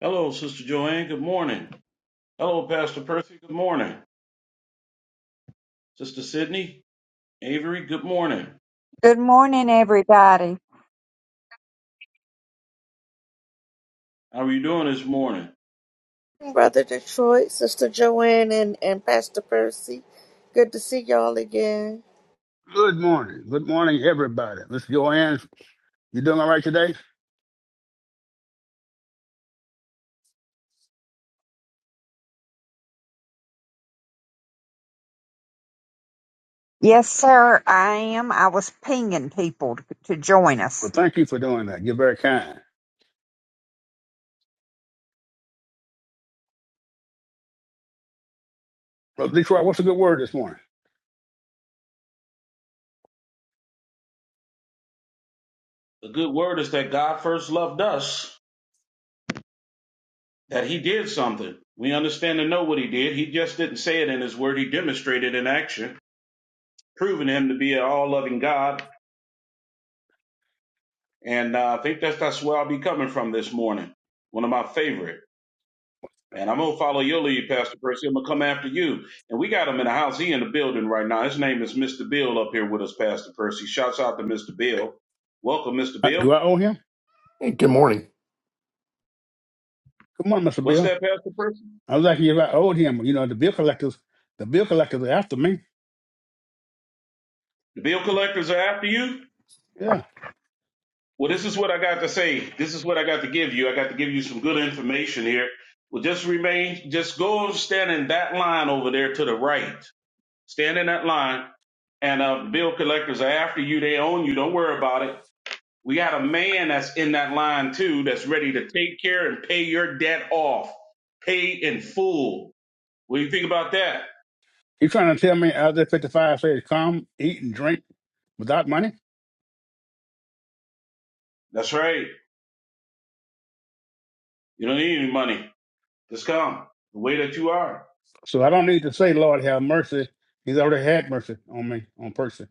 Hello, Sister Joanne. Good morning. Hello, Pastor Percy. Good morning. Sister Sydney, Avery, good morning. Good morning, everybody. How are you doing this morning? Brother Detroit, Sister Joanne, and, and Pastor Percy. Good to see y'all again. Good morning. Good morning, everybody. Miss Joanne, you doing all right today? Yes, sir, I am. I was pinging people to, to join Well, us. thank you for doing that. You're very kind. Well, Detroit, what's a good word this morning? The good word is that God first loved us, that He did something. We understand and know what He did. He just didn't say it in His word, He demonstrated in action, proving Him to be an all loving God. And uh, I think that's, that's where I'll be coming from this morning. One of my favorite. And I'm gonna follow your lead, Pastor Percy. I'm gonna come after you. And we got him in the house. He in the building right now. His name is Mr. Bill up here with us, Pastor Percy. Shouts out to Mr. Bill. Welcome, Mr. Uh, Bill. do I owe him? Hey, good morning. Come on, Mr. What's Bill. that, Pastor Percy? I was like, if I owed him, you know, the bill collectors, the bill collectors are after me. The bill collectors are after you. Yeah. Well, this is what I got to say. This is what I got to give you. I got to give you some good information here. Well, just remain, just go and stand in that line over there to the right. Stand in that line, and uh, bill collectors are after you. They own you. Don't worry about it We got a man that's in that line too that's ready to take care and pay your debt off, pay in full. What do you think about that? He's trying to tell me Isaiah 55 says, come, eat, and drink without money. That's right. You don't need any money. Just come the way that you are. So I don't need to say, Lord, have mercy. He's already had mercy on me, on person.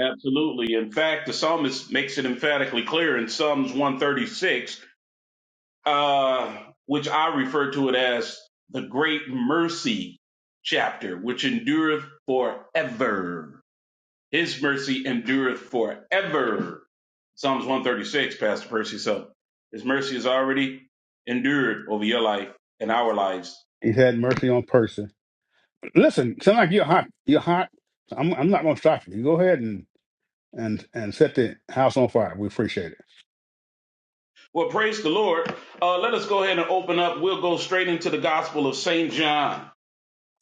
Absolutely. In fact, the psalmist makes it emphatically clear in Psalms 136, uh, which I refer to it as the great mercy chapter, which endureth forever. His mercy endureth forever. Psalms 136, Pastor Percy. So his mercy is already endured over your life and our lives. He's had mercy on person. Listen, sound like you're hot. You're hot. I'm, I'm not going to stop you. You Go ahead and and and set the house on fire. We appreciate it. Well, praise the Lord. Uh, let us go ahead and open up. We'll go straight into the Gospel of St. John.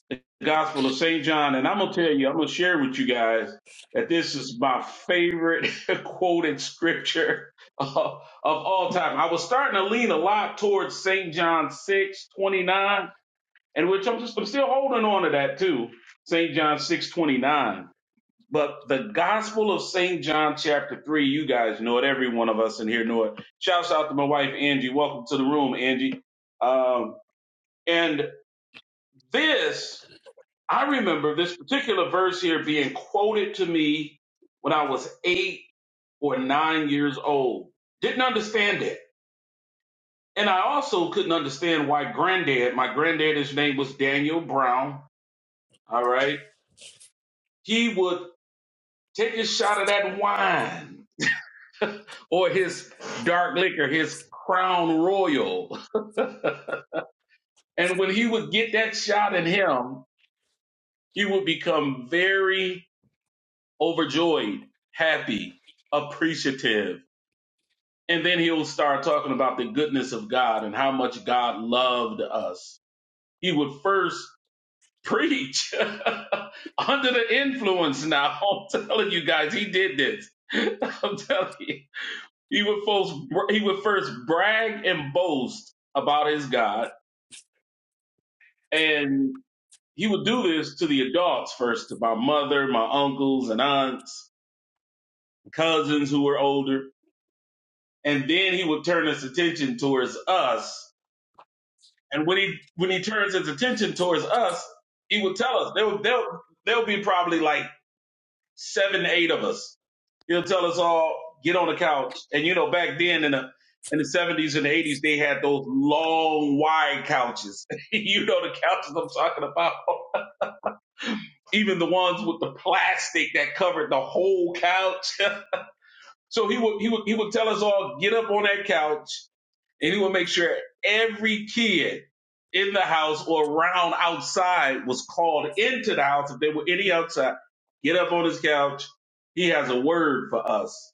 The Gospel of St. John. And I'm going to tell you, I'm going to share with you guys that this is my favorite quoted scripture of, of all time. I was starting to lean a lot towards St. John 6:29. And which I'm, just, I'm still holding on to that too, St. John 6.29. But the gospel of St. John chapter 3, you guys know it. Every one of us in here know it. Shouts out to my wife, Angie. Welcome to the room, Angie. Um, and this, I remember this particular verse here being quoted to me when I was eight or nine years old. Didn't understand it. And I also couldn't understand why granddad, my granddad, his name was Daniel Brown. All right he would take a shot of that wine or his dark liquor, his crown royal. And when he would get that shot in him, he would become very overjoyed, happy, appreciative. And then he'll start talking about the goodness of God and how much God loved us. He would first preach under the influence now. I'm telling you guys, he did this. I'm telling you. He would first he would first brag and boast about his God, and he would do this to the adults first, to my mother, my uncles and aunts, cousins who were older, and then he would turn his attention towards us. And when he when he turns his attention towards us, he would tell us. There will there'll, there'll be probably like seven, eight of us. He'll tell us all, get on the couch. And you know, back then in the in the seventies and the eighties, they had those long, wide couches. you know the couches I'm talking about. Even the ones with the plastic that covered the whole couch. So he would he would he would tell us all, get up on that couch and he would make sure every kid in the house or around outside was called into the house if there were any outside. Get up on his couch. He has a word for us.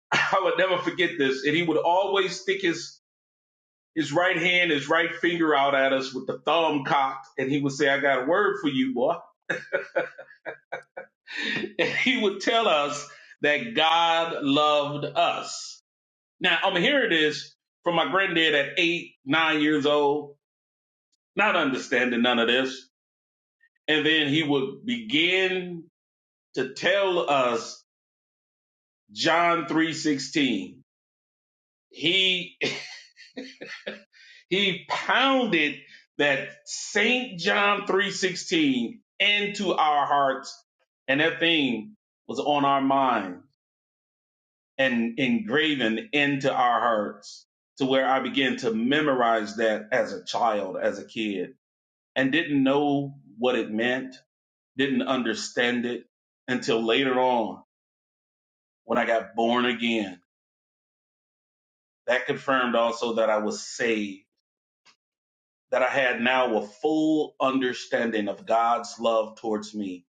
I would never forget this. And he would always stick his his right hand, his right finger out at us with the thumb cocked, and he would say, I got a word for you, boy. And he would tell us that God loved us. Now, I'm mean, here it is from my granddad at eight, nine years old not understanding none of this. And then he would begin to tell us John 3:16. He he pounded that St. John 3:16 into our hearts and that thing was on our mind and engraven into our hearts to where I began to memorize that as a child, as a kid and didn't know what it meant didn't understand it until later on when I got born again. That confirmed also that I was saved, that I had now a full understanding of God's love towards me.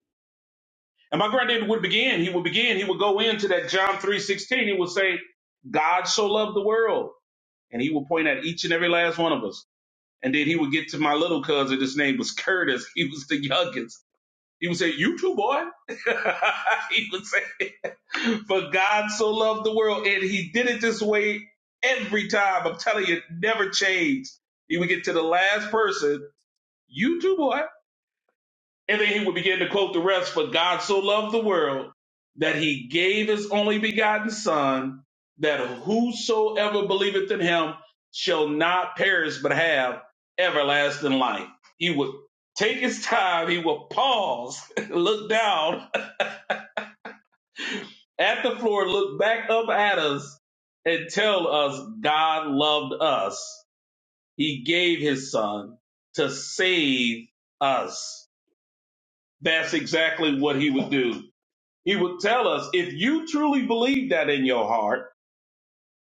And my granddad would begin, he would begin, he would go into that John 3:16, he would say, God so loved the world. And he would point at each and every last one of us. And then he would get to my little cousin, his name was Curtis. He was the youngest. He would say, You too, boy. he would say For God so loved the world, and He did it this way every time. I'm telling you, it never changed. He would get to the last person, you too, boy. And then he would begin to quote the rest For God so loved the world that He gave His only begotten Son, that whosoever believeth in Him shall not perish but have everlasting life. He would take his time, he would pause, look down at the floor, look back up at us and tell us God loved us. He gave his son to save us. That's exactly what he would do. He would tell us if you truly believe that in your heart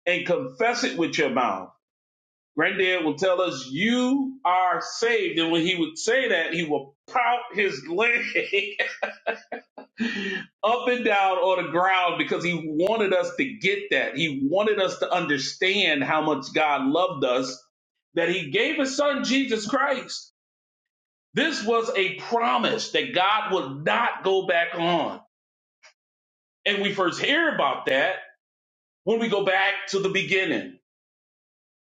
and confess it with your mouth. Granddad will tell us you are saved. And when he would say that, he will pout his leg up and down on the ground because he wanted us to get that. He wanted us to understand how much God loved us, that he gave his son Jesus Christ. This was a promise that God would not go back on. And we first hear about that when we go back to the beginning,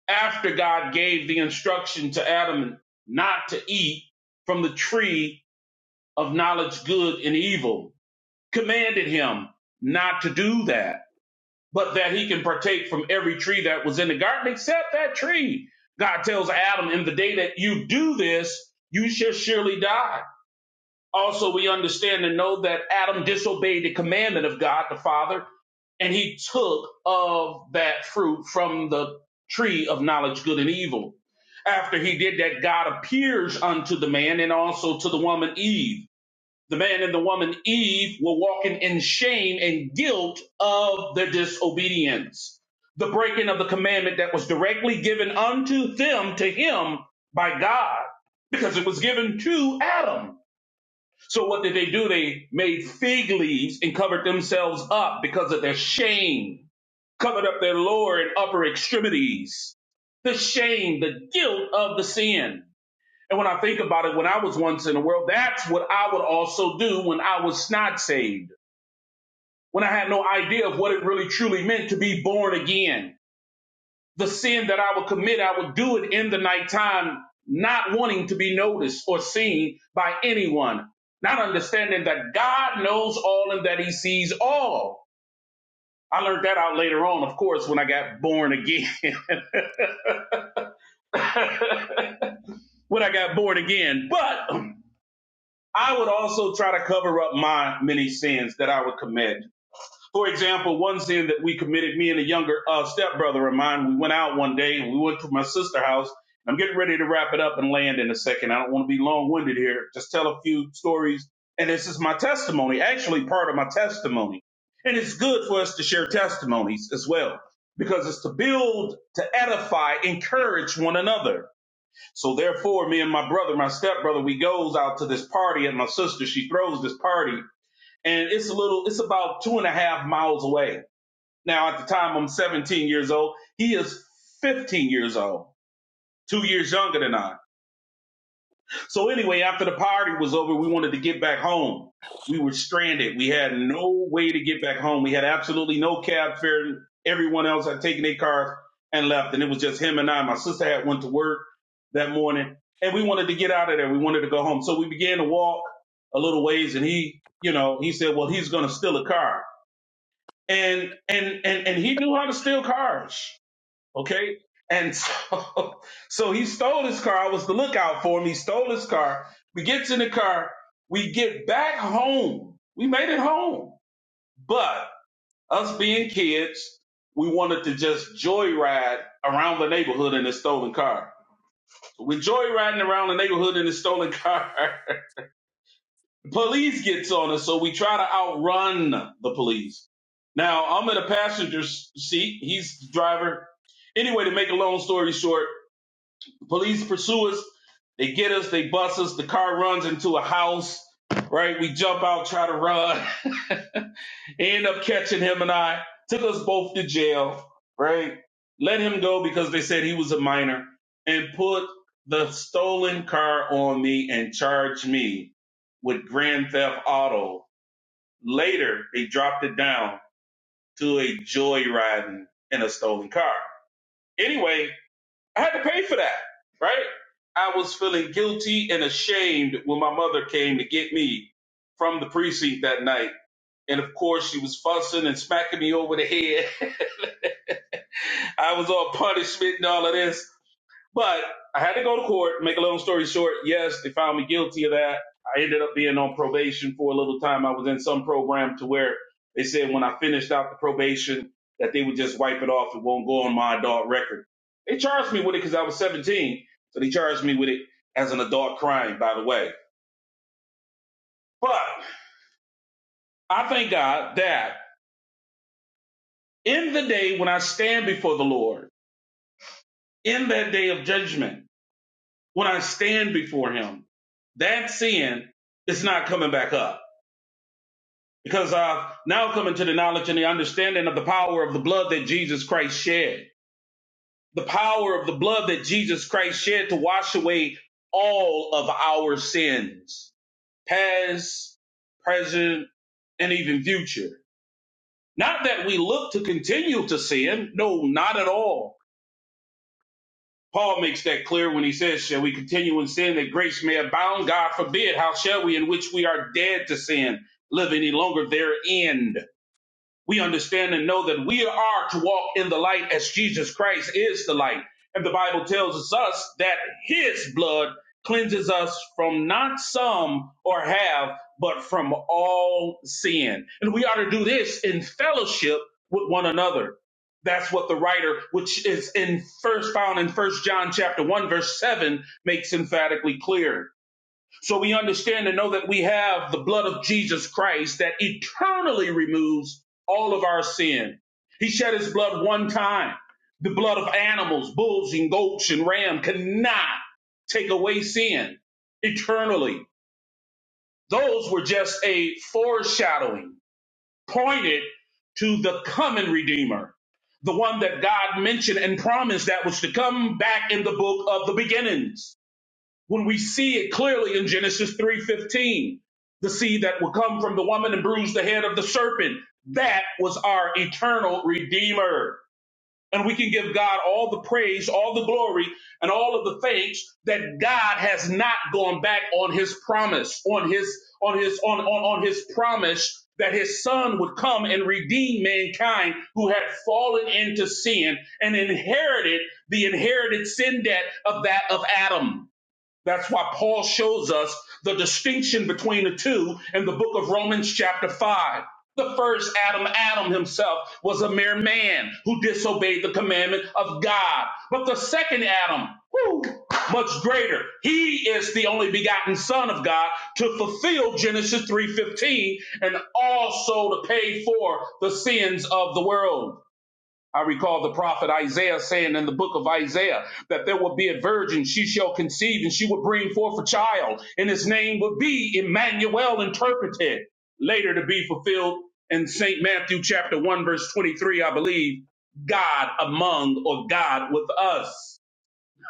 after God gave the instruction to Adam not to eat from the tree of knowledge, good and evil, commanded him not to do that but that he can partake from every tree that was in the garden except that tree. God tells Adam, in the day that you do this, you shall surely die. Also, we understand and know that Adam disobeyed the commandment of God the Father, and he took of that fruit from the tree of knowledge, good and evil. After he did that, God appears unto the man and also to the woman Eve the man and the woman Eve were walking in shame and guilt of their disobedience, the breaking of the commandment that was directly given unto them to him by God, because it was given to Adam. So what did they do? They made fig leaves and covered themselves up because of their shame, covered up their lower and upper extremities, the shame, the guilt of the sin. And when I think about it, when I was once in the world, that's what I would also do when I was not saved, when I had no idea of what it really truly meant to be born again. The sin that I would commit, I would do it in the nighttime, not wanting to be noticed or seen by anyone, not understanding that God knows all and that he sees all. I learned that out later on, of course, when I got born again. when I got born again. But I would also try to cover up my many sins that I would commit. For example, one sin that we committed, me and a younger uh, stepbrother of mine, we went out one day and we went to my sister's house. I'm getting ready to wrap it up and land in a second. I don't want to be long winded here. Just tell a few stories. And this is my testimony, actually, part of my testimony. And it's good for us to share testimonies as well, because it's to build, to edify, encourage one another. So therefore, me and my brother, my stepbrother, we goes out to this party and my sister, she throws this party and it's a little, it's about two and a half miles away. Now at the time I'm 17 years old. He is 15 years old, two years younger than I. So anyway, after the party was over, we wanted to get back home. We were stranded. We had no way to get back home. We had absolutely no cab fare. Everyone else had taken their cars and left, and it was just him and I. My sister had went to work that morning, and we wanted to get out of there. We wanted to go home, so we began to walk a little ways, and he, you know, he said, "Well, he's going to steal a car," and and and and he knew how to steal cars. Okay. And so, so he stole his car. I was the lookout for him. He stole his car. We get in the car. We get back home. We made it home. But us being kids, we wanted to just joyride around the neighborhood in a stolen car. We're joyriding around the neighborhood in a stolen car. police gets on us, so we try to outrun the police. Now, I'm in a passenger s- seat. He's the driver. Anyway, to make a long story short, Police pursue us. They get us. They bust us. The car runs into a house. Right? We jump out, try to run. End up catching him and I. Took us both to jail. Right? Let him go because they said he was a minor and put the stolen car on me and charged me with grand theft auto. Later, they dropped it down to a joyriding in a stolen car. Anyway, I had to pay for that, right? I was feeling guilty and ashamed when my mother came to get me from the precinct that night. And of course, she was fussing and smacking me over the head. I was on punishment and all of this. But I had to go to court. Make a long story short, yes, they found me guilty of that. I ended up being on probation for a little time. I was in some program to where they said when I finished out the probation that they would just wipe it off. It won't go on my adult record. They charged me with it because I was 17. So they charged me with it as an adult crime, by the way. But I thank God that in the day when I stand before the Lord, in that day of judgment, when I stand before him, that sin is not coming back up because I've now come into the knowledge and the understanding of the power of the blood that Jesus Christ shed. The power of the blood that Jesus Christ shed to wash away all of our sins, past, present, and even future. Not that we look to continue to sin. No, not at all. Paul makes that clear when he says, Shall we continue in sin that grace may abound? God forbid. How shall we, in which we are dead to sin, live any longer therein? we understand and know that we are to walk in the light as Jesus Christ is the light. And the Bible tells us that his blood cleanses us from not some or half, but from all sin. And we ought to do this in fellowship with one another. That's what the writer, which is in first found in first John chapter one, verse seven, makes emphatically clear. So we understand and know that we have the blood of Jesus Christ that eternally removes all of our sin. He shed his blood one time. The blood of animals, bulls and goats and ram cannot take away sin eternally. Those were just a foreshadowing, pointed to the coming Redeemer, the one that God mentioned and promised that was to come back in the book of the beginnings when we see it clearly in Genesis 3:15, the seed that will come from the woman and bruise the head of the serpent. That was our eternal redeemer. And we can give God all the praise, all the glory, and all of the thanks that God has not gone back on his promise, on his on his on on, on his promise that his son would come and redeem mankind who had fallen into sin and inherited the inherited sin debt of that of Adam. That's why Paul shows us the distinction between the two in the book of Romans, chapter 5. The first Adam, Adam himself, was a mere man who disobeyed the commandment of God. But the second Adam, whoo, much greater. He is the only begotten Son of God to fulfill Genesis 3:15 and also to pay for the sins of the world. I recall the prophet Isaiah saying in the book of Isaiah that there will be a virgin, she shall conceive, and she will bring forth a child, and his name will be Emmanuel, interpreted later to be fulfilled in St. Matthew chapter 1, verse 23, I believe, God among or God with us.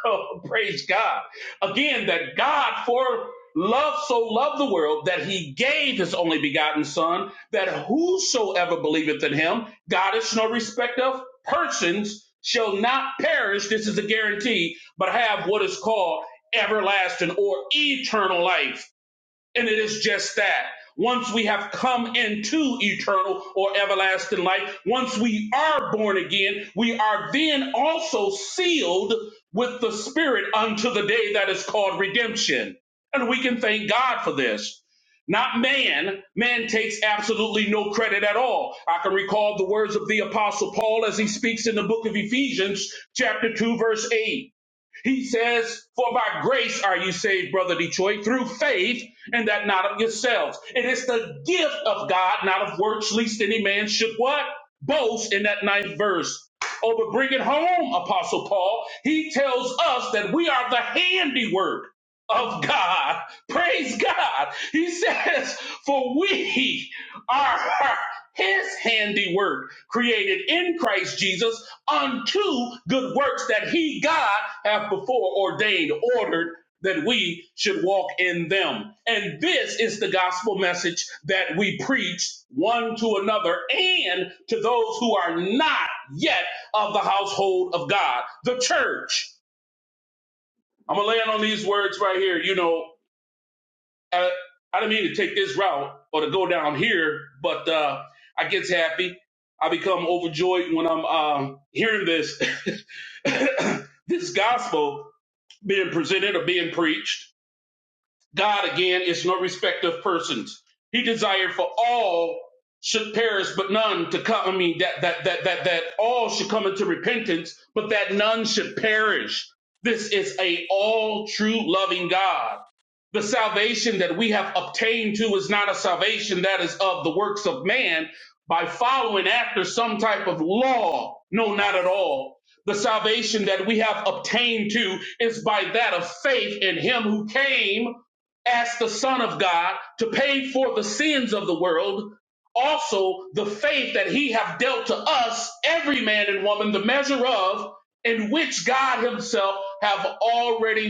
Oh, praise God. Again, that God for love so loved the world that he gave his only begotten son, that whosoever believeth in him, God is no respect of persons, shall not perish. This is a guarantee, but have what is called everlasting or eternal life. And it is just that. Once we have come into eternal or everlasting life, once we are born again, we are then also sealed with the Spirit unto the day that is called redemption. And we can thank God for this. Not man. Man takes absolutely no credit at all. I can recall the words of the Apostle Paul as he speaks in the book of Ephesians, chapter 2, verse 8. He says, For by grace are you saved, brother Detroit, through faith, and that not of yourselves. It is the gift of God, not of works, least any man should what? Boast in that ninth verse. over bring it home, Apostle Paul. He tells us that we are the handiwork of God. Praise God. He says, For we are his handiwork, created in Christ Jesus unto good works that he, God, hath before ordained, ordered that we should walk in them. And this is the gospel message that we preach one to another and to those who are not yet of the household of God, the church. I'm going to land on these words right here. You know, uh, I didn't mean to take this route or to go down here, but uh, I gets happy. I become overjoyed when I'm um, hearing this this gospel being presented or being preached. God again is no respect of persons. He desired for all should perish, but none to come. I mean, that that that that that all should come into repentance, but that none should perish. This is a all true loving God. The salvation that we have obtained to is not a salvation that is of the works of man by following after some type of law. No, not at all. The salvation that we have obtained to is by that of faith in him who came as the Son of God to pay for the sins of the world, also the faith that he have dealt to us, every man and woman, the measure of, in which God himself have already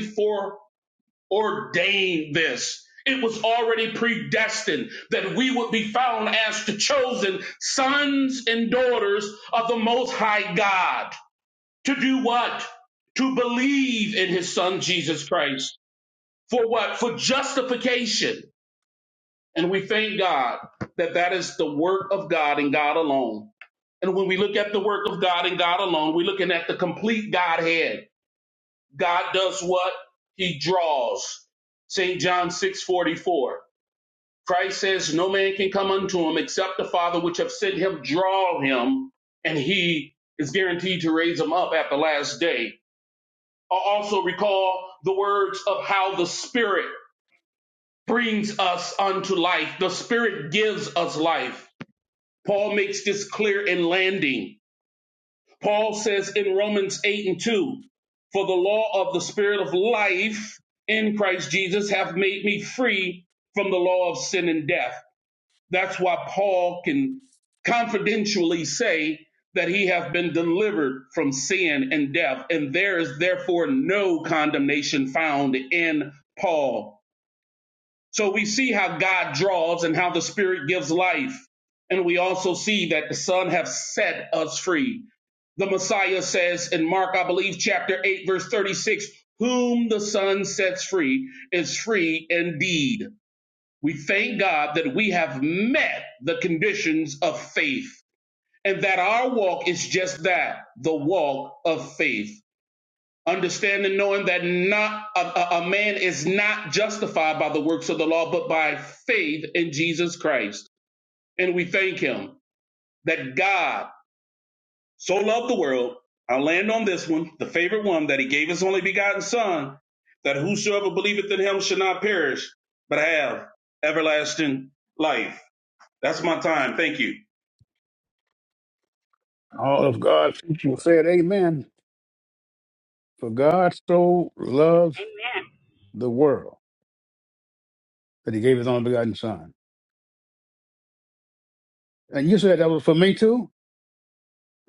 foreordained this. It was already predestined that we would be found as the chosen sons and daughters of the Most High God. To do what? To believe in his son Jesus Christ. For what? For justification and we thank God that that is the work of God and God alone. And when we look at the work of God and God alone, we're looking at the complete Godhead. God does what? He draws. St. John 6:44. Christ says, No man can come unto him except the Father which have sent him draw him, and he is guaranteed to raise him up at the last day. I also recall the words of how the Spirit brings us unto life. The Spirit gives us life Paul makes this clear in landing. Paul says in Romans 8 and 2, For the law of the Spirit of life in Christ Jesus hath made me free from the law of sin and death. That's why Paul can confidentially say that he hath been delivered from sin and death, and there is therefore no condemnation found in Paul. So we see how God draws and how the Spirit gives life. And we also see that the Son has set us free. The Messiah says in Mark, I believe, chapter 8, verse 36, whom the Son sets free is free indeed. We thank God that we have met the conditions of faith and that our walk is just that the walk of faith understanding, knowing that not a, a man is not justified by the works of the law, but by faith in Jesus Christ. And we thank Him that God so loved the world. I land on this one, the favorite one, that He gave His only begotten Son, that whosoever believeth in Him shall not perish, but have everlasting life. That's my time. Thank you. All of God's people said, "Amen." For God so loved Amen. the world that He gave His only begotten Son. And you said that was for me too.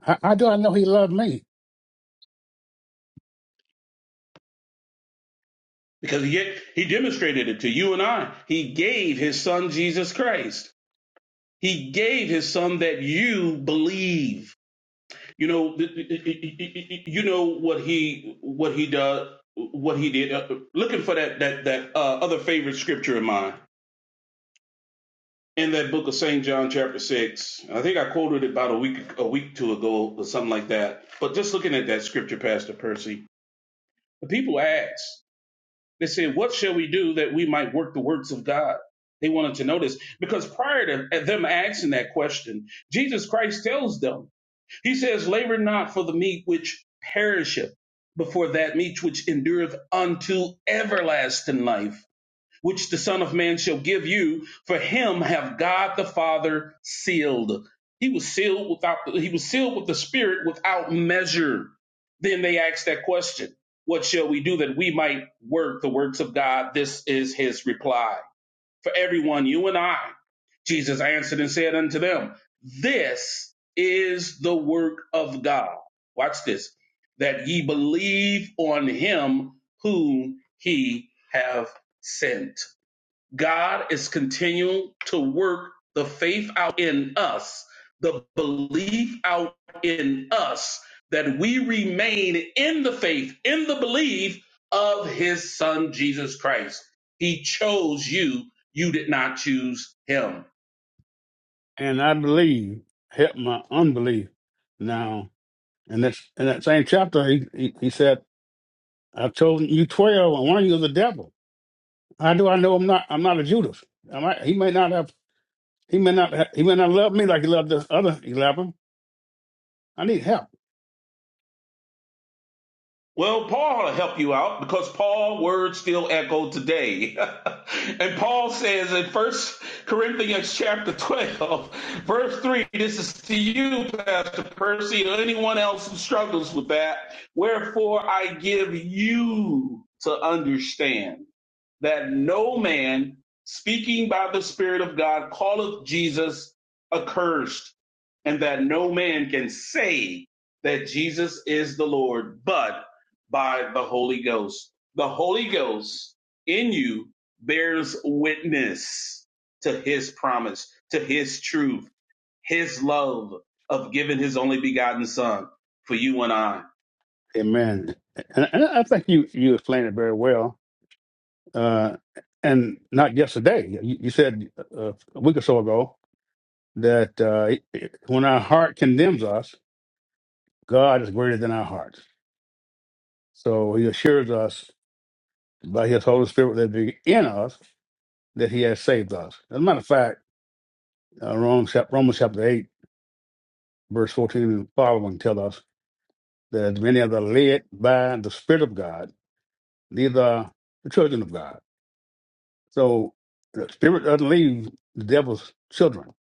How, how do I know He loved me? Because yet he demonstrated it to you and I. He gave his son Jesus Christ. He gave his son that you believe. You know, you know what he what he does, what he did. Uh, Looking for that that that uh, other favorite scripture of mine in that book of Saint John, chapter six. I think I quoted it about a week a week two ago or something like that. But just looking at that scripture, Pastor Percy, the people asked. They said, "What shall we do that we might work the works of God?" They wanted to know this because prior to them asking that question, Jesus Christ tells them. He says, Labor not for the meat which perisheth, but for that meat which endureth unto everlasting life, which the Son of Man shall give you. For him have God the Father sealed. He was sealed without he was sealed with the Spirit without measure. Then they asked that question, What shall we do that we might work the works of God? This is his reply for everyone, you and I. Jesus answered and said unto them, This is the work of God. Watch this, that ye believe on him whom he have sent. God is continuing to work the faith out in us, the belief out in us, that we remain in the faith, in the belief of his son, Jesus Christ. He chose you. You did not choose him. And I believe help my unbelief. Now, and that's in that same chapter, he, he, he said, "I've chosen you twelve, and one of you is the devil." How do I know I'm not? I'm not a Judas. Am I, he may not have. He may not. Have, he may not love me like he loved the other eleven. I need help. Well, Paul will help you out because Paul's words still echo today. and Paul says in First Corinthians chapter 12, verse 3, this is to you, Pastor Percy, or anyone else who struggles with that. Wherefore I give you to understand that no man speaking by the Spirit of God calleth Jesus accursed, and that no man can say that Jesus is the Lord, but by the Holy Ghost. The Holy Ghost in you bears witness to his promise, to his truth, his love of giving his only begotten son for you and I. Amen. And, and I think you you explained it very well. Uh, and not yesterday, you, you said uh, a week or so ago that uh, it- it- when our heart condemns us, God is greater than our heart. So He assures us by His Holy Spirit that be in us that He has saved us. As a matter of fact, uh, Romans, chap- Romans chapter eight, verse fourteen and following tell us that as many as are led by the Spirit of God, these are the children of God. So the spirit doesn't leave the devil's children.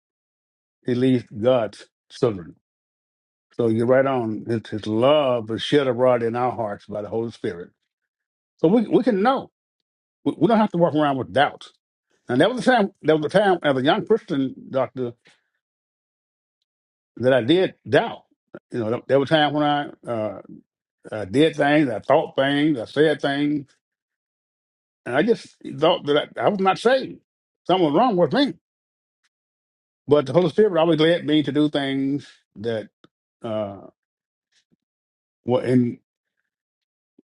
He leaves God's children. So you're right on. It's his love is shed abroad in our hearts by the Holy Spirit. So we, we can know. We, we don't have to walk around with doubts. And that was the time that was the time as a young Christian doctor that I did doubt. You know, there were times when I, uh, I did things, I thought things, I said things, and I just thought that I, I was not saved. Something was wrong with me. But the Holy Spirit would always led me to do things that uh, were in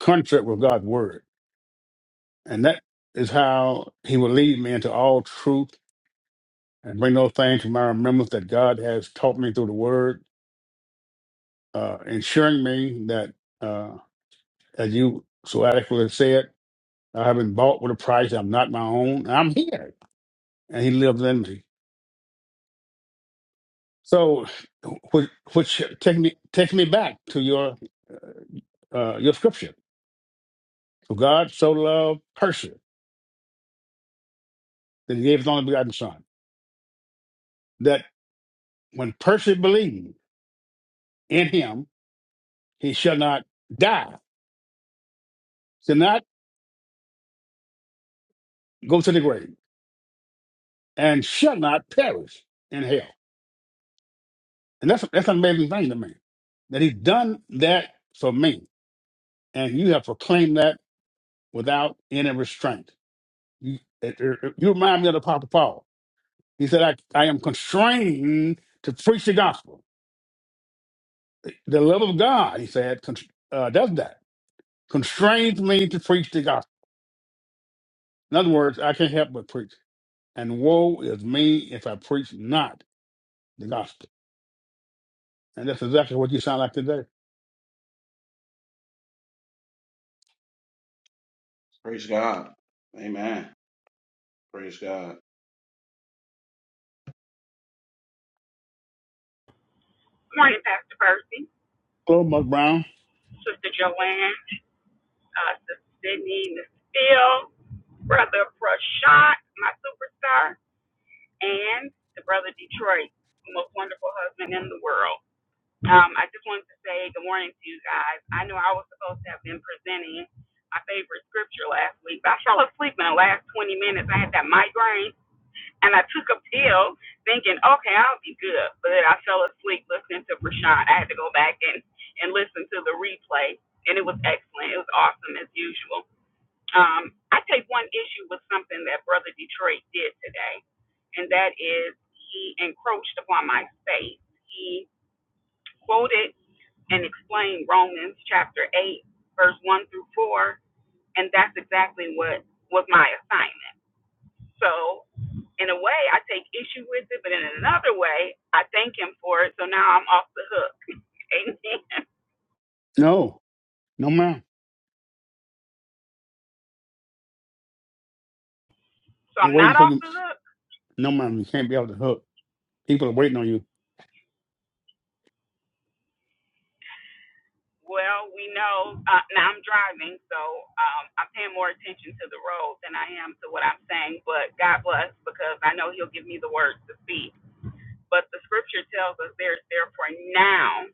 contract with God's word. And that is how he will lead me into all truth and bring those things to my remembrance that God has taught me through the word, uh, ensuring me that, uh, as you so adequately said, I have been bought with a price. I'm not my own. I'm here. And he lives in me. So, which, which takes me, takes me back to your, uh, your scripture. For God so loved person that he gave his only begotten son, that when person believe in him, he shall not die, shall not go to the grave, and shall not perish in hell. And that's that's an amazing thing to me. That he's done that for me. And you have proclaimed that without any restraint. You, it- it- you remind me of the Apostle Paul. He said, I, I am constrained to preach the gospel. The love of God, he said, con- uh, does that. Constrains me to preach the gospel. In other words, I can't help but preach. And woe is me if I preach not the gospel. And that's exactly what you sound like today. Praise God. Amen. Praise God. Good morning, Pastor Percy, Hello, Mike Brown. Sister Joanne, uh, Sister Sydney, Mister Phil, Brother Prashant, my superstar, and the Brother Detroit, the most wonderful husband in the world. Um, I just wanted to say good morning to you guys. I know I was supposed to have been presenting my favorite scripture last week, but I fell asleep in the last 20 minutes. I had that migraine, And I took a pill thinking, okay, I'll be good. But then I fell asleep listening to Rashawn. I had to go back and, and listen to the replay. And it was excellent. It was awesome as usual. Um, I take one issue with something that Brother Detroit did today, and that is he encroached upon my space. He quoted and explained Romans chapter 8, verse 1 through 4, and that's exactly what was my assignment. So in a way, I take issue with it, but in another way, I thank him for it. So now I'm off the hook. Amen. No, no, ma'am. So We're I'm waiting not for off you. the hook. No, ma'am, you can't be off the hook. People are waiting on you. Well, we know uh, now I'm driving, so um, I'm paying more attention to the road than I am to what I'm saying. But God bless because I know He'll give me the words to speak. but the scripture tells us there's therefore now,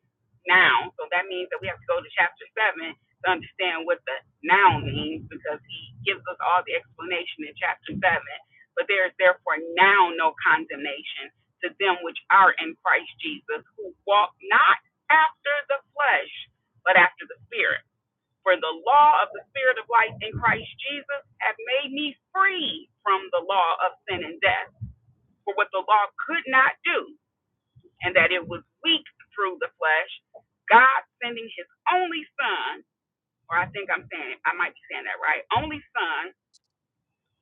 now. So that means that we have to go to chapter seven to understand what the now means because he gives us all the explanation in chapter seven. But there is therefore now no condemnation to them which are in Christ Jesus, who walk not after the flesh, but after the spirit. For the law of the spirit of life in Christ Jesus hath made me free from the law of sin and death. For what the law could not do, and that it was weak through the flesh, God sending his only son, or I think I'm saying I might be saying that right, only son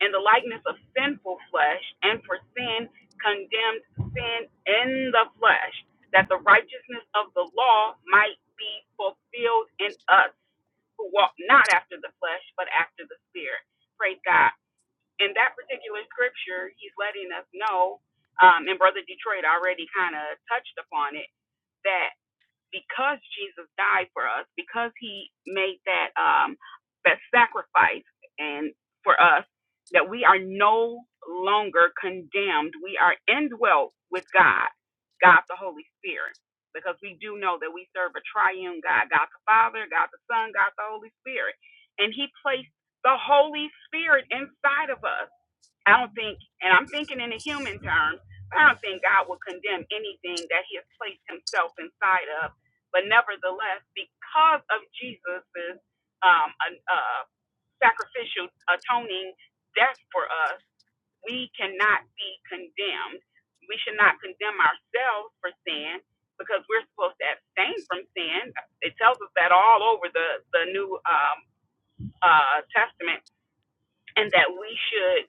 in the likeness of sinful flesh, and for sin condemned sin in the flesh, that the righteousness of the law might be fulfilled in us who walk not after the flesh, but after the spirit. Praise God. In that particular scripture, he's letting us know, um, and Brother Detroit already kind of touched upon it, that because Jesus died for us, because he made that um that sacrifice and for us that we are no longer condemned. We are indwelt with God, God the Holy Spirit. Because we do know that we serve a triune God, God the Father, God the Son, God the Holy Spirit. And he placed the Holy Spirit inside of us I don't think, and I'm thinking in a human term, I don't think God will condemn anything that He has placed Himself inside of. But nevertheless, because of Jesus' um, an- uh, sacrificial atoning death for us, we cannot be condemned. We should not condemn ourselves for sin because we're supposed to abstain from sin. It tells us that all over the the New um, uh, Testament and that we should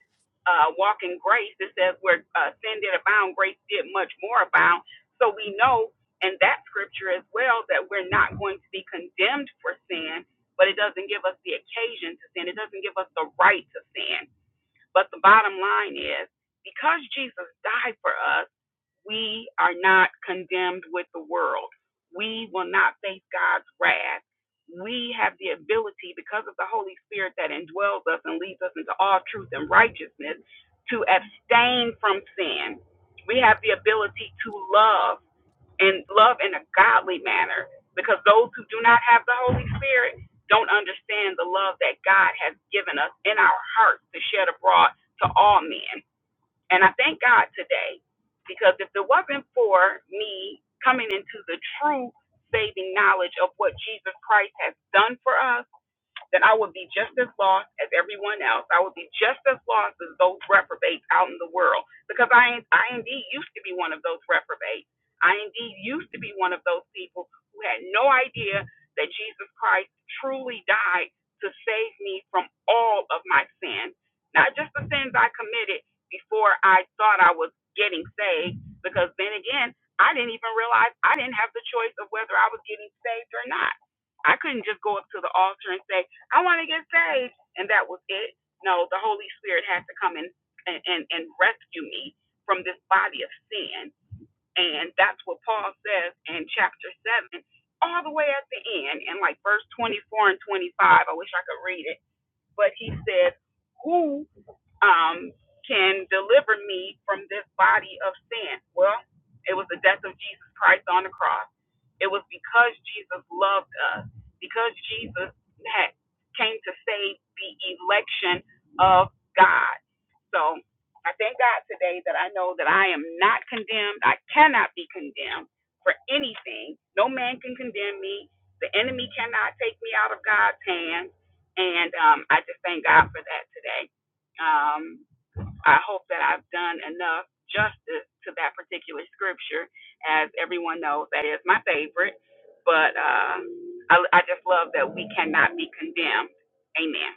uh, walk in grace. It says where uh, sin did abound, grace did much more abound. So we know in that scripture as well that we're not going to be condemned for sin, but it doesn't give us the occasion to sin. It doesn't give us the right to sin. But the bottom line is because Jesus died for us we are not condemned with the world. We will not face God's wrath. We have the ability, because of the Holy Spirit that indwells us and leads us into all truth and righteousness, to abstain from sin. We have the ability to love and love in a godly manner because those who do not have the Holy Spirit don't understand the love that God has given us in our hearts to shed abroad to all men. And I thank God today because if it wasn't for me coming into the true saving knowledge of what Jesus Christ has done for us, that I would be just as lost as everyone else. I would be just as lost as those reprobates out in the world because I, I indeed used to be one of those reprobates. I indeed used to be one of those people who had no idea that Jesus Christ truly died to save me from all of my sins, not just the sins I committed before I thought I was getting saved, because then again, I didn't even realize I didn't have the choice of whether I was getting saved or not. I couldn't just go up to the altar and say, I want to get saved. And that was it. No, the Holy Spirit has to come and, and, and and rescue me from this body of sin. And that's what Paul says in chapter 7, all the way at the end, in like verse 24 and 25. I wish I could read it. But he says, Who um, can deliver me from this body of sin? Well, it was the death of Jesus Christ on the cross. It was because Jesus loved us, because Jesus had, came to save the election of God. So I thank God today that I know that I am not condemned. I cannot be condemned for anything. No man can condemn me. The enemy cannot take me out of God's hand. And um, I just thank God for that today. Um, I hope that I've done enough justice to that particular scripture. As everyone knows, that is my favorite. But uh, I, I just love that we cannot be condemned. Amen.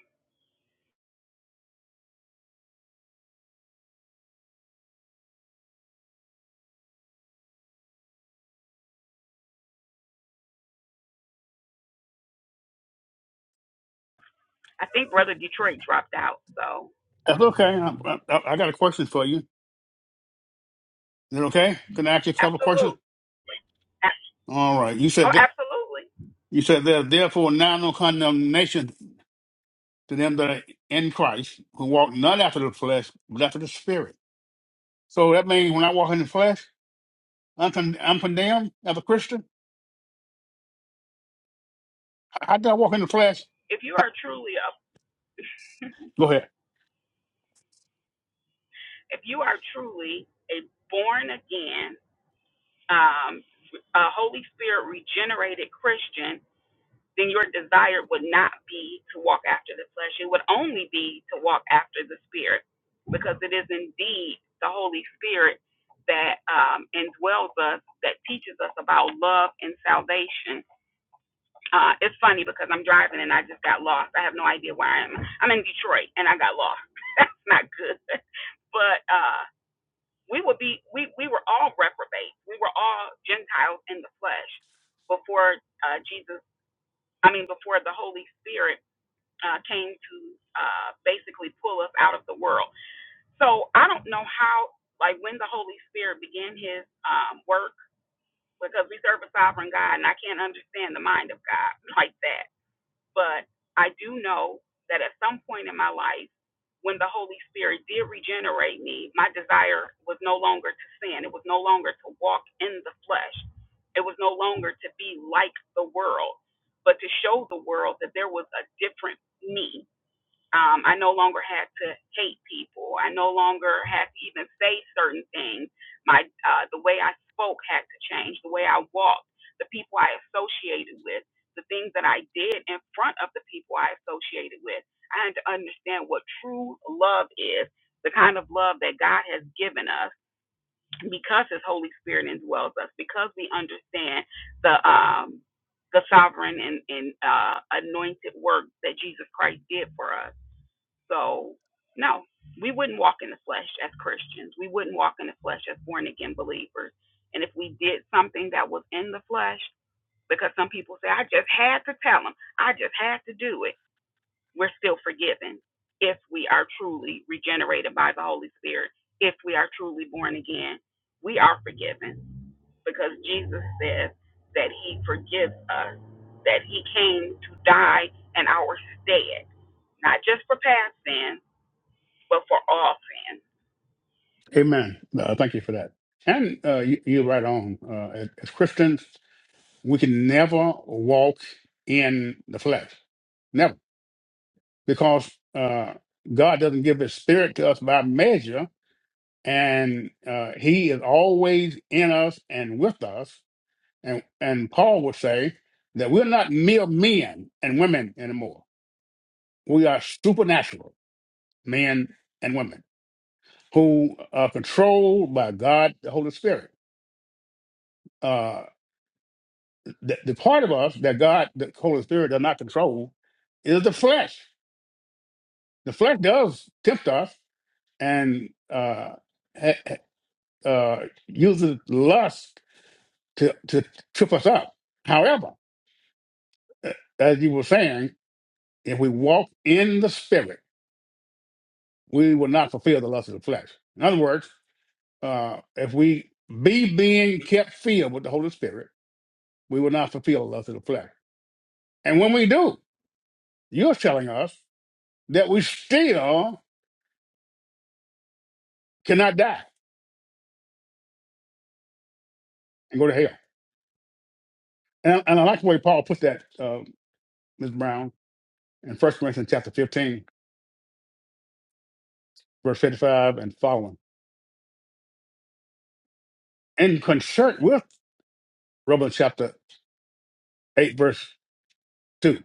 I think Brother Detroit dropped out. So, That's okay. I, I, I got a question for you. Is it okay? Can I ask you a couple of absolutely. questions? A- All right. You said Oh, that, absolutely. you said there's therefore now no condemnation to them that are in Christ who walk not after the flesh, but after the spirit. So that means when I walk in the flesh, I'm, con- I'm condemned as a Christian. How did I walk in the flesh? If you are truly a, Go ahead. if you are truly a born again, um, a Holy Spirit regenerated Christian, then your desire would not be to walk after the flesh. It would only be to walk after the Spirit, because it is indeed the Holy Spirit that um, indwells us, that teaches us about love and salvation Uh, it's funny because I'm driving and I just got lost. I have no idea where I am. I'm in Detroit and I got lost. That's not good. But uh, we would be we we were all reprobates. We were all Gentiles in the flesh before uh, Jesus. I mean, before the Holy Spirit uh, came to uh, basically pull us out of the world. So I don't know how like when the Holy Spirit began His um, work because we serve a sovereign God and I can't understand the mind of God like that but I do know that at some point in my life, when the Holy Spirit did regenerate me, my desire was no longer to sin. It was no longer to walk in the flesh. It was no longer to be like the world, but to show the world that there was a different me um, I no longer had to hate people. I no longer had to even say certain things. My uh, the way I spoke had to change. The way I walked, the people I associated with, the things that I did in front of the people I associated with. I had to understand what true love is, the kind of love that God has given us, because His Holy Spirit indwells us, because we understand the um, the sovereign and, and uh, anointed work that Jesus Christ did for us so, no, we wouldn't walk in the flesh as Christians. We wouldn't walk in the flesh as born again believers. And if we did something that was in the flesh, because some people say, I just had to tell them, I just had to do it, we're still forgiven if we are truly regenerated by the Holy Spirit, if we are truly born again. We are forgiven because Jesus says that He forgives us, that He came to die in our stead not just for past sins but for all sin. Amen. Uh, thank you for that. And uh, you, you're right on. Uh, as, as Christians, we can never walk in the flesh, never, because uh, God doesn't give His Spirit to us by measure, and uh, He is always in us and with us. And and Paul would say that we're not mere men and women anymore. We are supernatural men and women who are controlled by God, the Holy Spirit Uh, The, the part of us that God, the Holy Spirit, does not control is the flesh. The flesh does tempt us and uh, ha- ha- uh, uses lust to, to trip us up. However, uh, as you were saying, if we walk in the Spirit, we will not fulfill the lust of the flesh. In other words, uh, if we be being kept filled with the Holy Spirit, we will not fulfill the lust of the flesh. And when we do, you're telling us that we still cannot die and go to hell. And, I, and I like the way Paul put that, uh, Ms. Brown, in First Corinthians chapter 15, verse 55 and following, in concert with Romans chapter 8, verse 2.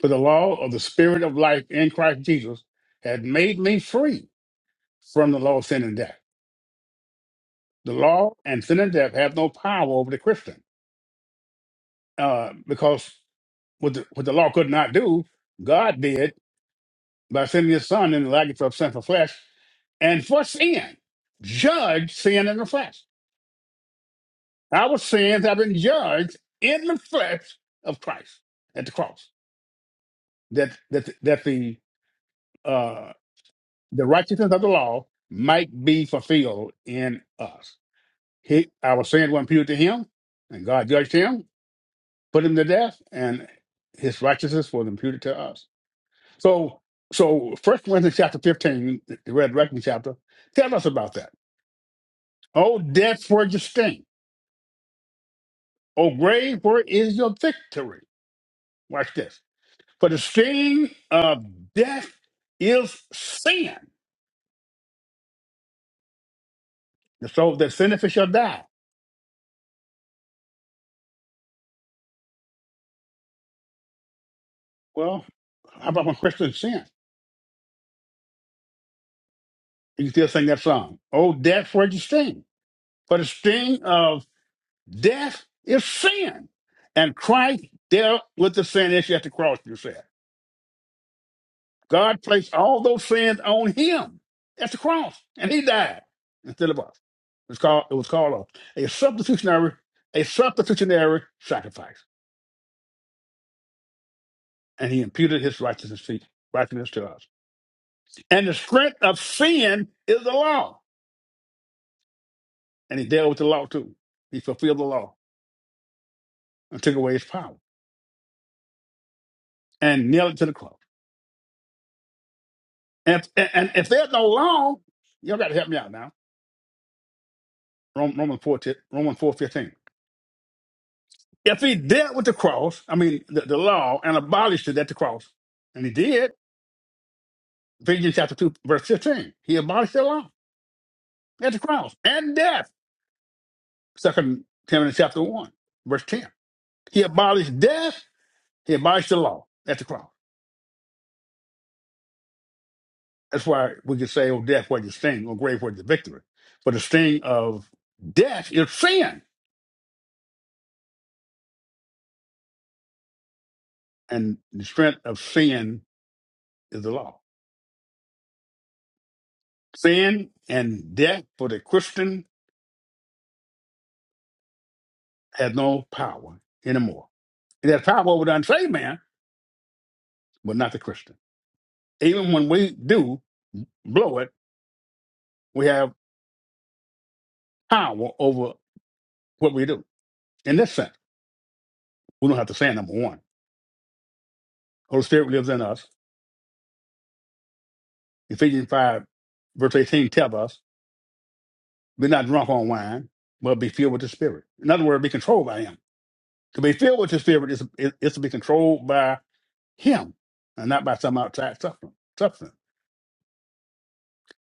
For the law of the spirit of life in Christ Jesus had made me free from the law of sin and death. The law and sin and death have no power over the Christian uh, because what the, what the law could not do, God did by sending his son in the likeness of sinful flesh and for sin, judge sin in the flesh. Our sins have been judged in the flesh of Christ at the cross, that that that the uh, the righteousness of the law might be fulfilled in us. He, our sins were imputed to him, and God judged him, put him to death, and his righteousness was imputed to us. So, so First Corinthians chapter fifteen, the resurrection chapter, tell us about that. O death, where is your sting? O grave, where is your victory? Watch this. For the sting of death is sin. The soul that sinneth it shall die. Well, how about when Christians sin? You can still sing that song. Oh, death, where is your sting? For the sting of death is sin. And Christ dealt with the sin issue at the cross, you said. God placed all those sins on him at the cross, and he died instead of us. It was called, it was called a, a substitutionary a substitutionary sacrifice, and he imputed his righteousness to, righteousness to us. And the strength of sin is the law, and he dealt with the law too. He fulfilled the law and took away its power and nailed it to the cross. And, and, and if there's no law, y'all got to help me out now. Rom- Romans 4, Romans four fifteen. If he dealt with the cross, I mean, the, the law, and abolished it at the cross, and he did, Ephesians chapter 2, verse 15, he abolished the law at the cross and death. Second Timothy chapter 1, verse 10. He abolished death, he abolished the law at the cross. That's why we can say, oh, death, where's your sting? Oh, grave, where's your victory? For the sting of death is sin, and the strength of sin is the law. Sin and death for the Christian has no power anymore It has power over the unsaved man, but not the Christian. Even when we do blow it, we have power over what we do. In this sense, we don't have to sin, number one. Holy Spirit lives in us. Ephesians 5, verse 18 tells us, be not drunk on wine, but be filled with the Spirit. In other words, be controlled by Him. To be filled with the Spirit is, is, is to be controlled by Him and not by some outside substance. substance.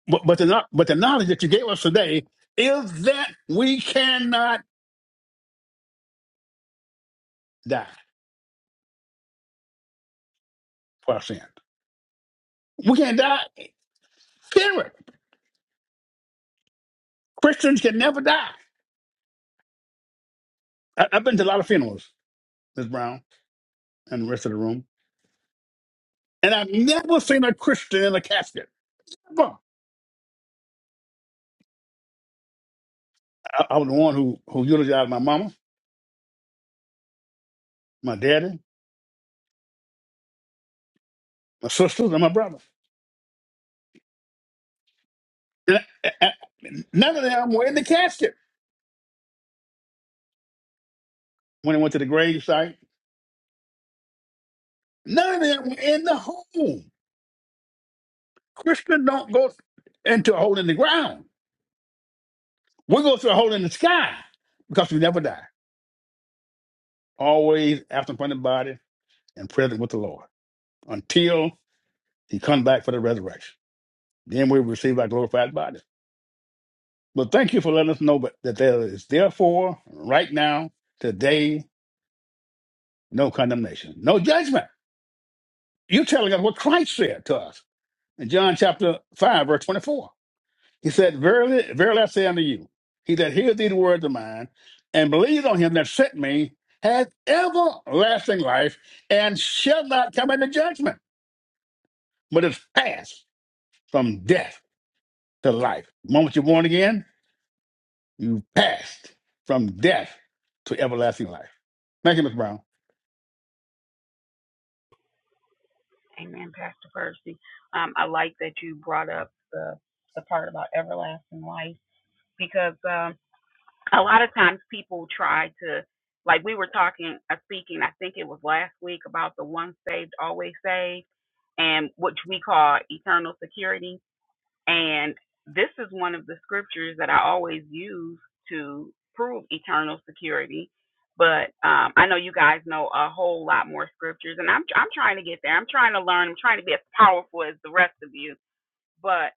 But, but, the, kno- but the knowledge that you gave us today is that we cannot die for our sin. We can't die. Funeral. Christians can never die. I, I've been to a lot of funerals, Miss Brown, and the rest of the room, and I've never seen a Christian in a casket. Well, I, I was the one who who eulogized my mama, my daddy, my sisters, and my brother. And I, I- I- none of them were in the casket when they went to the grave site. None of them were in the hole. Christians don't go into a hole in the ground. We go through a hole in the sky because we never die. Always absent from the body and present with the Lord. until he comes back for the resurrection. Then we receive our glorified body. But thank you for letting us know that there is therefore right now, today, no condemnation, no judgment. You're telling us what Christ said to us in John chapter 5, verse 24. He said, Verily, verily I say unto you, he that hears these words of mine and believes on him that sent me has everlasting life and shall not come into judgment, but is passed from death to life. The moment you're born again, You passed from death to everlasting life. Thank you, Mr. Brown. Amen, Pastor Percy. Um, I like that you brought up the the part about everlasting life because um, a lot of times people try to, like we were talking, uh, speaking. I think it was last week about the once saved, always saved, and which we call eternal security And this is one of the scriptures that I always use to prove eternal security. But um, I know you guys know a whole lot more scriptures, and I'm I'm trying to get there. I'm trying to learn. I'm trying to be as powerful as the rest of you. But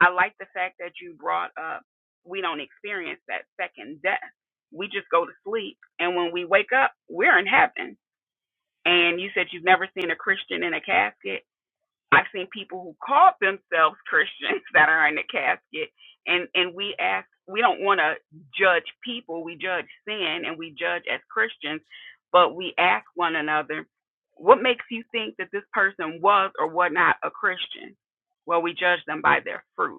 I like the fact that you brought up we don't experience that second death. We just go to sleep, and when we wake up, we're in heaven. And you said you've never seen a Christian in a casket I've seen people who called themselves Christians that are in the casket, and and we ask, we don't want to judge people. We judge sin, and we judge as Christians, but we ask one another, what makes you think that this person was or was not a Christian? Well, we judge them by their fruit.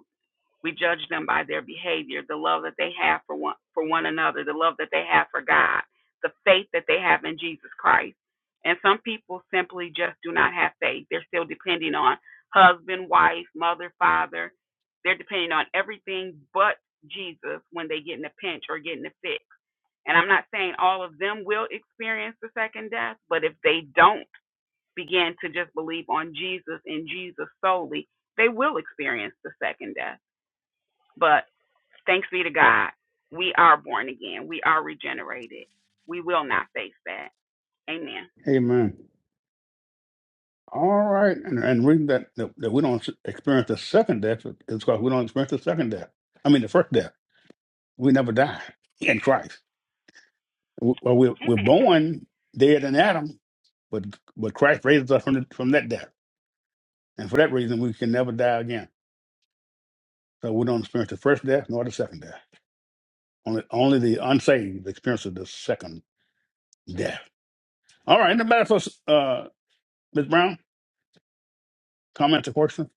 We judge them by their behavior, the love that they have for one for one another, the love that they have for God, the faith that they have in Jesus Christ. And some people simply just do not have faith. They're still depending on husband, wife, mother, father. They're depending on everything but Jesus when they get in a pinch or get in a fix. And I'm not saying all of them will experience the second death, but if they don't begin to just believe on Jesus and Jesus solely, they will experience the second death. But Thanks be to God. We are born again. We are regenerated. We will not face that. Amen. Amen. All right. And, and the reason that, that, that we don't experience the second death is because we don't experience the second death. I mean, the first death. We never die in Christ. We- Well, we're, we're Amen. born dead in Adam, but but Christ raises us from, the, from that death. And for that reason, we can never die again. So we don't experience the first death nor the second death. Only, only the unsaved experience of the second death. All right. Anybody else, uh, Ms. Brown? Comment or question?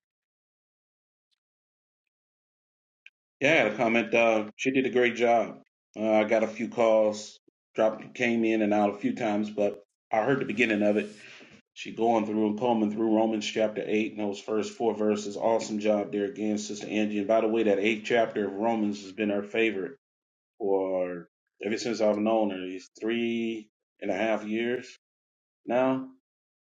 Yeah, I had a comment, Doug. She did a great job. Uh, I got a few calls, dropped, came in and out a few times, but I heard the beginning of it. She going through combing through Romans chapter eight and those first four verses. Awesome job there again, Sister Angie. And by the way, that eighth chapter of Romans has been her favorite for ever since I've known her. It's three and a half years now,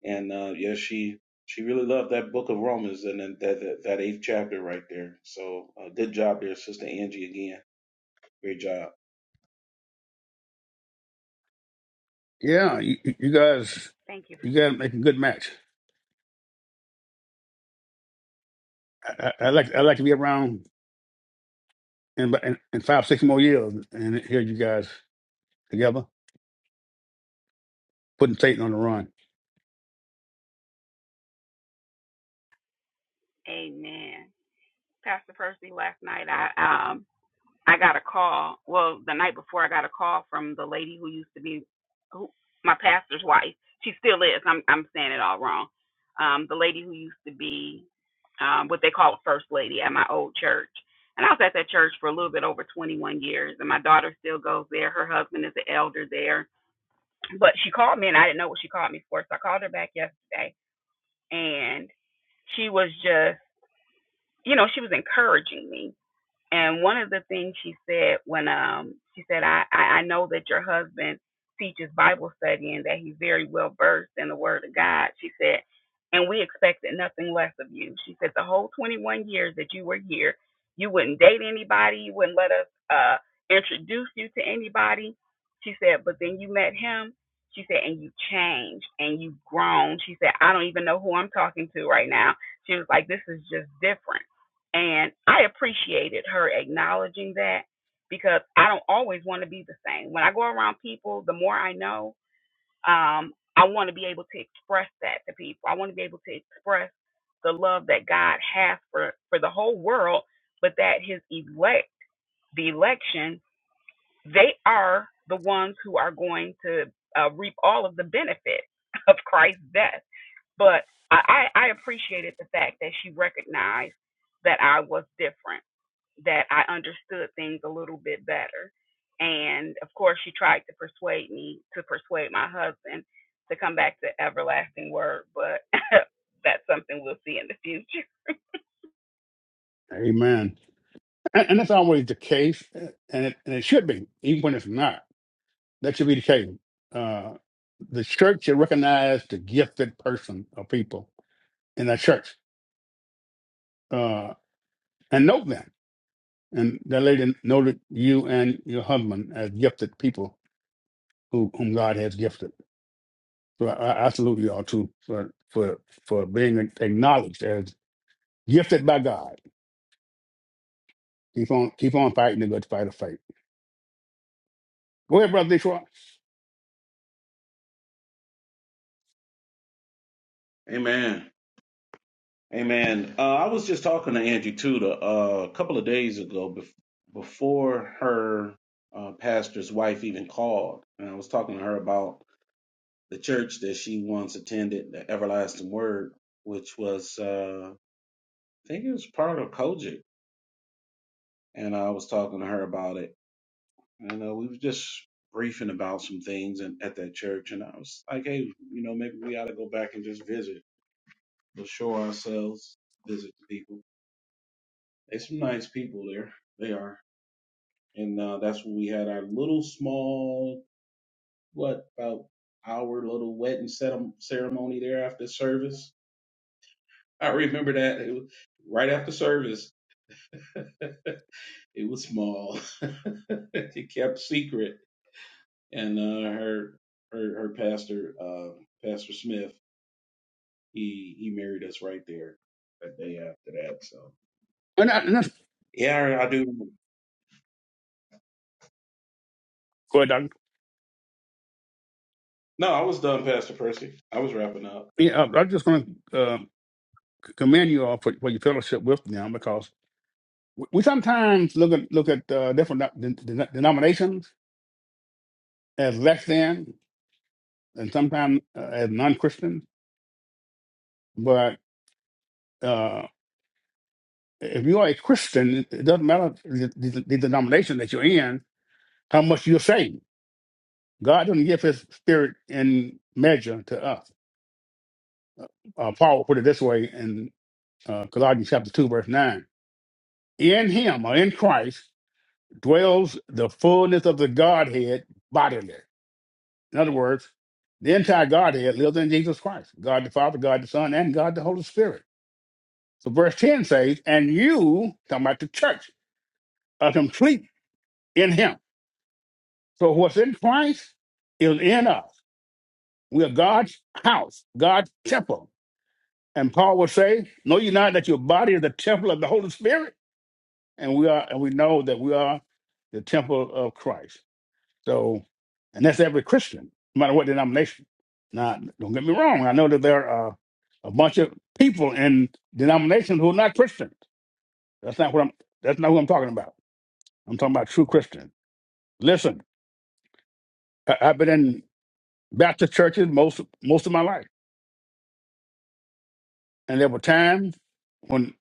and uh, yeah, she she really loved that book of Romans and then that that, that eighth chapter right there. So uh, good job there, Sister Angie. Again, great job. Yeah, you, you you guys, Thank you. you guys make a good match. I, I, I like I like to be around in, in in five six more years and hear you guys together putting Satan on the run. Amen. Pastor Percy, last night I um I got a call. Well, the night before I got a call from the lady who used to be who, my pastor's wife. She still is. I'm I'm saying it all wrong. Um, the lady who used to be um, what they call a first lady at my old church. And I was at that church for a little bit over 21 years, and my daughter still goes there. Her husband is an elder there But she called me, and I didn't know what she called me for. So I called her back yesterday, and she was just, you know, she was encouraging me and one of the things she said when um she said, I, I, know that your husband teaches Bible study and that he's very well versed in the word of God. She said, and we expected nothing less of you. She said, the whole 21 years that you were here, you wouldn't date anybody, you wouldn't let us uh introduce you to anybody. She said, but then you met him. She said, and you changed and you've grown. She said, I don't even know who I'm talking to right now. She was like, this is just different. And I appreciated her acknowledging that because I don't always want to be the same. When I go around people, the more I know, um, I want to be able to express that to people. I want to be able to express the love that God has for, for the whole world, but that his elect, the election, they are the ones who are going to uh, reap all of the benefits of Christ's death. But I, I I appreciated the fact that she recognized that I was different that I understood things a little bit better. And of course, she tried to persuade me to persuade my husband to come back to Everlasting Word, but that's something we'll see in the future. Amen. And, and that's always the case, uh, and it, and it should be, even when it's not. That should be the case. Uh, the church should recognize the gifted person or people in that church uh, and note them. And that lady noted you and your husband as gifted people who, whom God has gifted So I, I salute y'all too for for for being acknowledged as gifted by God. Keep on keep on fighting the good fight of faith. Go ahead, brother Detroit. Amen. Amen. Uh, I was just talking to Angie Tudor uh, a couple of days ago bef- before her uh, pastor's wife even called. And I was talking to her about the church that she once attended, the Everlasting Word, which was, uh, I think it was part of Kojic. And I was talking to her about it. And uh, we were just briefing about some things in, at that church. And I was like, hey, you know, maybe we ought to go back and just visit, show ourselves, visit the people. There's some nice people there. They are. and uh, that's when we had our little small what about our little wedding cere- ceremony there after service. I remember that it was right after service. it was small. it kept secret, and uh, her her her pastor uh, Pastor Smith he he married us right there that day after that. So And, I, and that's yeah, I, I do. go ahead, Doctor. No, I was done, Pastor Percy. I was wrapping up. Yeah, I- I'm just going to uh, c- commend you all for, for your fellowship with them because we, we sometimes look at look at uh, different de- de- denominations as less than, and sometimes uh, as non-Christians. But uh, if you are a Christian, it doesn't matter the, the, the denomination that you're in, how much you're saved God doesn't give his spirit in measure to us. Uh, Paul put it this way in uh, Colossians chapter 2, verse 9. In him, or in Christ, dwells the fullness of the Godhead bodily. In other words, the entire Godhead lives in Jesus Christ God the Father, God the Son, and God the Holy Spirit. So verse 10 says, And you, talking about the church, are complete in him. So what's in Christ is in us. We are God's house, God's temple. And Paul will say, Know ye not that your body is the temple of the Holy Spirit? And we are, and we know that we are the temple of Christ. So, and that's every Christian, no matter what denomination. Now, don't get me wrong. I know that there are a bunch of people in denominations who are not Christians. That's not what I'm that's not who I'm talking about. I'm talking about true Christians. Listen, I, I've been in Baptist churches most most of my life. And there were times when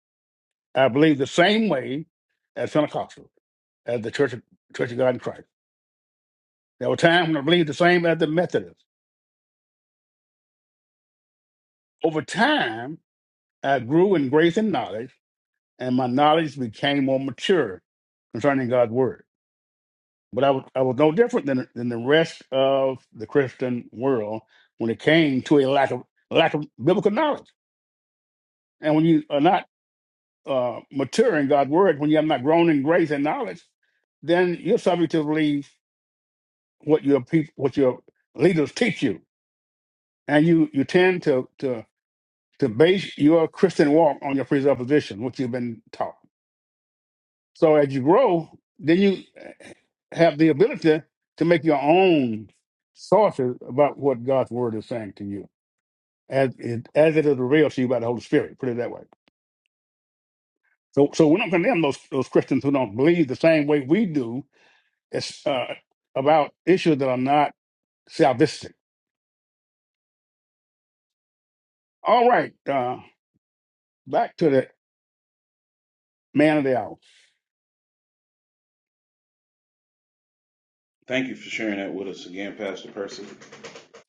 I believed the same way as Pentecostals. as the Church of, Church of God in Christ. There were times when I believed the same as the Methodists. Over time, I grew in grace and knowledge, and my knowledge became more mature concerning God's word. But I was, I was no different than, than the rest of the Christian world when it came to a lack of lack of biblical knowledge. And when you are not uh, mature in God's word, when you have not grown in grace and knowledge, then you're subject to believe what your peop what your leaders teach you, and you you tend to to to base your Christian walk on your presupposition, what you've been taught. So as you grow, then you eh, have the ability to make your own sources about what God's word is saying to you, as it, as it is revealed to you by the Holy Spirit. Put it that way. So, so we don't condemn those those Christians who don't believe the same way we do as, uh, about issues that are not salvific. All right, uh, back to the man of the hour. Thank you for sharing that with us again, Pastor Percy.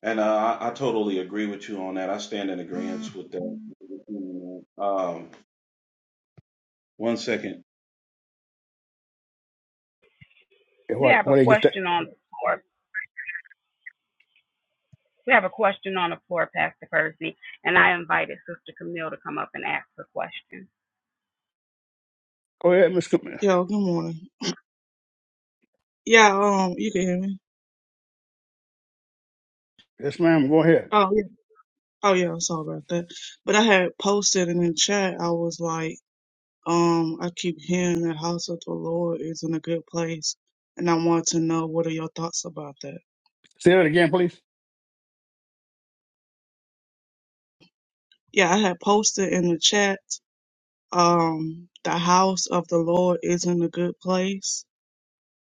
And uh, I, I totally agree with you on that. I stand in agreement with that. Um, one second. We What? have a What they get that? question on the floor. We have a question on the floor, Pastor Percy, and I invited Sister Camille to come up and ask her question. Go ahead, Miss. Com- Yo, good morning. Yeah, um, you can hear me. Yes, ma'am. Go ahead. Oh, yeah. Oh, yeah. Sorry about that. But I had posted in the chat. I was like, um, I keep hearing the house of the Lord is in a good place, and I want to know what are your thoughts about that. Say that again, please. Yeah, I had posted in the chat. Um, the house of the Lord is in a good place,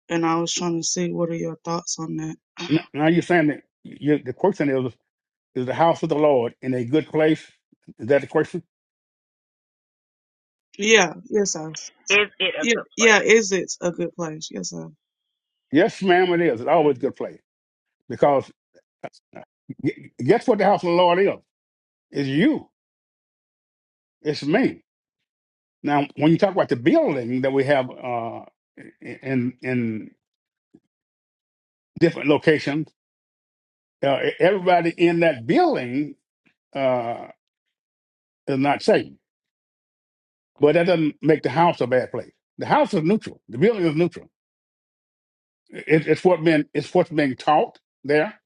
and I was trying to see what are your thoughts on that. N- Now you're saying that you, the question is, is the house of the Lord in a good place? Is that the question? Yeah. Yes, I. Is it a Yeah. good place? Yeah. Is it a good place? Yes, sir. Yes, ma'am, it is. It's always a hmm good place because gu- guess what the house of the Lord is? It's you. It's me. Now, when you talk about the building that we have uh, in in different locations, uh, e, everybody in that building uh, is not saved, but that doesn't make the house a bad place. The house is neutral. The building is neutral. It, it's what been it's what's being taught there.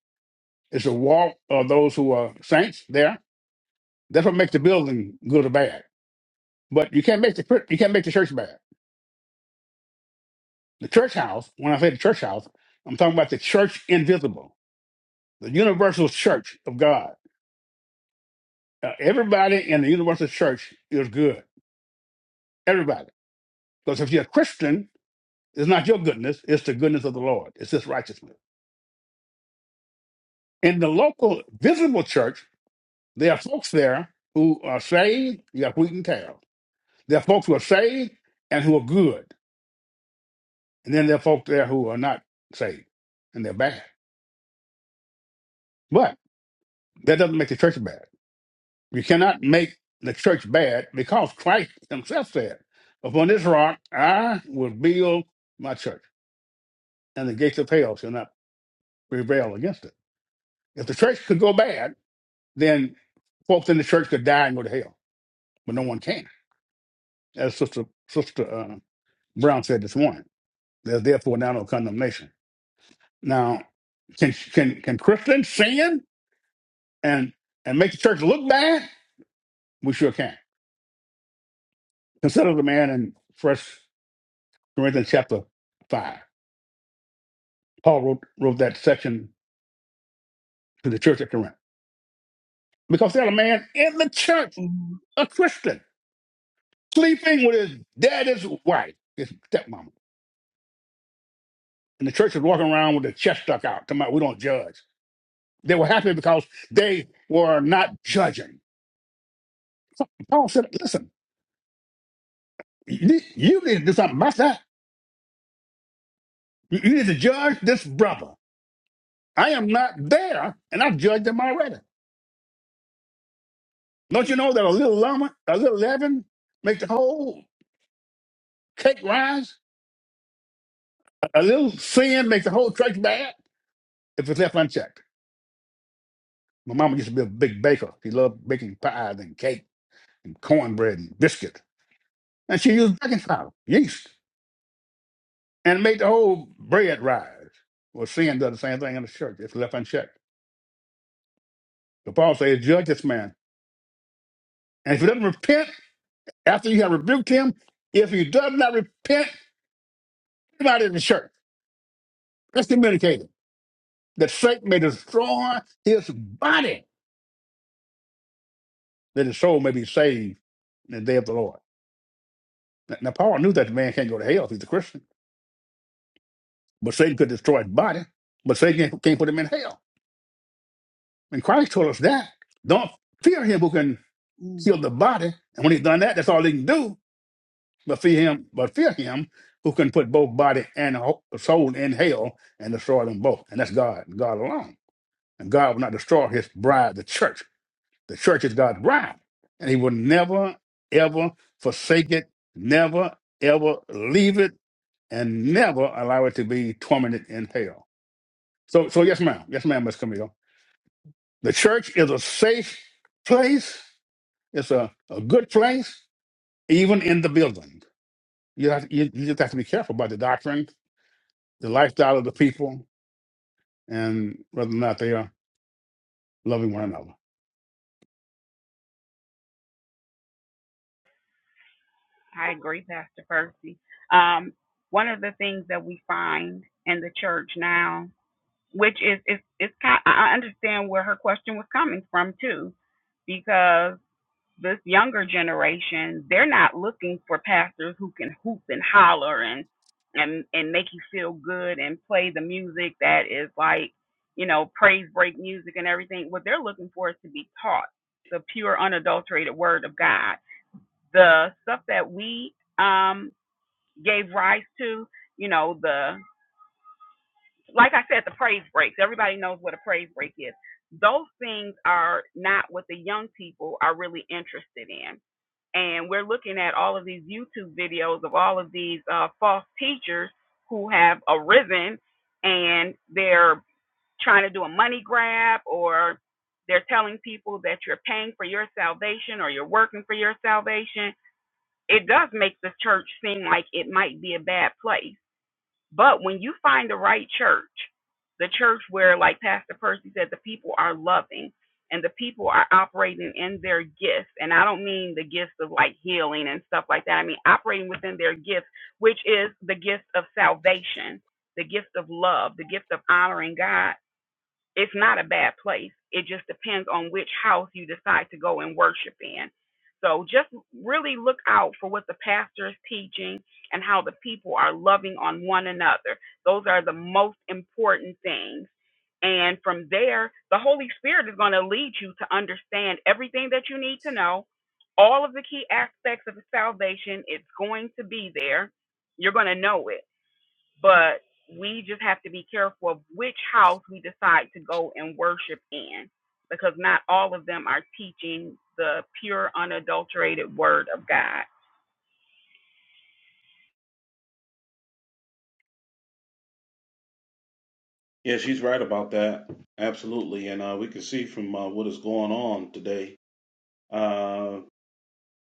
It's a walk of those who are saints there. That's what makes the building good or bad. But you can't make the cri- you can't make the church bad. The church house. When I say the church house, I'm talking about the church invisible, the universal church of God. Uh, everybody in the universal church is good. Everybody. Because if you're a Christian, it's not your goodness. It's the goodness of the Lord. It's His righteousness. In the local visible church, there are folks there who are saved. You got wheat and tares. There are folks who are saved and who are good. And then there are folks there who are not saved and they're bad. But that doesn't make the church bad. You cannot make the church bad because Christ himself said, Upon this rock I will build my church, and the gates of hell shall not prevail against it. If the church could go bad, then folks in the church could die and go to hell. But no one can. As Sister Sister uh, Brown said this morning, there's therefore now no condemnation Now, can can can Christians sin and and make the church look bad? We sure can. Consider the man in First Corinthians chapter five. Paul wrote wrote that section to the church at Corinth because they had a man in the church, Mm-hmm. a Christian, sleeping with his daddy's wife, his stepmama, and the church was walking around with their chest stuck out. Come out, we don't judge. They were happy because they were not judging. Paul said, "Listen, you, you need to do something about that. You, you need to judge this brother." I am not there, and I judge them already. Don't you know that a little llama, a little leaven, make the whole cake rise? A a little sin makes the whole church bad if it's left unchecked. My mama used to be a big baker. She loved baking pies and cake and cornbread and biscuit, and she used baking flour, yeast, and made the whole bread rise. Well, sin does the same thing in the church if left unchecked. The Paul says, "Judge this man, and if he doesn't repent after you have rebuked him, if he does not repent, he's not in the church." Let's excommunicated, that Satan may destroy his body, that his soul may be saved in the day of the Lord. Now, now, Paul knew that the man can't go to hell if he's a Christian, but Satan could destroy his body, but Satan can't, can't put him in hell. And Christ told us that. Don't fear him who can kill Mm-hmm. the body. And when he's done that, that's all he can do. But fear him, but fear him who can put both body and ho- soul in hell and destroy them both. And that's God, God alone. And God will not destroy his bride, the church The church is God's bride, and He will never, ever forsake it, never, ever leave it, and never allow it to be tormented in hell. So, so yes, ma'am. Yes, ma'am, Miss Camille. The church is a safe place. It's a, a good place, even in the building. You, have, you, you just have to be careful about the doctrine, the lifestyle of the people, and whether or not they are loving one another. I agree, Pastor Percy. Um, one of the things that we find in the church now which is is is kind. I understand where her question was coming from too, because this younger generation they're not looking for pastors who can hoop and holler and and and make you feel good and play the music that is like you know praise break music and everything. What they're looking for is to be taught the pure unadulterated word of God. The stuff that we um gave rise to, you know the like I said, the praise breaks. Everybody knows what a praise break is. Those things are not what the young people are really interested in. And we're looking at all of these YouTube videos of all of these uh, false teachers who have arisen and they're trying to do a money grab or they're telling people that you're paying for your salvation or you're working for your salvation. It does make the church seem like it might be a bad place but when you find the right church, the church where, like Pastor Percy said, the people are loving and the people are operating in their gifts. And I don't mean the gifts of like healing and stuff like that. I mean operating within their gifts, which is the gift of salvation, the gift of love, the gift of honoring God it's not a bad place. It just depends on which house you decide to go and worship in. So just really look out for what the pastor is teaching and how the people are loving on one another. Those are the most important things. And from there, the Holy Spirit is going to lead you to understand everything that you need to know. All of the key aspects of salvation, it's going to be there. You're going to know it but we just have to be careful of which house we decide to go and worship in because not all of them are teaching the pure unadulterated word of god Yeah, she's right about that. Absolutely. And uh, we can see from uh, what is going on today. Uh,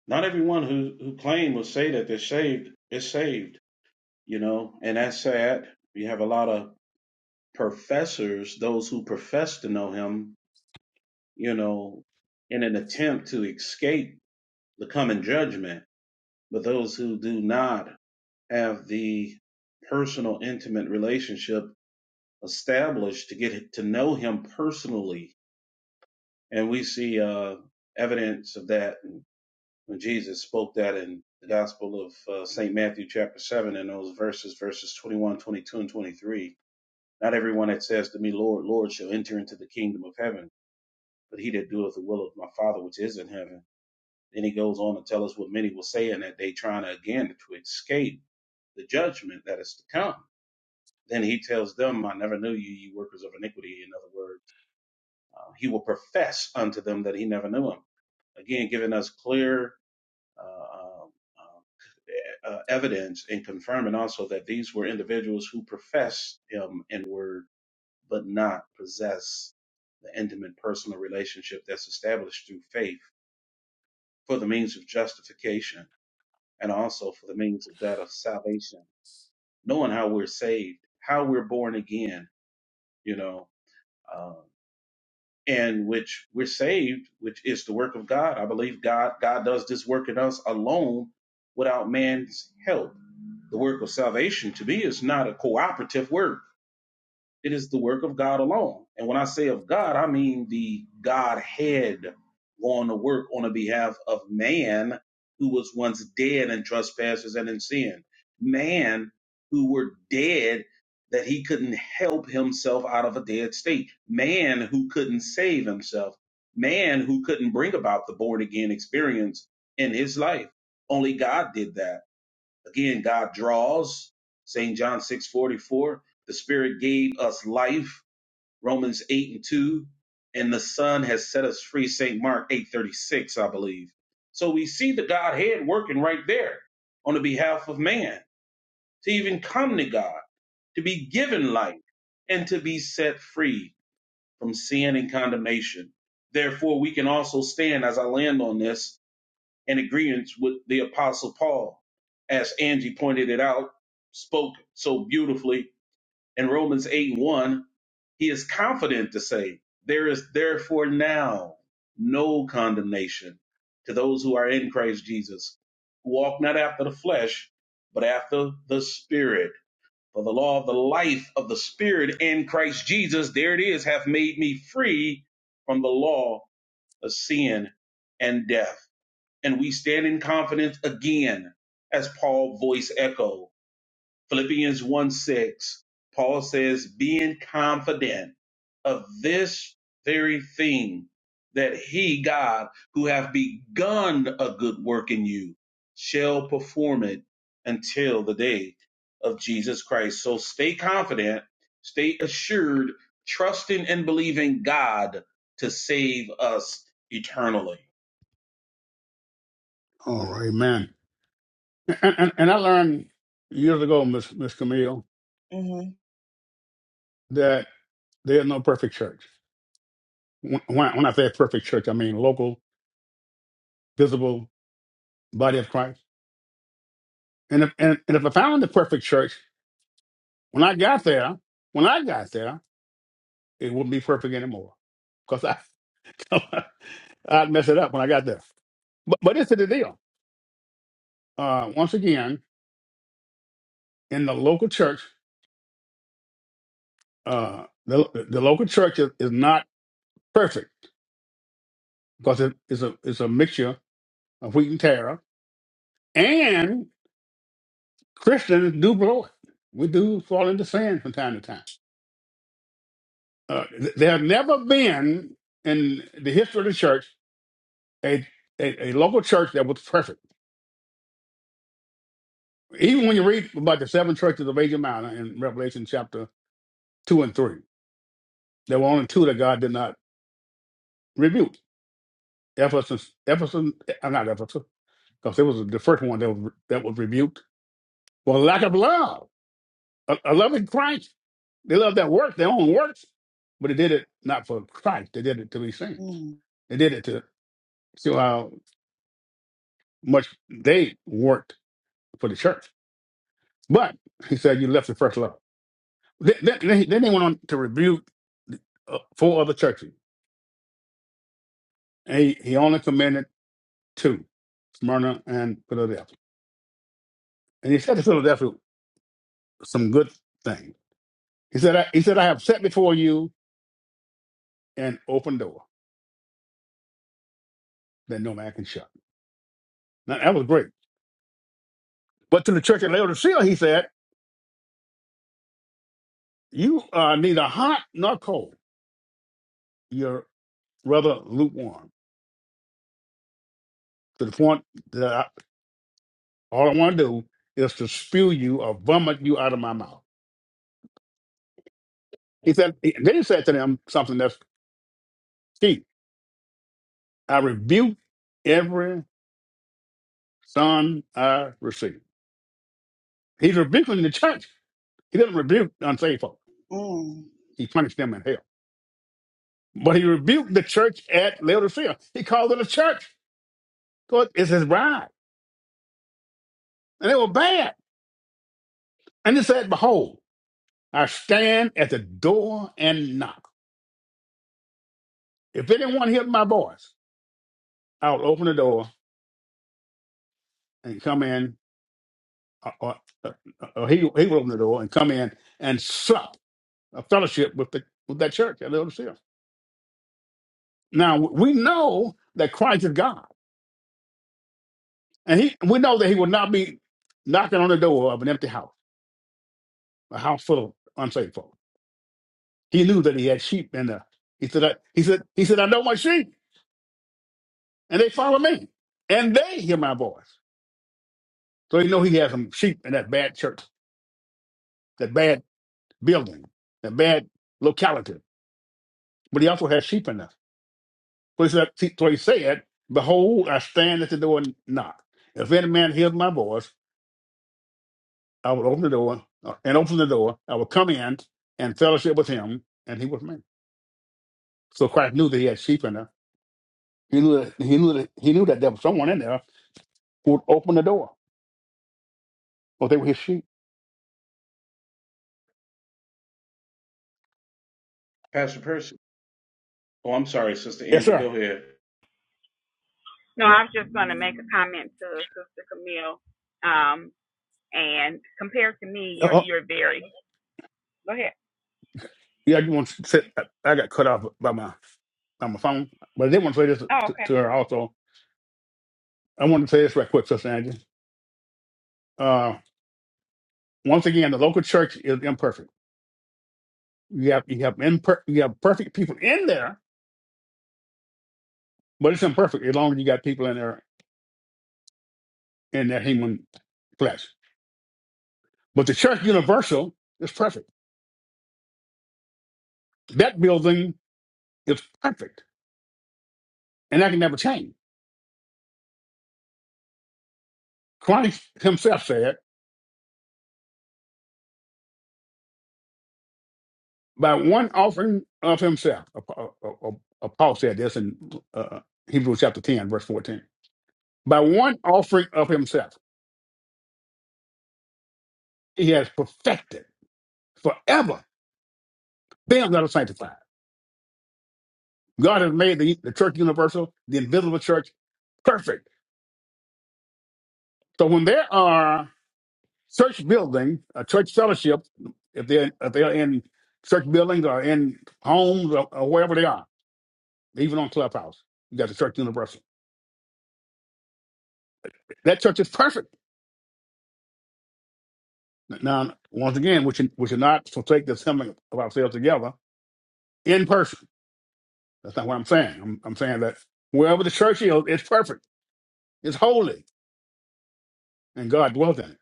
not everyone who, who claims will say that they're saved is saved, you know, and that's sad. We have a lot of professors, those who profess to know him, you know, in an attempt to escape the coming judgment. But those who do not have the personal, intimate relationship established to get to know him personally. And we see uh, evidence of that when Jesus spoke that in the Gospel of uh, St. Matthew, chapter 7, in those verses, verses 21, 22, and 23. Not everyone that says to me, Lord, Lord, shall enter into the kingdom of heaven, but he that doeth the will of my Father which is in heaven. Then he goes on to tell us what many will say in that day, trying to, again to escape the judgment that is to come Then he tells them, I never knew you, you workers of iniquity. In other words, uh, he will profess unto them that he never knew him. Again, giving us clear uh, um, uh, uh, evidence and confirming also that these were individuals who professed him in word, but not possess the intimate personal relationship that's established through faith for the means of justification and also for the means of that of salvation, knowing how we're saved, how we're born again, you know. uh, and which we're saved, which is the work of God. I believe God God does this work in us alone without man's help. The work of salvation to me is not a cooperative work it is the work of God alone. And when I say of God, I mean the Godhead going to work on the behalf of man who was once dead in trespasses and in sin. Man who were dead that he couldn't help himself out of a dead state. Man who couldn't save himself. Man who couldn't bring about the born again experience in his life. Only God did that Again, God draws, St. John 6 44. The Spirit gave us life, Romans 8 and 2. And the Son has set us free, St. Mark 8 36. I believe. So we see the Godhead working right there on the behalf of man to even come to God, to be given life, and to be set free from sin and condemnation. Therefore, we can also stand as I land on this in agreement with the Apostle Paul, as Angie pointed it out, spoke so beautifully in Romans 8 1. He is confident to say, There is therefore now no condemnation to those who are in Christ Jesus, who walk not after the flesh, but after the Spirit. For the law of the life of the Spirit in Christ Jesus, there it is, hath made me free from the law of sin and death and we stand in confidence again as Paul's voice echoed. Philippians 1 6, Paul says, being confident of this very thing that he, God, who hath begun a good work in you, shall perform it until the day of Jesus Christ. So stay confident, stay assured, trusting and believing God to save us eternally. All right, man. And, and, and I learned years ago, Miss Miss Camille, Mm-hmm. that. There is no perfect church. When, when I say perfect church, I mean local, visible body of Christ. And if, and, and if I found the perfect church, when I got there, when I got there, it wouldn't be perfect anymore because I, I'd mess it up when I got there. But, but this is the deal. Uh, once again, in the local church, uh, the, the local church is, is not perfect because it is a, it's a mixture of wheat and tare, and Christians do blow it. We do fall into sin from time to time. Uh, th- there have never been in the history of the church a, a, a local church that was perfect. Even when you read about the seven churches of Asia Minor in Revelation chapter two and three, there were only two that God did not rebuke. Ephesus, Ephesus, uh, not Ephesus, because it was the first one that was, that was rebuked. Well, lack of love, a, a loving Christ. They loved that work, their own works, but they did it not for Christ. They did it to be saints. mm-hmm. They did it to show how much they worked for the church. But he said you left the first love. Then, then, then he then he went on to rebuke uh, four other churches, and he, he only commended two, Smyrna and Philadelphia. And he said to Philadelphia some good things. He said, I, he said, I have set before you an open door that no man can shut. Now, that was great. But to the church at Laodicea, he said, you are neither hot nor cold. You're rather lukewarm to the point that I, all I want to do is to spew you or vomit you out of my mouth. He said, he- then he said to them something that's key. I rebuke every son I receive. He's rebuking the church. He didn't rebuke the unsaved folk. Mm. He punished them in hell. But he rebuked the church at Laodicea. He called it a church. So it- it's his bride. And they were bad. And he said, behold, I stand at the door and knock. If anyone hears my voice, I'll open the door and come in, or, or, or he, he will open the door and come in and sup a fellowship with the with that church at Laodicea. Now we know that Christ is God, and he we know that he will not be knocking on the door of an empty house, a house full of unsaved folk. He knew that he had sheep in there. He said, I, he said, he said, I know my sheep, and they follow me, and they hear my voice. So he know he has some sheep in that bad church, that bad building, that bad locality. But he also has sheep in there. So he said, so he said, Behold, I stand at the door and knock. If any man hears my voice I would open the door uh, and open the door. I would come in and fellowship with him, and he was me. So Christ knew that he had sheep in there. He knew that he knew that he knew that there was someone in there who would open the door, or they were his sheep. Pastor Percy. Oh, I'm sorry, Sister Yes, Angie. Go sir. ahead. no i was just going to make a comment to sister camille um, and compared to me you're Uh-uh. you're very go ahead Yeah, you want to say I I got cut off by my by my phone, but I did want to say this oh to, okay to her also. I want to say this right quick, Sister Angie. Uh, once again, the local church is imperfect. You have you have imper- you have perfect people in there, but it's imperfect as long as you got people in there in their human flesh. But the church universal is perfect. That building is perfect, and that can never change. Christ himself said, by one offering of himself, uh, uh, uh, uh, Paul said this in uh, Hebrews chapter 10, verse 14. By one offering of himself, he has perfected forever them that are sanctified. God has made the, the church universal, the invisible church, perfect. So when there are church building, a church fellowship, if they're if they're in church buildings or in homes or, or wherever they are, even on Clubhouse, you got the church universal. That church is perfect. Now, once again, we should we should not forsake the assembling of ourselves together in person. That's not what I'm saying. I'm, I'm saying that wherever the church is, it's perfect, it's holy, and God dwells in it.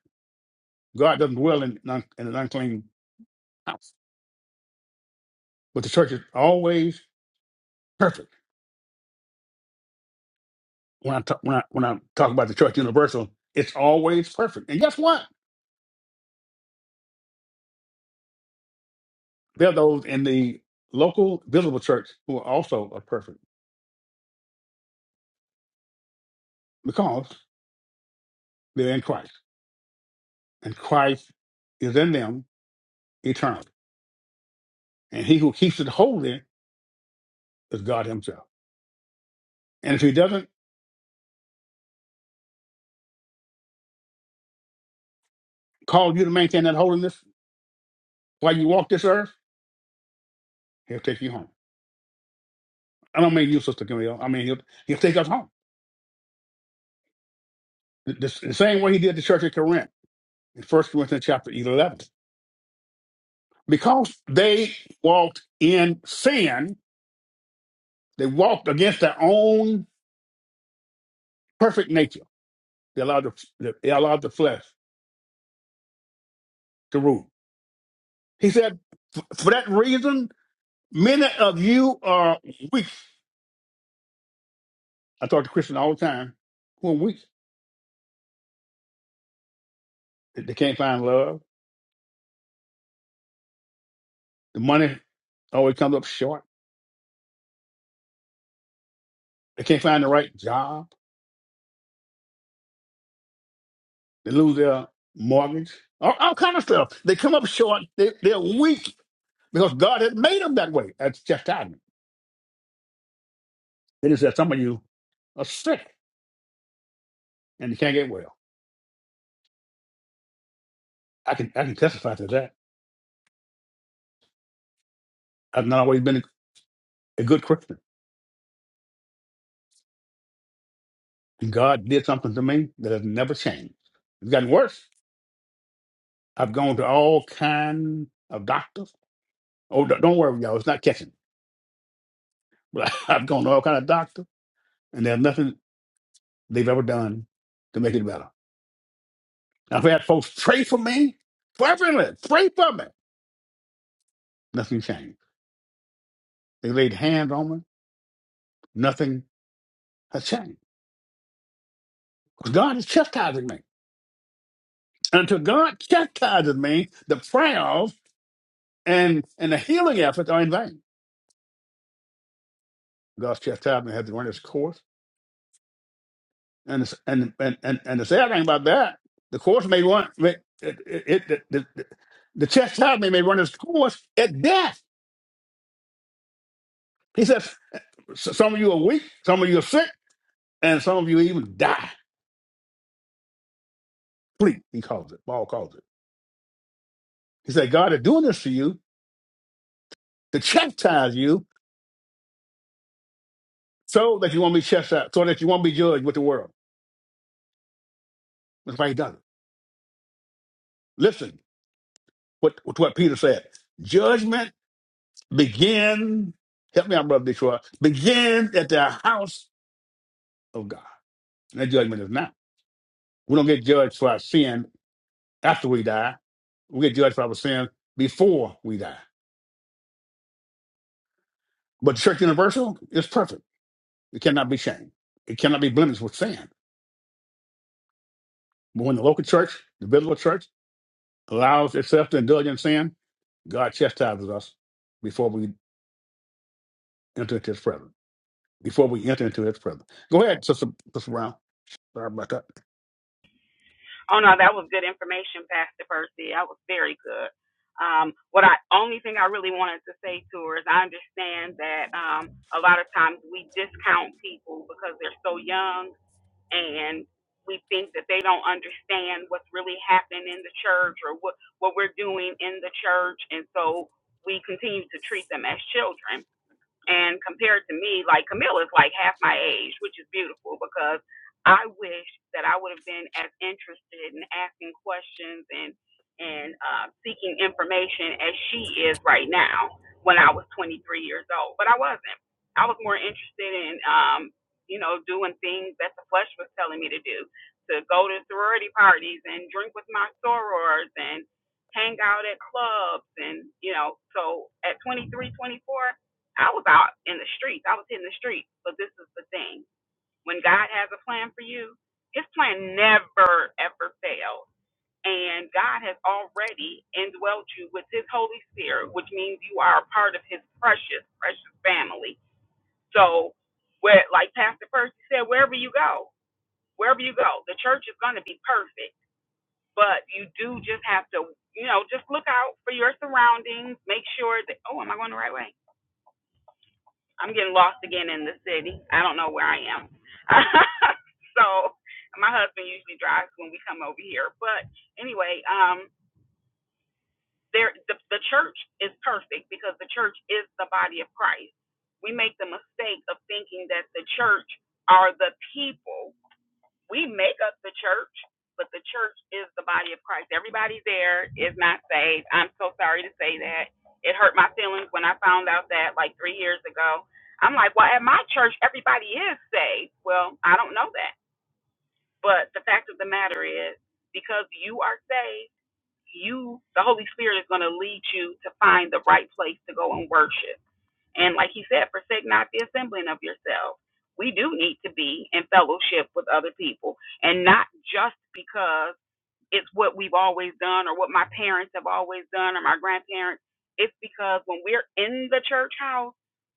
God doesn't dwell in, non- in an unclean house, but the church is always perfect when I talk when I when I talk about the church universal, it's always perfect. And guess what? There are those in the local visible church who are also are perfect because they're in Christ, and Christ is in them eternally. And he who keeps it holy is God Himself. And if He doesn't call you to maintain that holiness while you walk this earth, He'll take you home. I don't mean you, Sister Camille. I mean He'll He'll take us home the, the the same way He did the church at Corinth in First Corinthians chapter eleven. because they walked in sin, they walked against their own perfect nature. They allowed the, they allowed the flesh to rule. He said, "F- for that reason, many of you are weak. I talk to Christians all the time who are weak. They they can't find love. The money always comes up short. They can't find the right job. They lose their mortgage. All, all kind of stuff. They come up short. They, they're weak because God has made them that way. That's chastisement. It is that some of you are sick and you can't get well. I can I can testify to that. I've not always been a, a good Christian. And God did something to me that has never changed. It's gotten worse. I've gone to all kinds of doctors. Oh, don't don't worry, y'all. It's not catching. But I've gone to all kind of doctors, and there's nothing they've ever done to make it better. I've had folks pray for me, fervently, pray for me. Nothing changed. They laid hands on me. Nothing has changed. Because God is chastising me. Until God chastises me, the trials and, and the healing efforts are in vain. God's chastisement has to run its course. And, it's, and, and, and, and the sad thing about that, the course may run, may, it, it, it, the, the, the chastisement may run its course at death. He says, "S- some of you are weak, some of you are sick, and some of you even die. Please, he calls it. Paul calls it. He said, God is doing this to you to chastise you so that you won't be chastised, so that you won't be judged with the world. That's why he does it. Listen, what to what Peter said. Judgment begin. Help me out, brother Detroit. Begin at the house of God. And that judgment is now. We don't get judged for our sin after we die. We get judged for our sin before we die. But the Church Universal is perfect. It cannot be shamed. It cannot be blemished with sin. But when the local church, the biblical church, allows itself to indulge in sin, God chastises us before we enter into His presence. Before we enter into His presence. Go ahead, Sister, Sister Brown. Sorry about that. Oh no, that was good information, Pastor Percy. That was very good. Um, what I only thing I really wanted to say to her is I understand that um, a lot of times we discount people because they're so young and we think that they don't understand what's really happening in the church or what what we're doing in the church, and so we continue to treat them as children. And compared to me, like Camille is like half my age, which is beautiful because I wish that I would have been as interested in asking questions and and uh, seeking information as she is right now when I was 23 years old. But I wasn't. I was more interested in um, you know doing things that the flesh was telling me to do, to go to sorority parties and drink with my sorors and hang out at clubs and you know so at 23 24 I was out in the streets. I was hitting the streets. But this is the thing. When God has a plan for you, his plan never ever fails. And God has already indwelt you with his Holy Spirit, which means you are a part of his precious, precious family. So where like Pastor Percy said, wherever you go, wherever you go, the church is gonna be perfect. But you do just have to, you know, just look out for your surroundings, make sure that oh, am I going the right way? I'm getting lost again in the city. I don't know where I am. so my husband usually drives when we come over here. But anyway, um, there the, the church is perfect because the church is the body of Christ. We make the mistake of thinking that the church are the people we make up the church, but the church is the body of Christ. Everybody there is not saved. I'm so sorry to say that. It hurt my feelings when I found out that like three years ago. I'm like, well, at my church, everybody is saved. Well, I don't know that. But the fact of the matter is, because you are saved, you, the Holy Spirit is going to lead you to find the right place to go and worship and like he said, forsake not the assembling of yourself. We do need to be in fellowship with other people and not just because it's what we've always done or what my parents have always done or my grandparents. It's because when we're in the church house,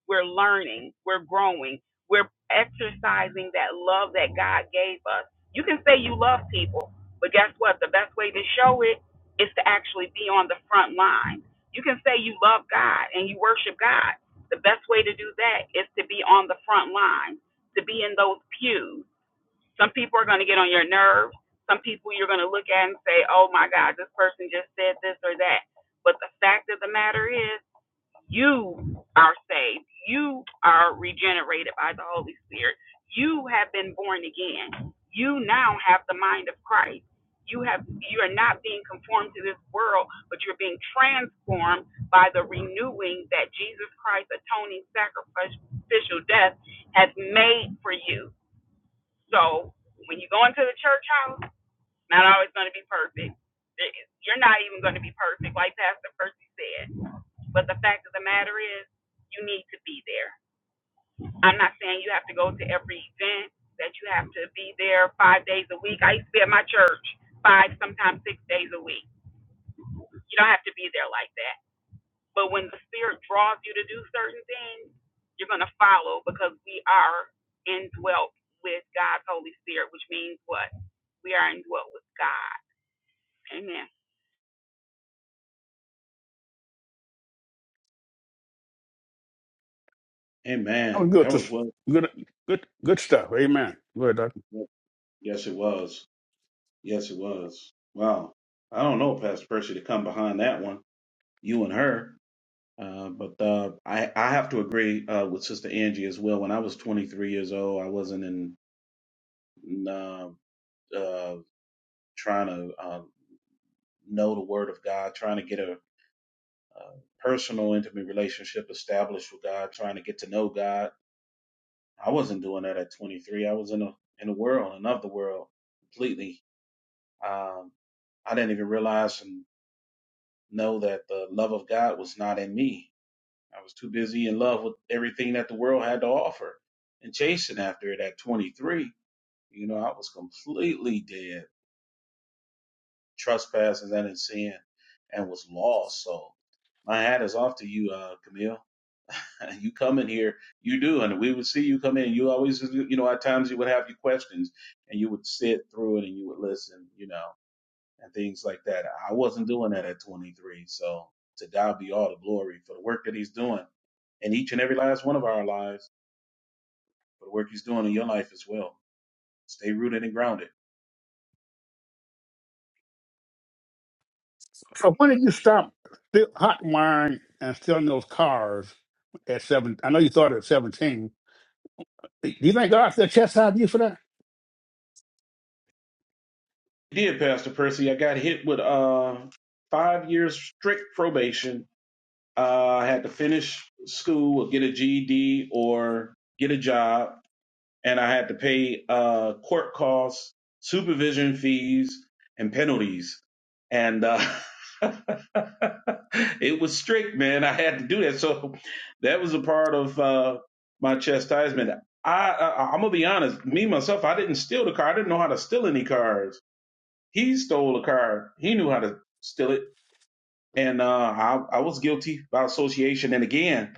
we're learning, we're growing, we're exercising that love that God gave us. You can say you love people, but guess what? The best way to show it is to actually be on the front line. You can say you love God and you worship God. The best way to do that is to be on the front line, to be in those pews, some people are going to get on your nerves. Some people you're going to look at and say, oh my God, this person just said this or that. But the fact of the matter is, you are saved. You are regenerated by the Holy Spirit. You have been born again. You now have the mind of Christ. You have you are not being conformed to this world, but you're being transformed by the renewing that Jesus Christ's atoning sacrificial death has made for you. So when you go into the church house, not always going to be perfect. You're not even going to be perfect, like Pastor Percy said. But the fact of the matter is, you need to be there. I'm not saying you have to go to every event, that you have to be there five days a week. I used to be at my church five, sometimes six days a week. You don't have to be there like that. But when the Spirit draws you to do certain things, you're going to follow because we are indwelt with God's Holy Spirit, which means what? We are indwelt with God. Amen. That was Amen. good. That was Just well. good, good, good stuff. Amen. Good. Doc. Yes, it was. Yes, it was. Wow. I don't know, Pastor Percy, to come behind that one, you and her. Uh, but uh, I, I have to agree uh, with Sister Angie as well. When I was 23 years old, I wasn't in uh, uh, trying to uh, know the Word of God, trying to get a, a personal, intimate relationship established with God, trying to get to know God I wasn't doing that at 23. I was in a in a world, another world, completely. Um, I didn't even realize and know that the love of God was not in me. I was too busy in love with everything that the world had to offer and chasing after it at 23. You know, I was completely dead, trespasses and in sin, and was lost. So my hat is off to you, uh, Camille. you come in here, you do, and we would see you come in. You always, you know, at times you would have your questions, and you would sit through it and you would listen, you know, and things like that. I wasn't doing that at 23, so to God be all the glory for the work that He's doing in each and every last one of our lives, for the work He's doing in your life as well. Stay rooted and grounded. So when did you stop still hot wiring and stealing those cars at seven? I know you started at seventeen. Do you think God still chastised you for that, I did, Pastor Percy. I got hit with uh five years strict probation. Uh, I had to finish school or get a GED or get a job and I had to pay uh, court costs, supervision fees, and penalties. And uh, it was strict, man. I had to do that, so that was a part of uh, my chastisement. I, I I'm gonna be honest, me myself, I didn't steal the car. I didn't know how to steal any cars. He stole a car. He knew how to steal it, and uh, I I was guilty by association. And again,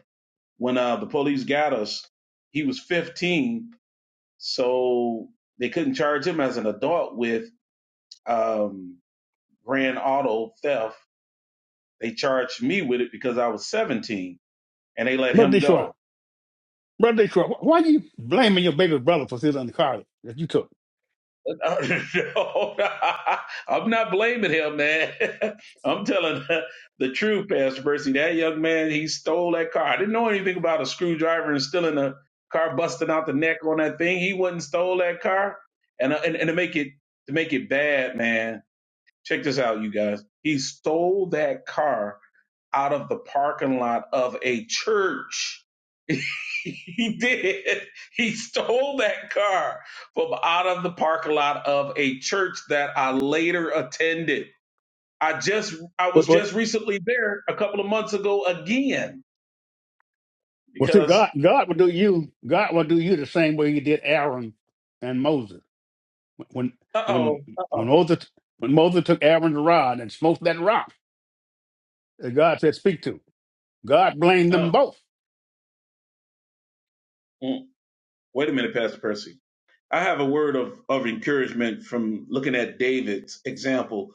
when uh, the police got us, he was 15 so they couldn't charge him as an adult with um, grand auto theft. They charged me with it because I was 17 and they let Brother him Detroit? go. Brother Detroit, wh- why are you blaming your baby brother for stealing the car that you took? No, I'm not blaming him, man. I'm telling the the truth, Pastor Percy. That young man, he stole that car. I didn't know anything about a screwdriver and stealing a car, busting out the neck on that thing. He wouldn't stole that car. And, and, and to make it to make it bad, man Check this out, you guys. He stole that car out of the parking lot of a church. he did. He stole that car from out of the parking lot of a church that I later attended. I just I was What, what, just recently there a couple of months ago again well, see, God, because God will do you. God will do you the same way He did Aaron and Moses. When, uh when, oh uh when Moses, when Moses took Aaron's rod and smoked that rock that God said, "Speak to." God blamed them oh both. wait a minute Pastor Percy I have a word of, of encouragement from looking at David's example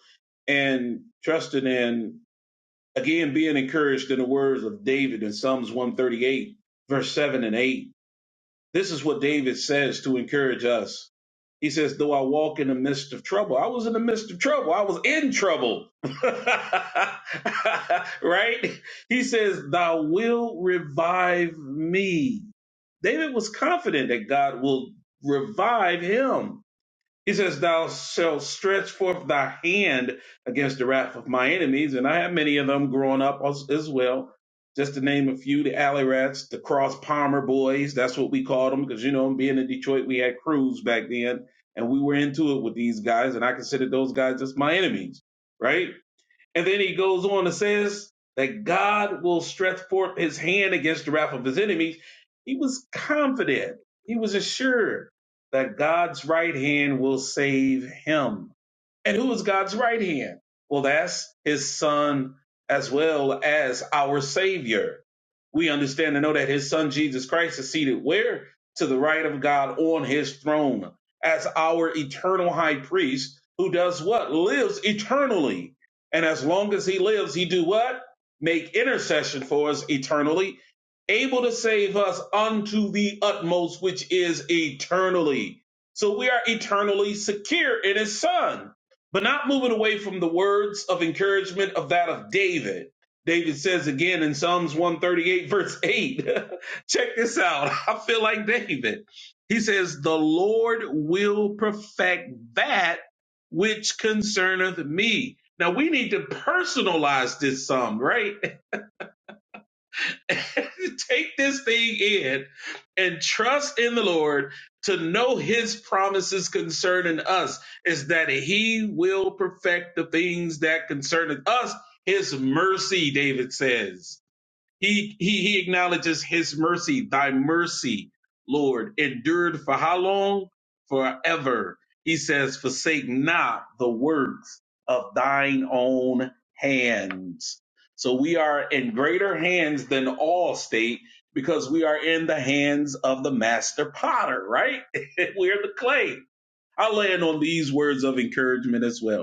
and trusting in, again, being encouraged in the words of David in Psalms 138, verse 7 and 8. This is what David says to encourage us. He says, Though I walk in the midst of trouble, I was in the midst of trouble. I was in trouble. right? He says, Thou will revive me. David was confident that God will revive him he says, Thou shalt stretch forth thy hand against the wrath of my enemies. And I had many of them growing up as, as well. Just to name a few, the Alley Rats, the Cross Palmer Boys, that's what we called them, because you know, being in Detroit, we had crews back then, and we were into it with these guys, and I considered those guys as my enemies, right? And then he goes on and says that God will stretch forth his hand against the wrath of his enemies. He was confident, he was assured that God's right hand will save him. And who is God's right hand? Well, that's his son as well as our savior. We understand and know that his son Jesus Christ is seated where? To the right of God on his throne as our eternal high priest who does what? Lives eternally. And as long as he lives, he do what? Make intercession for us eternally, able to save us unto the utmost, which is eternally. So we are eternally secure in his son but not moving away from the words of encouragement of that of David. David says again in Psalms 138, verse 8. Check this out. I feel like David. He says, The Lord will perfect that which concerneth me. Now we need to personalize this psalm, right? Take this thing in and trust in the Lord to know his promises concerning us is that he will perfect the things that concern us. His mercy, David says. He, he he acknowledges his mercy, thy mercy, Lord, endured for how long? Forever. He says, forsake not the works of thine own hands. So we are in greater hands than all state because we are in the hands of the master potter, right? We're the clay. I land on these words of encouragement as well.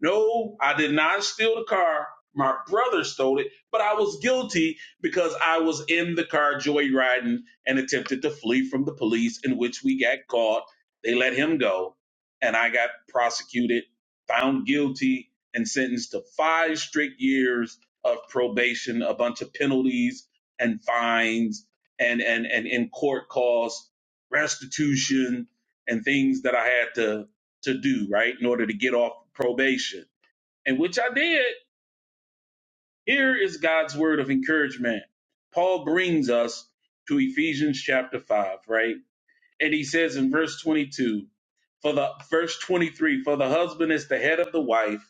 No, I did not steal the car. My brother stole it, but I was guilty because I was in the car joyriding and attempted to flee from the police, in which we got caught. They let him go, and I got prosecuted, found guilty, and sentenced to five strict years of probation, a bunch of penalties and fines, and and and in court costs, restitution, and things that I had to to do, right, in order to get off probation. And which I did. Here is God's word of encouragement. Paul brings us to Ephesians chapter 5, right? And he says in verse 22, for the verse 23, for the husband is the head of the wife,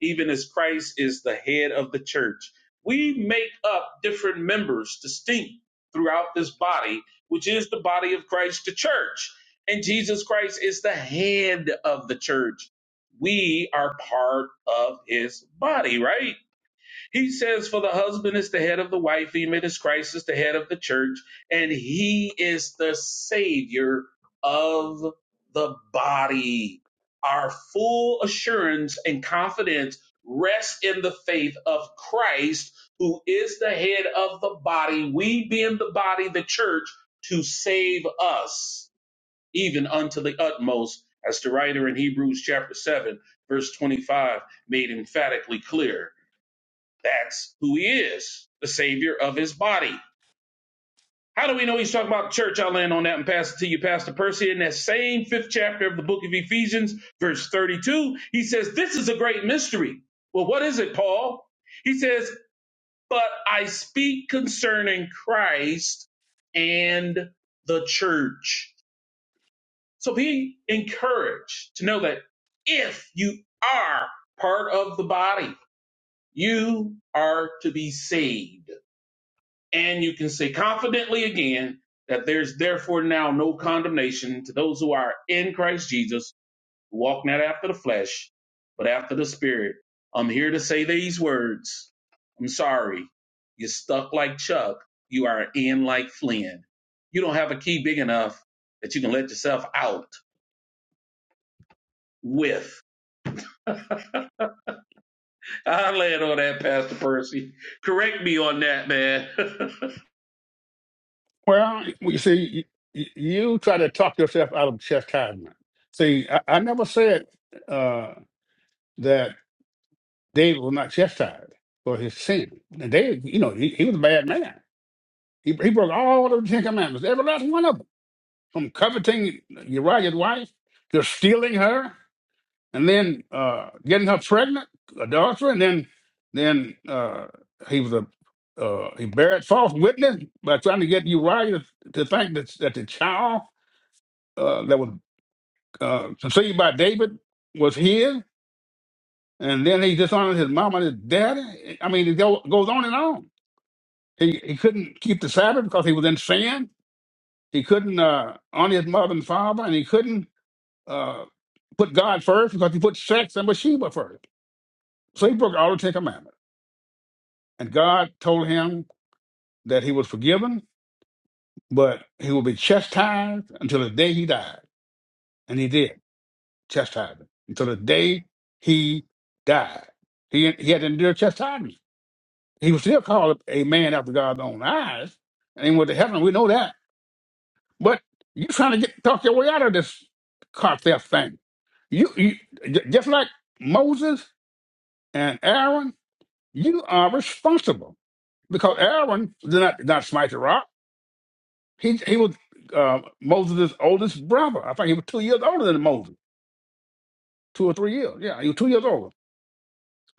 even as Christ is the head of the church. We make up different members distinct throughout this body, which is the body of Christ, the church. And Jesus Christ is the head of the church. We are part of his body, right? He says, For the husband is the head of the wife, even as Christ is the head of the church, and he is the savior of the body. Our full assurance and confidence rests in the faith of Christ, who is the head of the body, we being the body, the church, to save us, even unto the utmost, as the writer in Hebrews chapter 7, verse 25 made emphatically clear. That's who he is, the savior of his body. How do we know he's talking about church? I'll land on that and pass it to you, Pastor Percy. In that same fifth chapter of the book of Ephesians, verse 32, he says, This is a great mystery. Well, what is it, Paul? He says, But I speak concerning Christ and the church. So be encouraged to know that if you are part of the body, you are to be saved And you can say confidently again that there's therefore now no condemnation to those who are in Christ Jesus, who walk not after the flesh, but after the Spirit. I'm here to say these words. I'm sorry. You're stuck like Chuck. You are in like Flynn. You don't have a key big enough that you can let yourself out with. I land on that, Pastor Percy. Correct me on that, man. Well, you see, you, you try to talk yourself out of chastisement. See, I, I never said uh, that David was not chastised for his sin. And David, you know, he, he was a bad man. He, he broke all of the Ten Commandments, every last one of them, from coveting Uriah's wife to stealing her and then uh, getting her pregnant, adultery, and then then uh, he was a uh, he buried false witness by trying to get Uriah to think that, that the child uh, that was uh, conceived by David was his, and then he dishonored his mom and his daddy. I mean, it go, goes on and on. He he couldn't keep the Sabbath because he was in sin. He couldn't uh, honor his mother and father, and he couldn't uh, put God first because he put sex and Bathsheba first. So he broke all the Ten Commandments. And God told him that he was forgiven, but he would be chastised until the day he died. And he did chastise him until the day he died. He, he had to endure chastisement. He was still called a man after God's own eyes and he went to heaven. We know that. But you're trying to get talk your way out of this car theft thing. You, you j- just like Moses and Aaron, you are responsible because Aaron did not, did not smite the rock. He he was uh, Moses' oldest brother. I think he was two years older than Moses, two or three years. Yeah, he was two years older.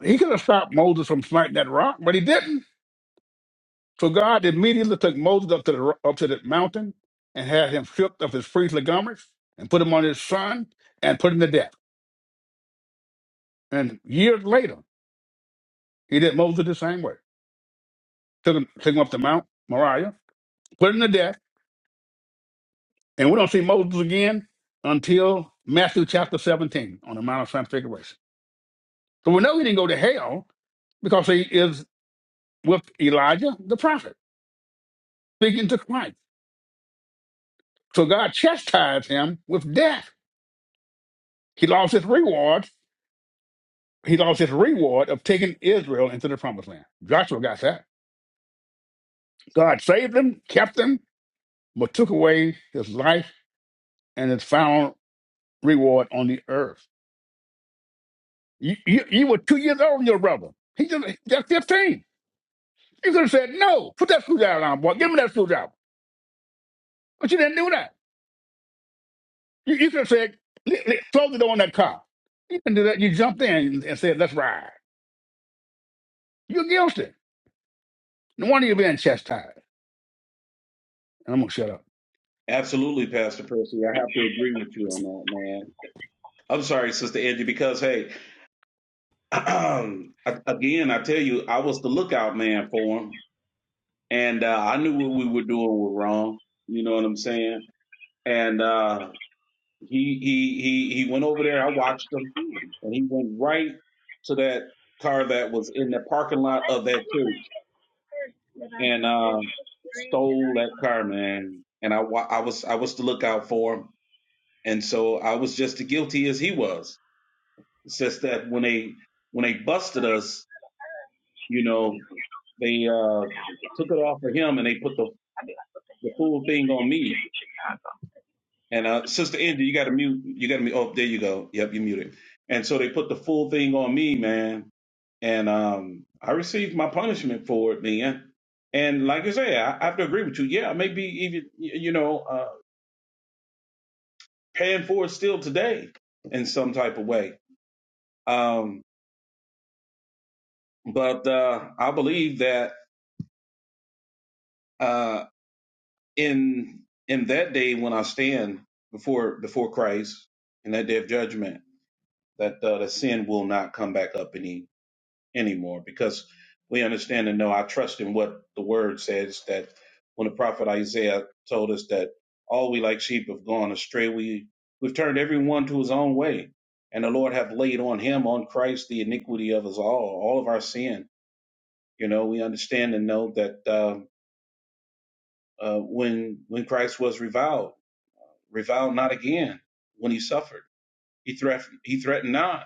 He could have stopped Moses from smiting that rock, but he didn't. So God immediately took Moses up to the ro- up to the mountain and had him stripped of his priestly garments and put him on his son and put him to death. And years later, he did Moses the same way. Took him took him up to Mount Moriah, put him to death, and we don't see Moses again until Matthew chapter 17 on the Mount of Transfiguration. So we know he didn't go to hell because he is with Elijah the prophet, speaking to Christ. So God chastised him with death. He lost his reward. He lost his reward of taking Israel into the promised land. Joshua got that. God saved him, kept him, but took away his life and his final reward on the earth. You, you, you were two years old, your brother. He just, just 15. You could have said, no, put that screwdriver on, boy. Give me that screwdriver. But you didn't do that. You, you could have said, "Li- li- close the door on that car. You can do that. You jumped in and said, let's ride. You're guilty. No wonder you're being chastised. And I'm going to shut up. Absolutely, Pastor Percy. I have to agree with you on that, man I'm sorry, Sister Angie, because hey, again, I tell you, I was the lookout man for him, and uh, I knew what we were doing was wrong. You know what I'm saying? And uh, he he he he went over there. I watched him, and he went right to that car that was in the parking lot of that church, and uh, stole that car, man. And I wa- I was I was the lookout for him, and so I was just as guilty as he was. It's just that when they when they busted us You know, they uh, took it off of him and they put the, I do the full thing on me. like Chicago. And uh, Sister Angie, you got to mute. You got to mute. Oh, there you go. Yep, you muted. And so they put the full thing on me, man. And um, I received my punishment for it, man. And like I say, I, I have to agree with you. Yeah, maybe even y- you know uh, paying for it still today in some type of way. Um, but uh, I believe that. uh, in in that day when I stand before before Christ in that day of judgment, that uh, the sin will not come back up any anymore because we understand and know I trust in what the word says that when the prophet Isaiah told us that all we like sheep have gone astray, we we've turned everyone to his own way, and the Lord hath laid on him on Christ the iniquity of us all, all of our sin. You know, we understand and know that uh, uh, when when Christ was reviled. revile not again when he suffered. He threatened, he threatened not,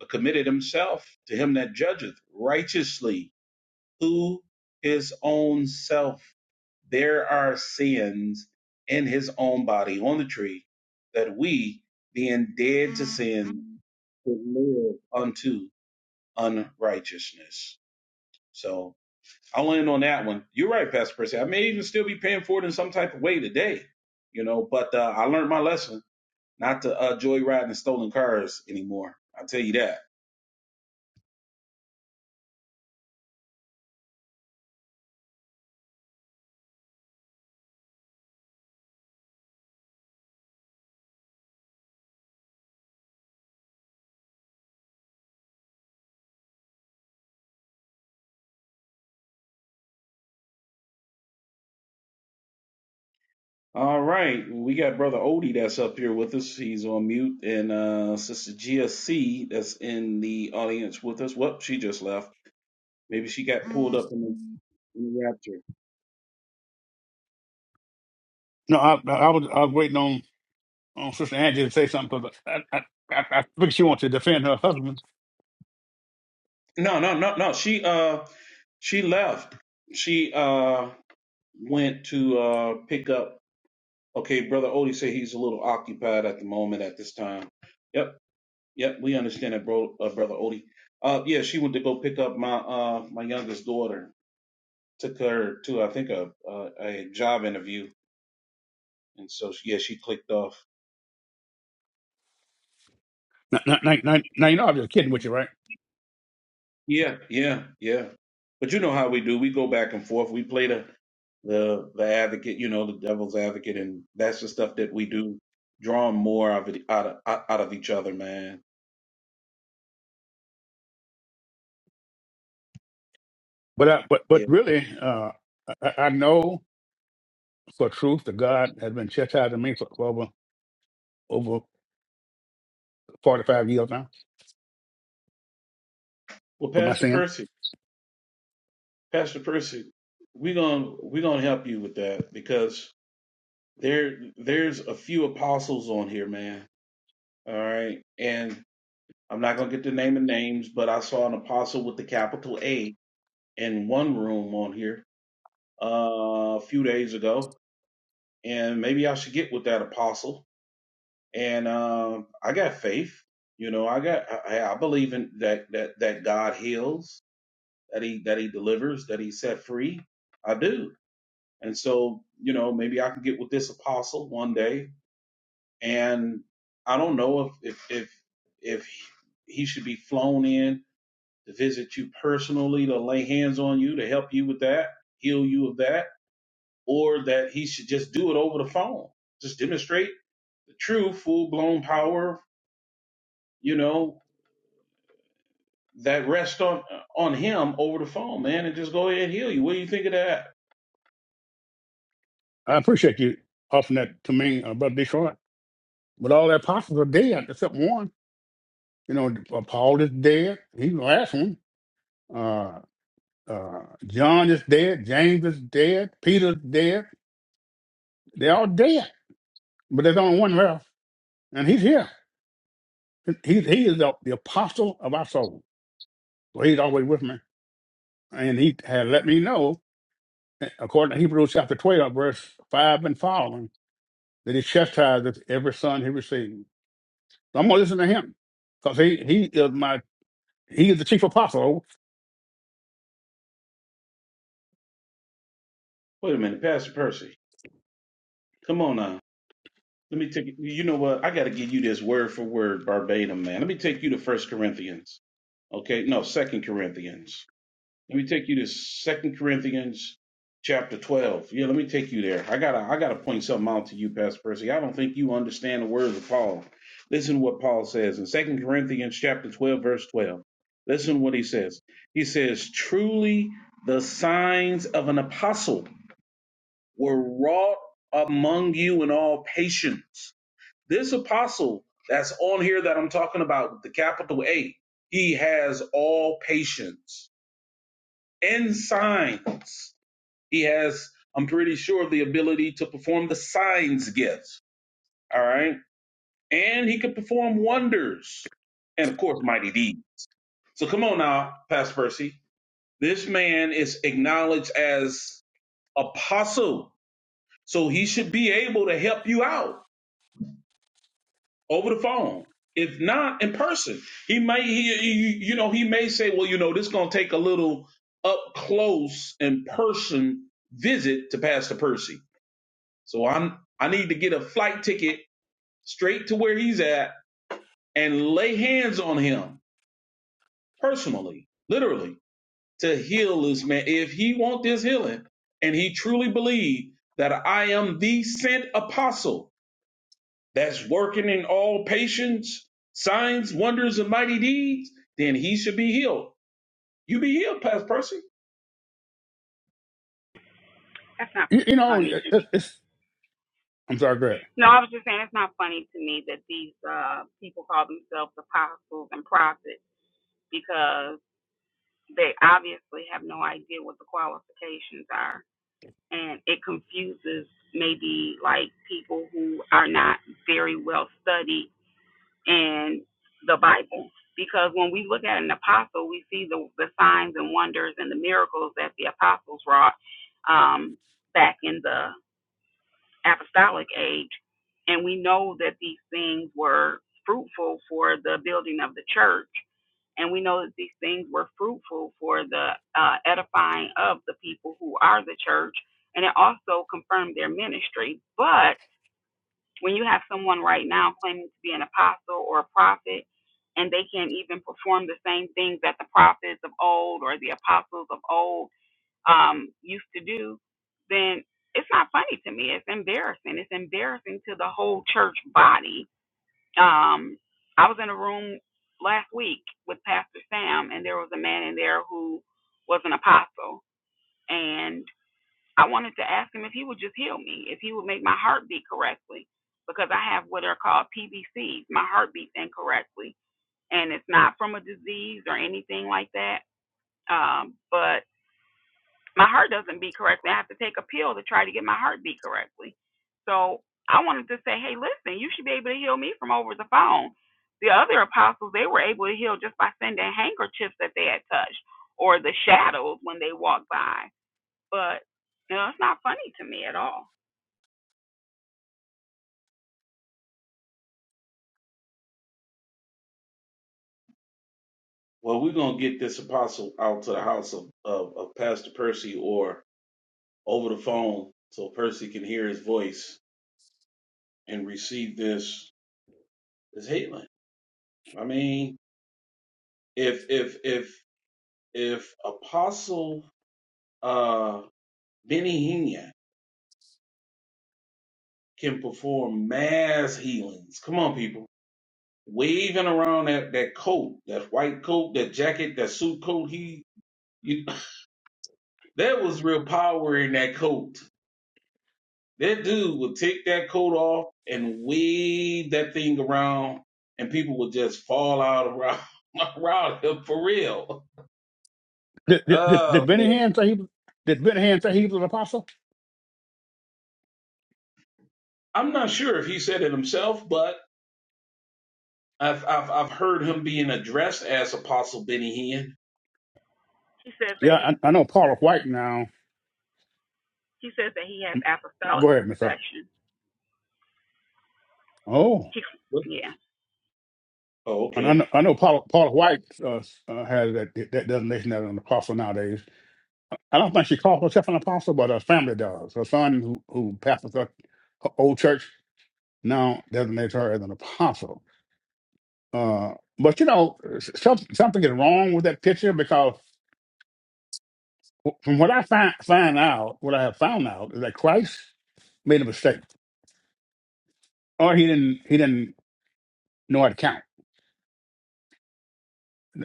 but committed himself to him that judgeth righteously, who his own self. There are sins in his own body on the tree that we, being dead to sin, should live unto unrighteousness. So I'll end on that one. You're right, Pastor Percy. I may even still be paying for it in some type of way today, you know, but uh, I learned my lesson not to uh, joyride in stolen cars anymore. I'll tell you that. All right, we got brother Odie that's up here with us. He's on mute, and uh, sister GSC that's in the audience with us. Well, she just left. Maybe she got pulled up in the in the rapture. No, I, I, I was, I was waiting on, on Sister Angie to say something because I, I, I, I think she wants to defend her husband. No, no, no, no. She uh she left. She uh went to uh pick up okay, brother Odie said he's a little occupied at the moment at this time. Yep, Yep, we understand that, bro, uh, brother Odie. Uh, yeah, she went to go pick up my uh my youngest daughter. Took her to I think a uh, a job interview, and so she, yeah, she clicked off. Now, now, now, now, now, you know I'm just kidding with you, right? Yeah, yeah, yeah. But you know how we do. We go back and forth. We play the the the advocate, you know, the devil's advocate, and that's the stuff that we do, drawing more of it out of out out of each other, man. But I, but but Yeah. really, uh, I, I know for truth that God has been chastising me for over over 45 years now Well, for my Pastor sin. Percy, Pastor Percy, we gonna we gonna help you with that because there there's a few apostles on here, man. All right. And I'm not gonna get the name of names, but I saw an apostle with the capital A in one room on here uh, a few days ago. And maybe I should get with that apostle. And um, I got faith. You know, I got I, I believe in that that that God heals, that he that he delivers, that he set free. I do. And so, you know, maybe I can get with this apostle one day and I don't know if if if if he should be flown in to visit you personally, to lay hands on you, to help you with that, heal you of that, or that he should just do it over the phone, just demonstrate the true full blown power, you know, that rests on on him over the phone, man, and just go ahead and heal you. What do you think of that? I appreciate you offering that to me, uh, Brother Detroit. But all the apostles are dead except one. You know, uh, Paul is dead. He's the last one. Uh, uh, John is dead. James is dead. Peter's dead. They're all dead. But there's only one left, and he's here. He, he is the, the apostle of our soul. So he's always with me. And he had let me know, eh, according to Hebrews chapter 12, verse 5 and following, that he chastises every son he receives. So I'm going to listen to him because he, he is my, he is the chief apostle Wait a minute, Pastor Percy, come on now. Let me take you. You know what? I got to give you this word for word, verbatim, man. Let me take you to First Corinthians. Okay, no, Second Corinthians. Let me take you to Second Corinthians chapter twelve. Yeah, let me take you there. I gotta I gotta point something out to you, Pastor Percy. I don't think you understand the words of Paul. Listen to what Paul says in Second Corinthians chapter twelve, verse twelve. Listen to what he says. He says, Truly the signs of an apostle were wrought among you in all patience this apostle that's on here that I'm talking about, with the capital A, he has all patience and signs. He has, I'm pretty sure, the ability to perform the signs gifts. All right. And he could perform wonders and, of course, mighty deeds. So come on now, Pastor Percy. This man is acknowledged as apostle. So he should be able to help you out over the phone. If not in person, he may he, he- you know he may say, well, you know, this is gonna take a little up close in person visit to Pastor Percy. So I'm I need to get a flight ticket straight to where he's at and lay hands on him personally, literally, to heal this man. If he want this healing and he truly believe that I am the sent apostle, that's working in all patience, signs, wonders, and mighty deeds, then he should be healed. You be healed, Pastor Percy. That's not you, you know, funny to me. it, it's I'm sorry, Greg. No, I was just saying it's not funny to me that these uh, people call themselves apostles and prophets because they obviously have no idea what the qualifications are. And it confuses maybe like people who are not very well studied And the Bible. Because when we look at an apostle, we see the, the signs and wonders and the miracles that the apostles wrought um, back in the apostolic age. And we know that these things were fruitful for the building of the church. And we know that these things were fruitful for the uh, edifying of the people who are the church. And it also confirmed their ministry. But when you have someone right now claiming to be an apostle or a prophet, and they can't even perform the same things that the prophets of old or the apostles of old um, used to do, then it's not funny to me. It's embarrassing. It's embarrassing to the whole church body. Um, I was in a room last week with Pastor Sam, and there was a man in there who was an apostle. and I wanted to ask him if he would just heal me, if he would make my heart beat correctly, because I have what are called PBCs. My heart beats incorrectly, and it's not from a disease or anything like that. Um, but my heart doesn't beat correctly. I have to take a pill to try to get my heart beat correctly. So I wanted to say, hey, listen, you should be able to heal me from over the phone. The other apostles, they were able to heal just by sending handkerchiefs that they had touched or the shadows when they walked by. But, you know, it's not funny to me at all. Well, we're gonna get this apostle out to the house of, of, of Pastor Percy or over the phone so Percy can hear his voice and receive this this healing. I mean, if if if if Apostle uh Benny Hina can perform mass healings, come on people waving around that, that coat, that white coat, that jacket, that suit coat. He, you, that was real power in that coat. That dude would take that coat off and wave that thing around, and people would just fall out around, around him for real. Did did did, Uh, did Benny man. Hinn say he was? Did Benny Hinn say he was an apostle? I'm not sure if he said it himself, but I've, I've I've heard him being addressed as Apostle Benny Hinn. He says Yeah, that he I, I know Paula White now. he says that he has apostolic Go ahead, Mister. succession. Oh, He, What? yeah, Oh, and I okay. know, I know Paula, Paula White uh, uh, has that that designation as an apostle nowadays. I don't think she calls herself an apostle, but her family does. Her son, who, who pastors her, her old church, now designates her as an apostle. Uh, but you know, some, something is wrong with that picture because from what I find find out, what I have found out is that Christ made a mistake or he didn't he didn't know how to count.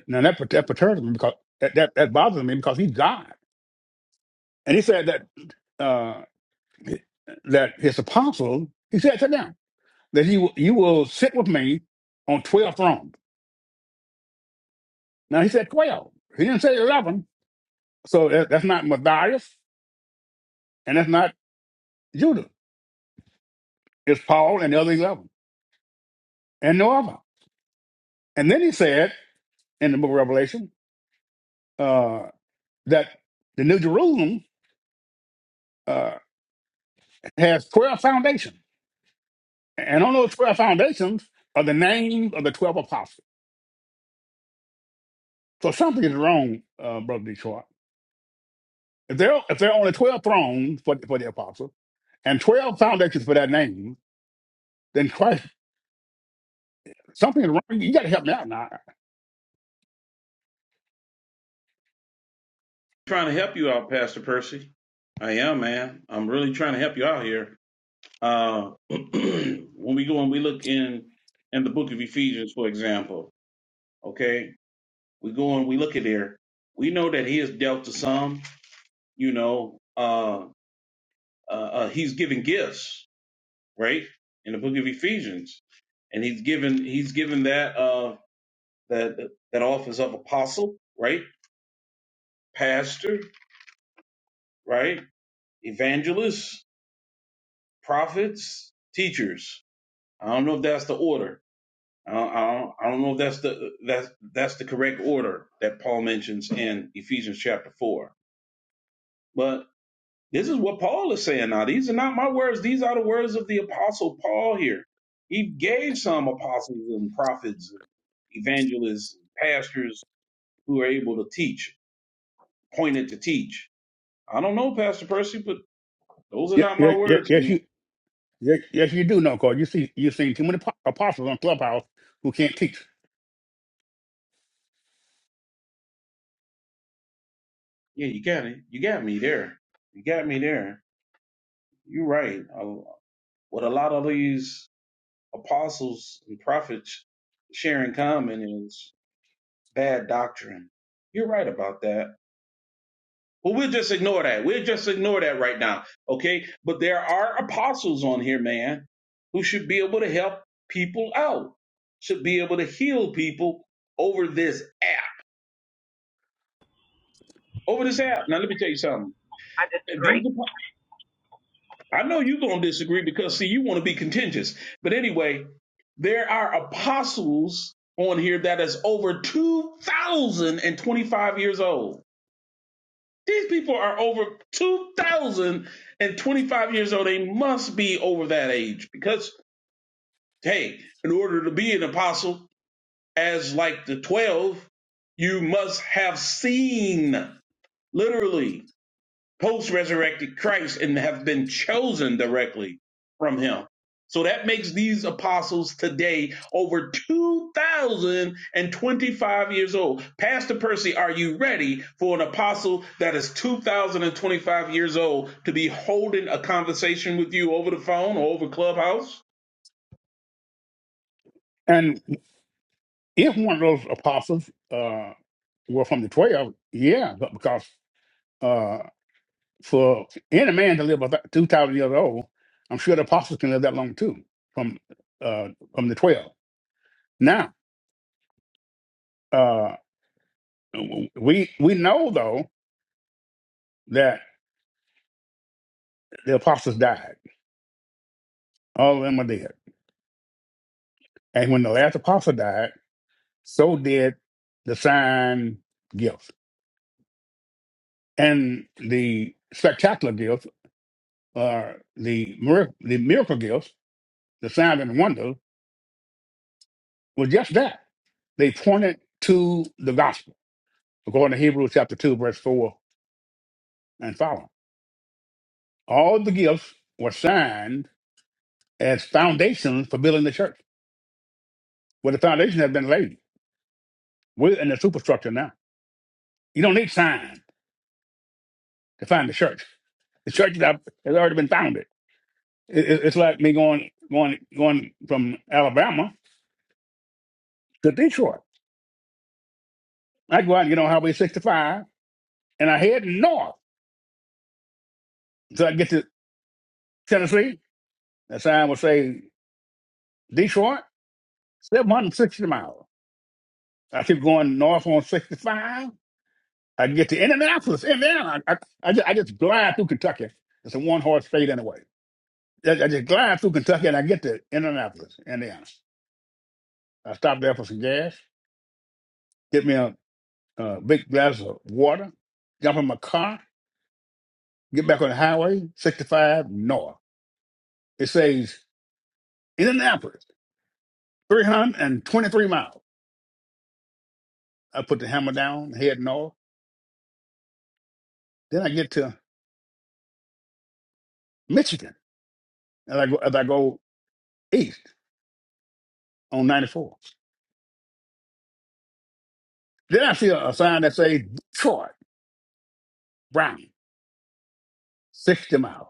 Now that per- that perturbs me because that, that that bothers me because he's God, and he said that uh that his apostles he said sit down that you you will sit with me on twelve thrones. Now he said twelve. He didn't say eleven. So that, that's not Matthias and that's not Judah. It's Paul and the other eleven and no other. And then he said in the book of Revelation uh, that the New Jerusalem uh, has twelve foundations And on those 12 foundations are the names of the 12 apostles. So something is wrong, uh, Brother Detroit. If there, if there are only 12 thrones for, for the apostles and 12 foundations for that name, then Christ, something is wrong. You got to help me out now. Trying to help you out, Pastor Percy. I am, man. I'm really trying to help you out here. Uh, when we go and we look in in the book of Ephesians, for example, okay, we go and we look at there. We know that he has dealt to some. You know, uh, uh, uh, he's given gifts, right? In the book of Ephesians, and he's given he's given that uh that that office of apostle, right? Pastor, right? Evangelists, prophets, teachers. I don't know if that's the order, I don't, I don't I don't know if that's the that's that's the correct order that Paul mentions in Ephesians chapter four. But this is what Paul is saying now. These are not my words. These are the words of the apostle Paul here. He gave some apostles and prophets and evangelists and pastors who are able to teach, pointed to teach. I don't know, Pastor Percy, but those are Yes, not my words, yes, man. you, yeah, yes you do know, because you see, you've seen too many po- apostles on Clubhouse who can't teach. Yeah, you got it. You got me there. You got me there. You're right. Uh, With a lot of these apostles and prophets sharing common is bad doctrine. You're right about that. But we'll just ignore that. We'll just ignore that right now. Okay. But there are apostles on here, man, who should be able to help people out, should be able to heal people over this app. Over this app. Now, let me tell you something. I disagree. These I know you're going to disagree because, see, you want to be contentious. But anyway, there are apostles on here that is over 2,025 years old. These people are over 2,025 years old. They must be over that age because, hey, in order to be an apostle, as like the 12, you must have seen, literally. post resurrected Christ and have been chosen directly from him. So that makes these apostles today over 2,025 years old. Pastor Percy, are you ready for an apostle that is 2,025 years old to be holding a conversation with you over the phone or over Clubhouse? And if one of those apostles uh, were from the 12, yeah, but because uh, for any man to live about two thousand years old, I'm sure the apostles can live that long too. From uh, from the twelve. Now uh, we we know though that the apostles died. All of them are dead. And when the last apostle died, so did the sign gifts and the spectacular gifts, or the mir- the miracle gifts, the signs and wonders were just that. They pointed to the gospel, according to Hebrews chapter two, verse four and follow. All the gifts were signed as foundations for building the church. Well, the foundation has been laid. We're in the superstructure now. You don't need sign to find the church. The church is up- has already been founded. It- it- It's like me going going going from Alabama to Detroit. I go out and get on Highway 65 and I head north until I get to Tennessee. The sign will say Detroit, 760 miles. I keep going north on 65 I can get to Indianapolis, Indiana. I, I, I, just, I just glide through Kentucky. It's a one horse state anyway. I, I just glide through Kentucky and I get to Indianapolis, Indiana. I stop there for some gas, get me a, a big glass of water, jump in my car, get back on the highway, 65 north. It says Indianapolis, 323 miles. I put the hammer down, head north. Then I get to Michigan as I go, as I go east on 94. Then I see a, a sign that says Detroit, Brown. 60 miles.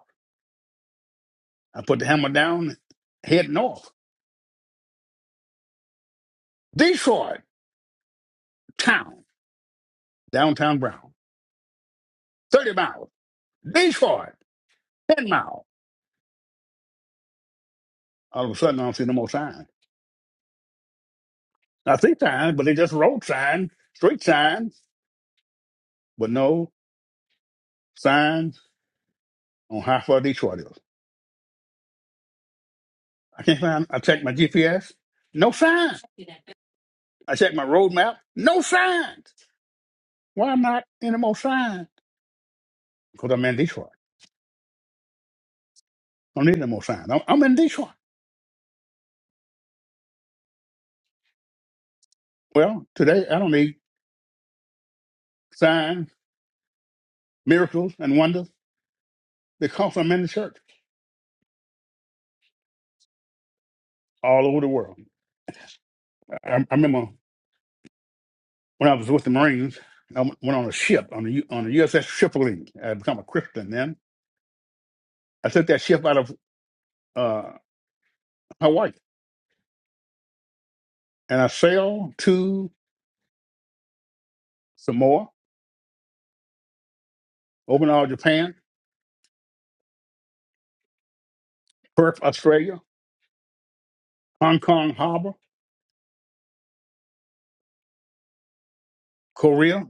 I put the hammer down, head north. Detroit, town, downtown Brown. 30 miles. Detroit, 10 miles. All of a sudden, I don't see no more signs. I see signs, but they just road signs, street signs, but no signs on how far Detroit is. I can't find, I checked my GPS, no signs. I checked my road map, no signs. Why am not any more signs? Because I'm in Detroit. I don't need no more signs. I'm, I'm in Detroit. Well, today I don't need signs. miracles and wonders because I'm in the church all over the world. I, I remember when I was with the Marines, I went went on a ship on the U- on the USS Tripoli. I had become a Christian then. I took that ship out of uh, Hawaii and I sailed to Samoa, Okinawa, Japan, Perth, Australia, Hong Kong Harbor, Korea,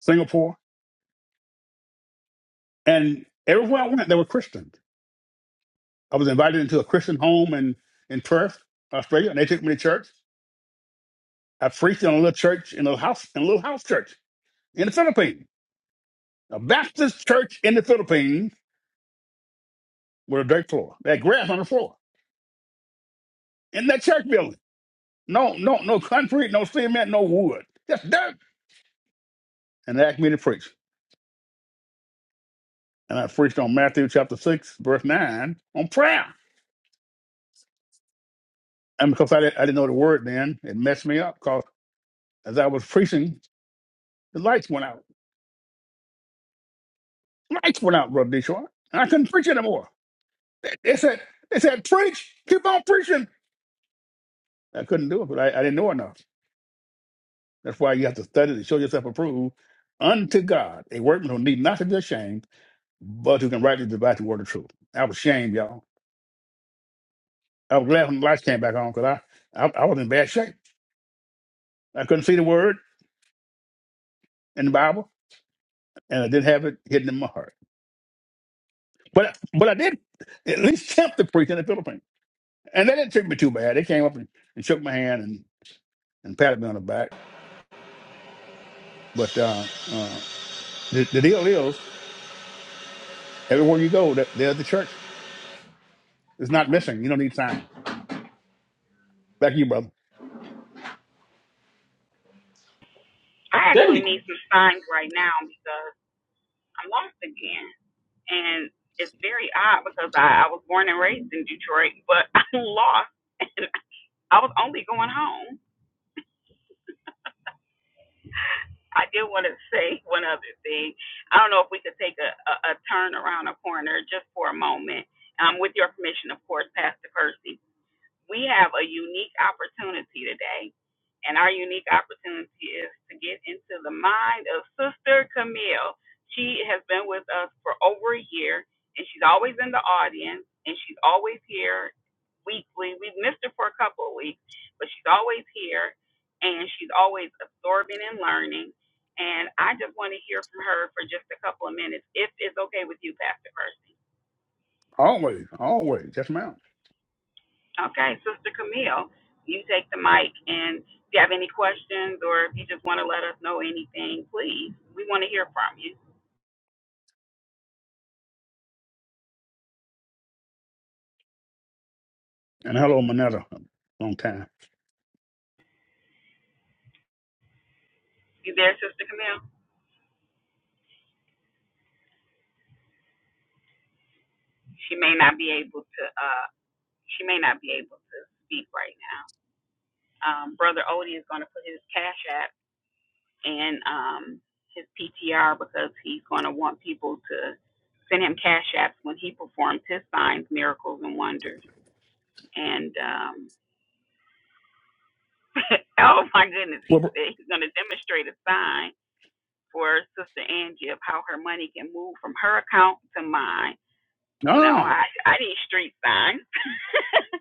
Singapore, and everywhere I went, there were Christians. I was invited into a Christian home in in Perth, Australia, and they took me to church. I preached in a little church in a little house in a little house church in the Philippines, a Baptist church in the Philippines with a dirt floor. They had grass on the floor in that church building. No, no, no concrete, no cement, no wood, just dirt. And they asked me to preach. And I preached on Matthew chapter 6, verse 9, on prayer. And because I, did, not I didn't know the word then, it messed me up because as I was preaching, the lights went out. Lights went out, Brother Detroit. And I couldn't preach anymore. They, they said, they said, preach, keep on preaching. I couldn't do it, but I, I didn't know enough. That's why you have to study to show yourself approved unto God, a workman who need not to be ashamed, but who can rightly divide the word of truth. I was ashamed, y'all. I was glad when the lights came back on because I, I I was in bad shape. I couldn't see the word in the Bible, and I didn't have it hidden in my heart. But but I did at least attempt to preach in the Philippines, and they didn't treat me too bad. They came up and, and shook my hand and, and patted me on the back. But uh, uh, the, the deal is, everywhere you go, there- there's the church. It's not missing. You don't need sign. Back to you, brother. I That actually nigga, need some signs right now because I'm lost again, and it's very odd because I, I was born and raised in Detroit, but I'm lost, and I was only going home. I did want to say one other thing. I don't know if we could take a, a, a turn around a corner just for a moment, um, with your permission, of course, Pastor Percy. we have a unique opportunity today. And our unique opportunity is to get into the mind of Sister Camille. She has been with us for over a year, and she's always in the audience, and she's always here weekly. We've missed her for a couple of weeks, but she's always here, and she's always absorbing and learning. And I just want to hear from her for just a couple of minutes, if it's okay with you, Pastor Percy. Always, always. just ma'am. Okay, Sister Camille, you take the mic, and if you have any questions or if you just want to let us know anything, please, we want to hear from you. And hello, Manetta. Long time. You there, Sister Camille? She may not be able to. Uh, she may not be able to speak right now. Um, Brother Odie is going to put his cash app in um, his PTR because he's going to want people to send him cash apps when he performs his signs, miracles, and wonders. And um, oh my goodness, Well, he br- said he's going to demonstrate a sign for Sister Angie of how her money can move from her account to mine. No, ah, I, I need street signs.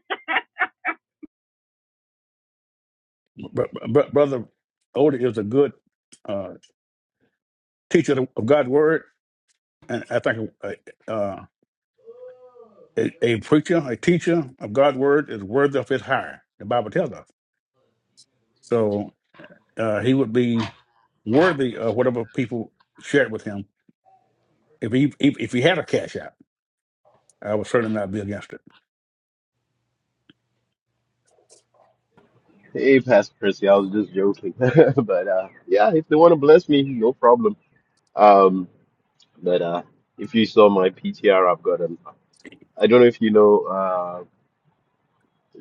but, but brother Odie is a good uh, teacher of God's word, and I think uh, uh, a, a preacher, a teacher of God's word is worthy of his hire. The Bible tells us. So uh, he would be worthy of whatever people shared with him. If he if, if he had a cash out, I would certainly not be against it. Hey, Pastor Chrissy, I was just joking. But uh, yeah, if they want to bless me, no problem. Um, but uh, if you saw my PTR, I've got him. I don't know if you know uh,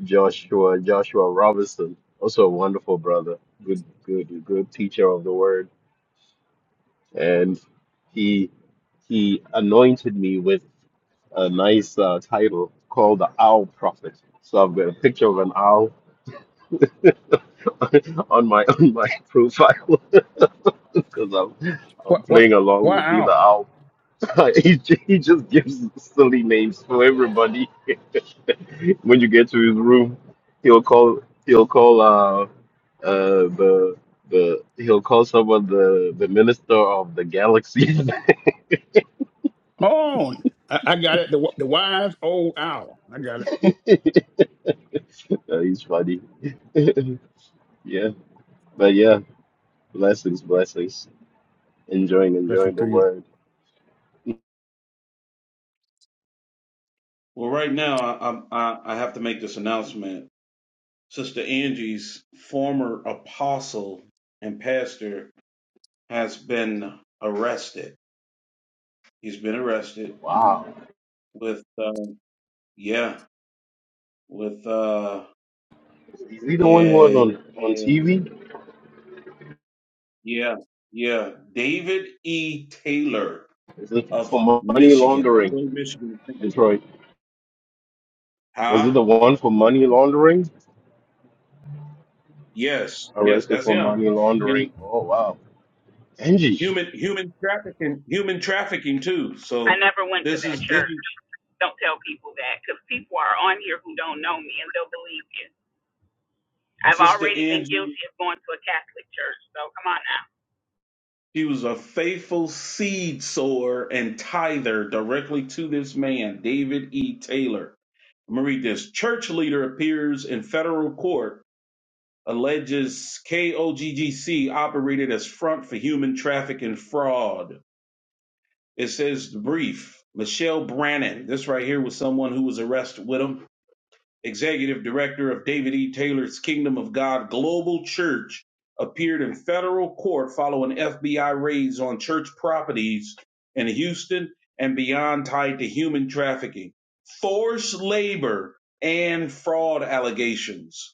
Joshua Joshua Robinson, also a wonderful brother, good good good teacher of the word, and he he anointed me with a nice uh, title called the Owl Prophet. So I've got a picture of an owl on my on my profile. because I'm, What I'm what? playing along Why with being the Al? owl. he, ju- he just gives silly names for everybody. When you get to his room, he'll call he'll call uh, uh the the he'll call someone the the minister of the galaxy. Oh, I, I got it. The w- the wise old owl. I got it. Uh, he's funny. yeah, but yeah, blessings, blessings. Enjoying, Listen enjoying the to you. word. Well, right now, I, I, I have to make this announcement. Sister Angie's former apostle and pastor has been arrested He's been arrested Wow, with, um, yeah, with uh, is he the one who was on a, on a, TV? yeah, yeah, David E. Taylor Is it of for money Michigan, laundering? Detroit, Michigan. Detroit. Was it Huh? the one for money laundering? Yes, yes, Arrested that's for him. money laundering. And Oh wow, Angie. human, human trafficking, human trafficking too. I So never went to this that is this church. is Don't tell people that because people are on here who don't know me and they'll believe you. I've Sister already been Angie. guilty of going to a Catholic church, so come on now. He was a faithful seed sower and tither directly to this man, David E. Taylor. I'm gonna read this. Church leader appears in federal court, alleges KOGGC operated as front for human trafficking and fraud. It says the brief. Michelle Brannon. This right here was someone who was arrested with him executive director of David E. Taylor's Kingdom of God Global Church, appeared in federal court following FBI raids on church properties in Houston and beyond tied to human trafficking, forced labor, and fraud allegations.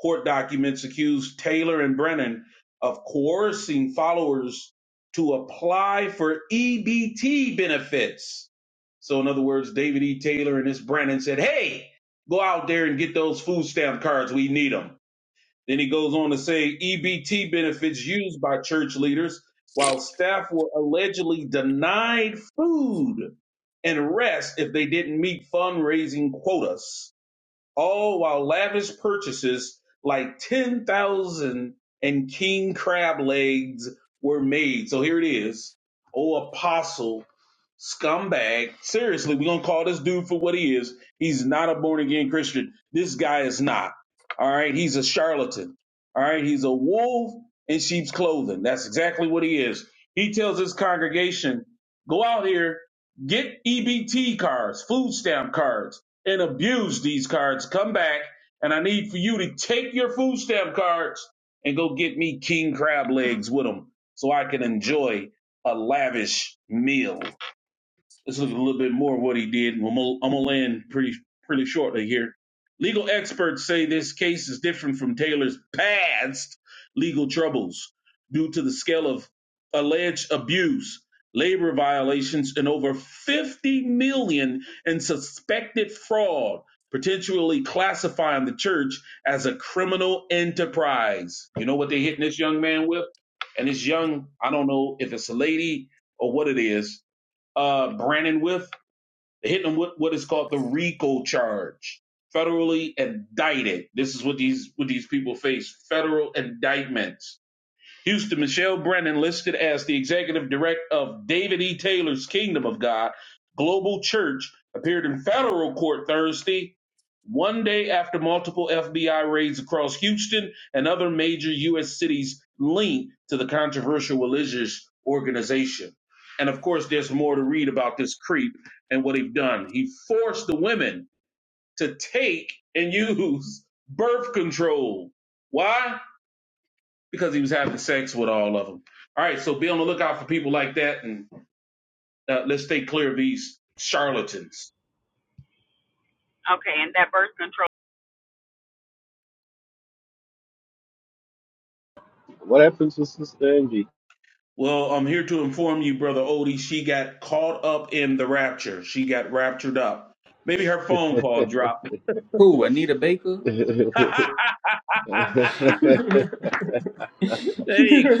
Court documents accused Taylor and Brennan of coercing followers to apply for EBT benefits. So, in other words, David E. Taylor and this Brennan said, Hey, go out there and get those food stamp cards. We need them. Then he goes on to say EBT benefits used by church leaders while staff were allegedly denied food and rest if they didn't meet fundraising quotas all while lavish purchases like 10,000 and king crab legs were made. So here it is. Oh, apostle, scumbag. Seriously, we're going to call this dude for what he is. He's not a born again Christian. This guy is not. All right. He's a charlatan. All right. He's a wolf in sheep's clothing. That's exactly what he is. He tells his congregation, go out here, get EBT cards, food stamp cards and abuse these cards. Come back, and I need for you to take your food stamp cards and go get me king crab legs with them so I can enjoy a lavish meal. Let's look at a little bit more of what he did. Well, I'm gonna I'm gonna land pretty pretty shortly here. Legal experts say this case is different from Taylor's past legal troubles due to the scale of alleged abuse, labor violations, and over 50 million dollars in suspected fraud, potentially classifying the church as a criminal enterprise. You know what they're hitting this young man with? And this young, I don't know if it's a lady or what it is, uh, Brandon with, hitting him with what is called the RICO charge, federally indicted. This is what these what these people face: federal indictment. Houston Michelle Brennan listed as the executive director of David E. Taylor's Kingdom of God Global Church appeared in federal court Thursday, one day after multiple FBI raids across Houston and other major U.S. cities linked to the controversial religious organization. And of course, there's more to read about this creep and what he've done. He forced the women to take and use birth control. Why? because he was having sex with all of them. All right, so be on the lookout for people like that, and uh, let's stay clear of these charlatans. Okay, and that birth control. What happened to Sister Angie? Well, I'm here to inform you, brother Odie. She got caught up in the rapture. She got raptured up. Maybe her phone call dropped. who Anita Baker? hey,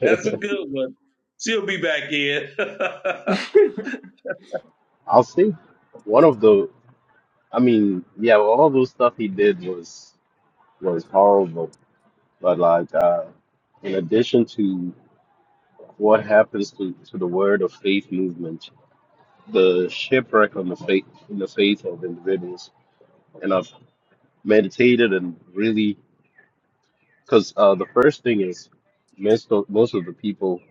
that's a good one. She'll be back in. I'll see. One of the, I mean, yeah, well, all those stuff he did was was horrible. But like, uh, in addition to what happens to, to the word of faith movement, the shipwreck on the faith in the faith of individuals, and of meditated and really because uh, the first thing is most of, most of the people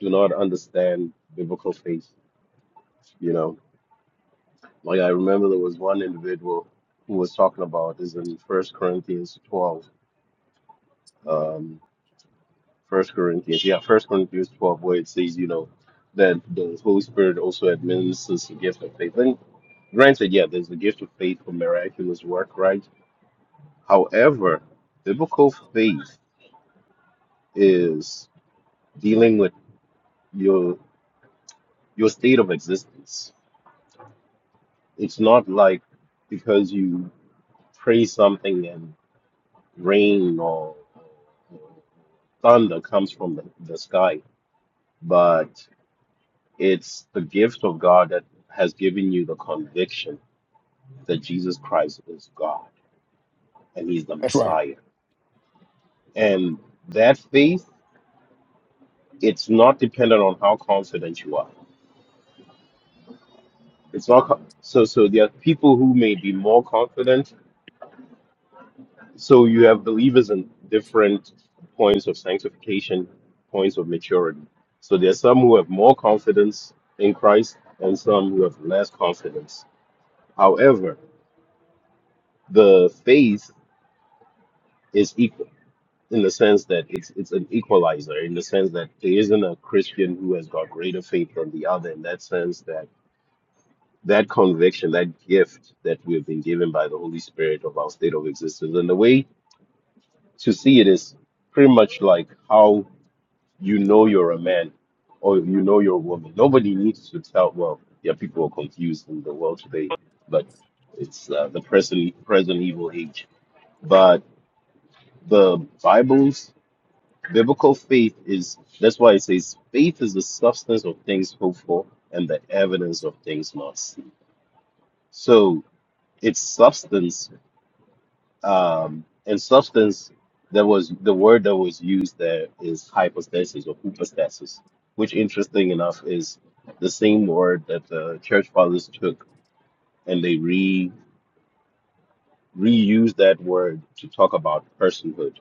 do not understand biblical faith you know like i remember there was one individual who was talking about this in first corinthians 12 um first corinthians yeah first corinthians 12 where it says you know that the holy spirit also administers the gift of faith and granted yeah there's the gift of faith for miraculous work right however biblical faith is dealing with your your state of existence. It's not like because you pray something and rain or thunder comes from the, the sky, but it's the gift of God that has given you the conviction that Jesus Christ is God and He's the That's right. Messiah. And that faith, it's not dependent on how confident you are. It's not co- so. So there are people who may be more confident So you have believers in different points of sanctification, points of maturity. So there's some who have more confidence in Christ and some who have less confidence. However, the faith is equal in the sense that it's it's an equalizer, in the sense that there isn't a Christian who has got greater faith than the other, in that sense that that conviction, that gift that we have been given by the Holy Spirit of our state of existence. And the way to see it is pretty much like how you know you're a man or you know you're a woman. Nobody needs to tell. Well, yeah, people are confused in the world today, but it's uh, the present present evil age. But the Bible's biblical faith is that's why it says faith is the substance of things hoped for and the evidence of things not seen. So it's substance um, in substance, there was the word that was used there is hypostasis or hypostasis, which interesting enough is the same word that the church fathers took and they re reused that word to talk about personhood,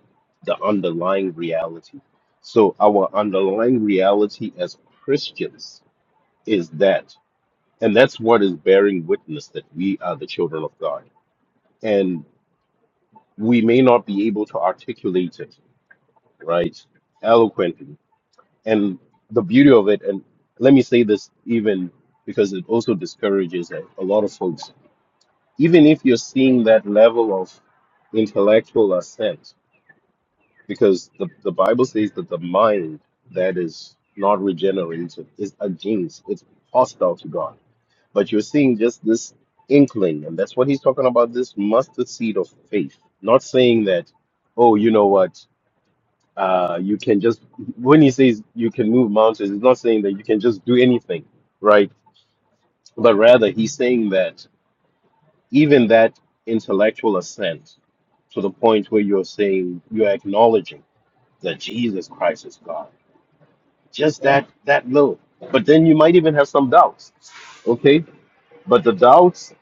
the underlying reality. So our underlying reality as Christians is that, and that's what is bearing witness that we are the children of God. And we may not be able to articulate it right? Eloquent. And the beauty of it, and let me say this even because it also discourages a, a lot of folks, even if you're seeing that level of intellectual ascent, because the, the Bible says that the mind that is not regenerated is against, it's hostile to God. But you're seeing just this inkling, and that's what he's talking about this mustard seed of faith. Not saying that, oh, you know what? uh, you can just when he says you can move mountains, it's not saying that you can just do anything, right? But rather he's saying that even that intellectual ascent to the point where you're saying you're acknowledging that Jesus Christ is God, just that that low. But then you might even have some doubts, okay? But the doubts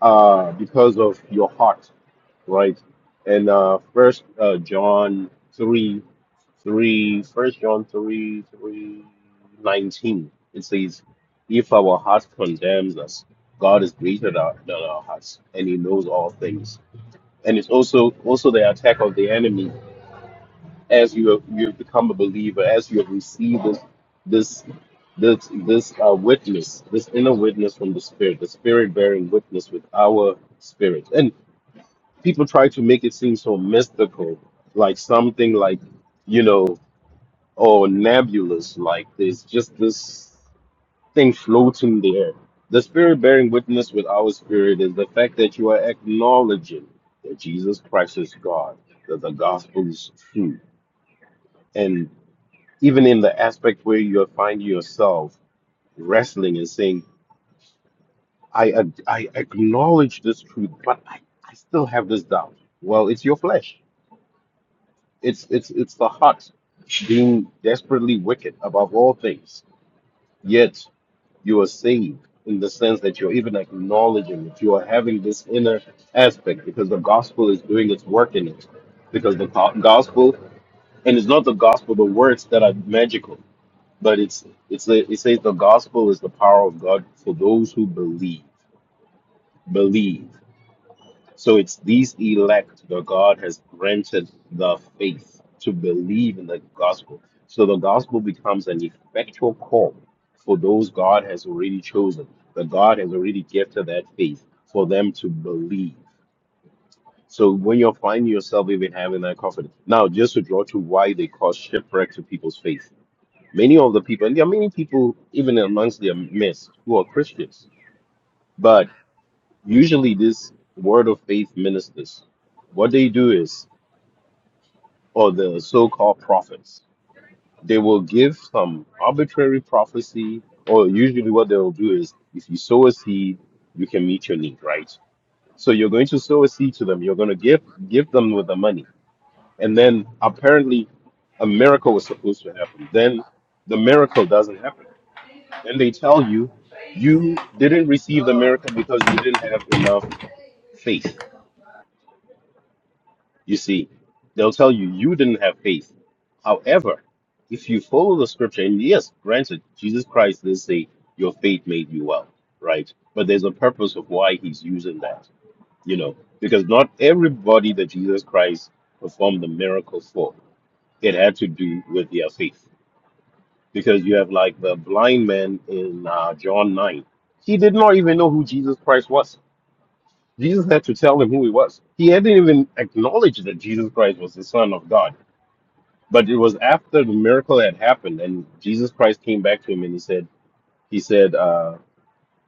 are because of your heart right? And uh, First uh, John three, three, First John three, three, nineteen. It says, "If our heart condemns us, God is greater than our than our hearts, and He knows all things." And it's also also the attack of the enemy. As you have, you have become a believer, as you have received this this this this uh, witness, this inner witness from the Spirit, the Spirit bearing witness with our spirit, people try to make it seem so mystical, like something like, you know, or nebulous, like there's just this thing floating there. The spirit bearing witness with our spirit is the fact that you are acknowledging that Jesus Christ is God, that the gospel is true. And even in the aspect where you find yourself wrestling and saying, I, I acknowledge this truth, but I, I still have this doubt. Well, it's your flesh It's it's it's the heart being desperately wicked above all things. Yet you are saved in the sense that you're even acknowledging that you are having this inner aspect because the gospel is doing its work in it. Because the go- gospel, and it's not the gospel, the words that are magical, but it's it's the, it says the gospel is the power of God for those who believe. Believe. So it's these elect that God has granted the faith to believe in the gospel. So the gospel becomes an effectual call for those God has already chosen, that God has already gifted that faith for them to believe. So when you're finding yourself even having that confidence. Now, just to draw to why they cause shipwreck to people's faith. Many of the people, and there are many people even amongst their midst who are Christians, but usually this word of faith ministers what they do is or the so-called prophets. They will give some arbitrary prophecy, or usually what they will do is, if you sow a seed, you can meet your need, right? So you're going to sow a seed to them. You're going to give give them with the money, and then apparently, a miracle was supposed to happen. Then the miracle doesn't happen. Then they tell you you didn't receive the miracle because you didn't have enough faith You see, they'll tell you you didn't have faith. However, if you follow the scripture, and yes, granted, Jesus Christ did say your faith made you well, right? But there's a purpose of why he's using that, you know, because not everybody that Jesus Christ performed the miracle for, it had to do with their faith. Because you have like the blind man in uh, John 9, he did not even know who Jesus Christ was. Jesus had to tell him who he was. He hadn't even acknowledged that Jesus Christ was the Son of God but it was after the miracle had happened and jesus christ came back to him and he said he said uh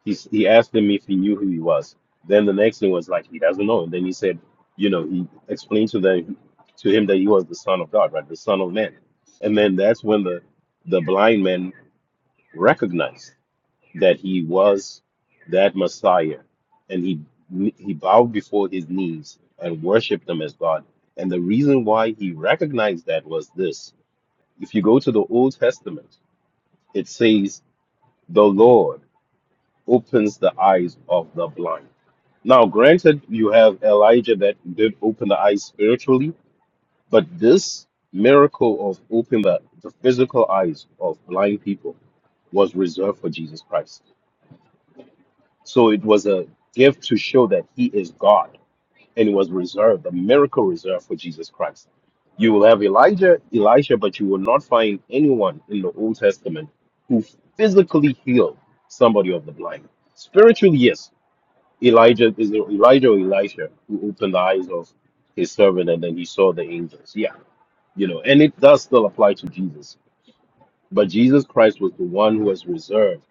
he, he asked him if he knew who he was then the next thing was like he doesn't know and then he said you know he explained to them to him that he was the son of god right the son of man and then that's when the the blind man recognized that he was that messiah and he he bowed before his knees and worshiped him as god and the reason why he recognized that was this if you go to the Old Testament, it says the Lord opens the eyes of the blind. Now, granted, you have Elijah that did open the eyes spiritually, but this miracle of opening the, the physical eyes of blind people was reserved for Jesus Christ. So it was a gift to show that he is God and it was reserved, a miracle reserved for Jesus Christ. You will have Elijah, Elisha, but you will not find anyone in the Old Testament who physically healed somebody of the blind. Spiritually, yes, Elijah is it Elijah or Elisha who opened the eyes of his servant and then he saw the angels. Yeah, you know, and it does still apply to Jesus but Jesus Christ was the one who was reserved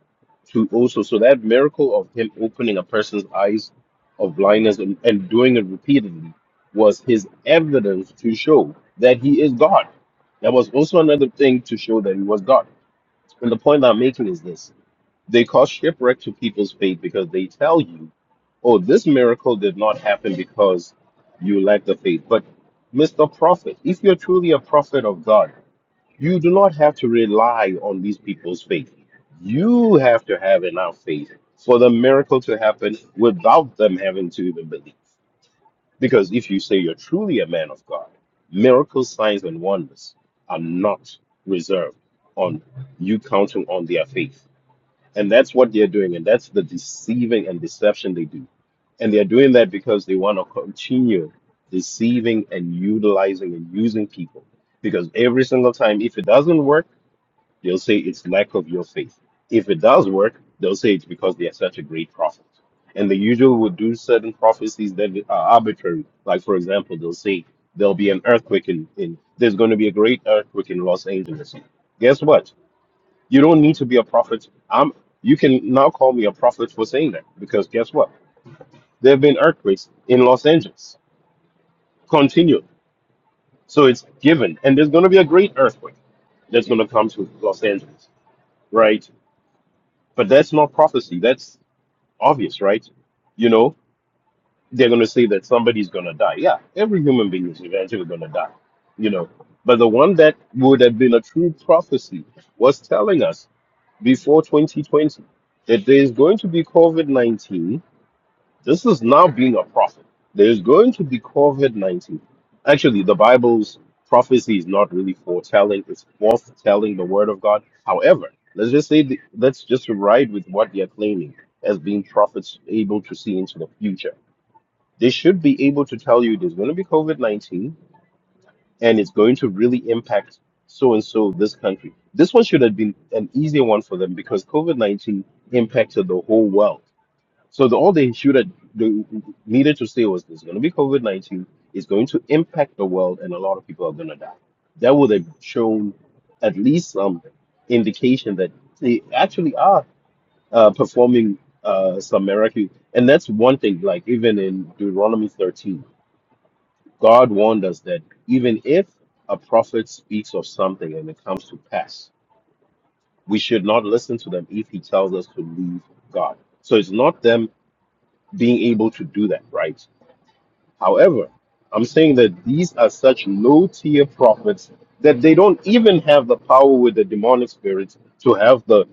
to also. So that miracle of him opening a person's eyes of blindness and, and doing it repeatedly was his evidence to show that he is God. That was also another thing to show that he was God. And the point that I'm making is this they cause shipwreck to people's faith because they tell you, oh, this miracle did not happen because you lack the faith. But, Mr. Prophet, if you're truly a prophet of God, you do not have to rely on these people's faith. You have to have enough faith for the miracle to happen without them having to even believe. Because if you say you're truly a man of God, miracles, signs, and wonders are not reserved on you counting on their faith. And that's what they're doing. And that's the deceiving and deception they do. And they're doing that because they want to continue deceiving and utilizing and using people. Because every single time, if it doesn't work, They'll say it's lack of your faith. If it does work, they'll say it's because they are such a great prophet. And they usually would do certain prophecies that are arbitrary. Like, for example, they'll say there'll be an earthquake in, in there's going to be a great earthquake in Los Angeles. Guess what? You don't need to be a prophet. I'm you can now call me a prophet for saying that because guess what? There have been earthquakes in Los Angeles. Continue. So it's given. And there's going to be a great earthquake that's going to come to Los Angeles, right? But that's not prophecy. That's obvious, right? You know, they're going to say that somebody's going to die. Yeah, every human being is eventually going to die, you know. But the one that would have been a true prophecy was telling us before 2020 that there is going to be COVID 19 this is now being a prophet. There's going to be COVID 19. Actually, the Bible's prophecy is not really foretelling, it's forthtelling the word of God. However, let's just say, the, let's just ride with what they're claiming as being prophets able to see into the future. They should be able to tell you there's going to be COVID 19 and it's going to really impact so and so this country. This one should have been an easier one for them because COVID 19 impacted the whole world. So the only issue that the needed to say was there's going to be COVID nineteen. It's going to impact the world, and a lot of people are going to die. That would have shown at least some indication that they actually are uh, performing uh, some miracle. And that's one thing. Like even in Deuteronomy thirteen, God warned us that even if a prophet speaks of something and it comes to pass, we should not listen to them if he tells us to leave God. So it's not them being able to do that, right? However, I'm saying that these are such low tier prophets that they don't even have the power with the demonic spirits to have the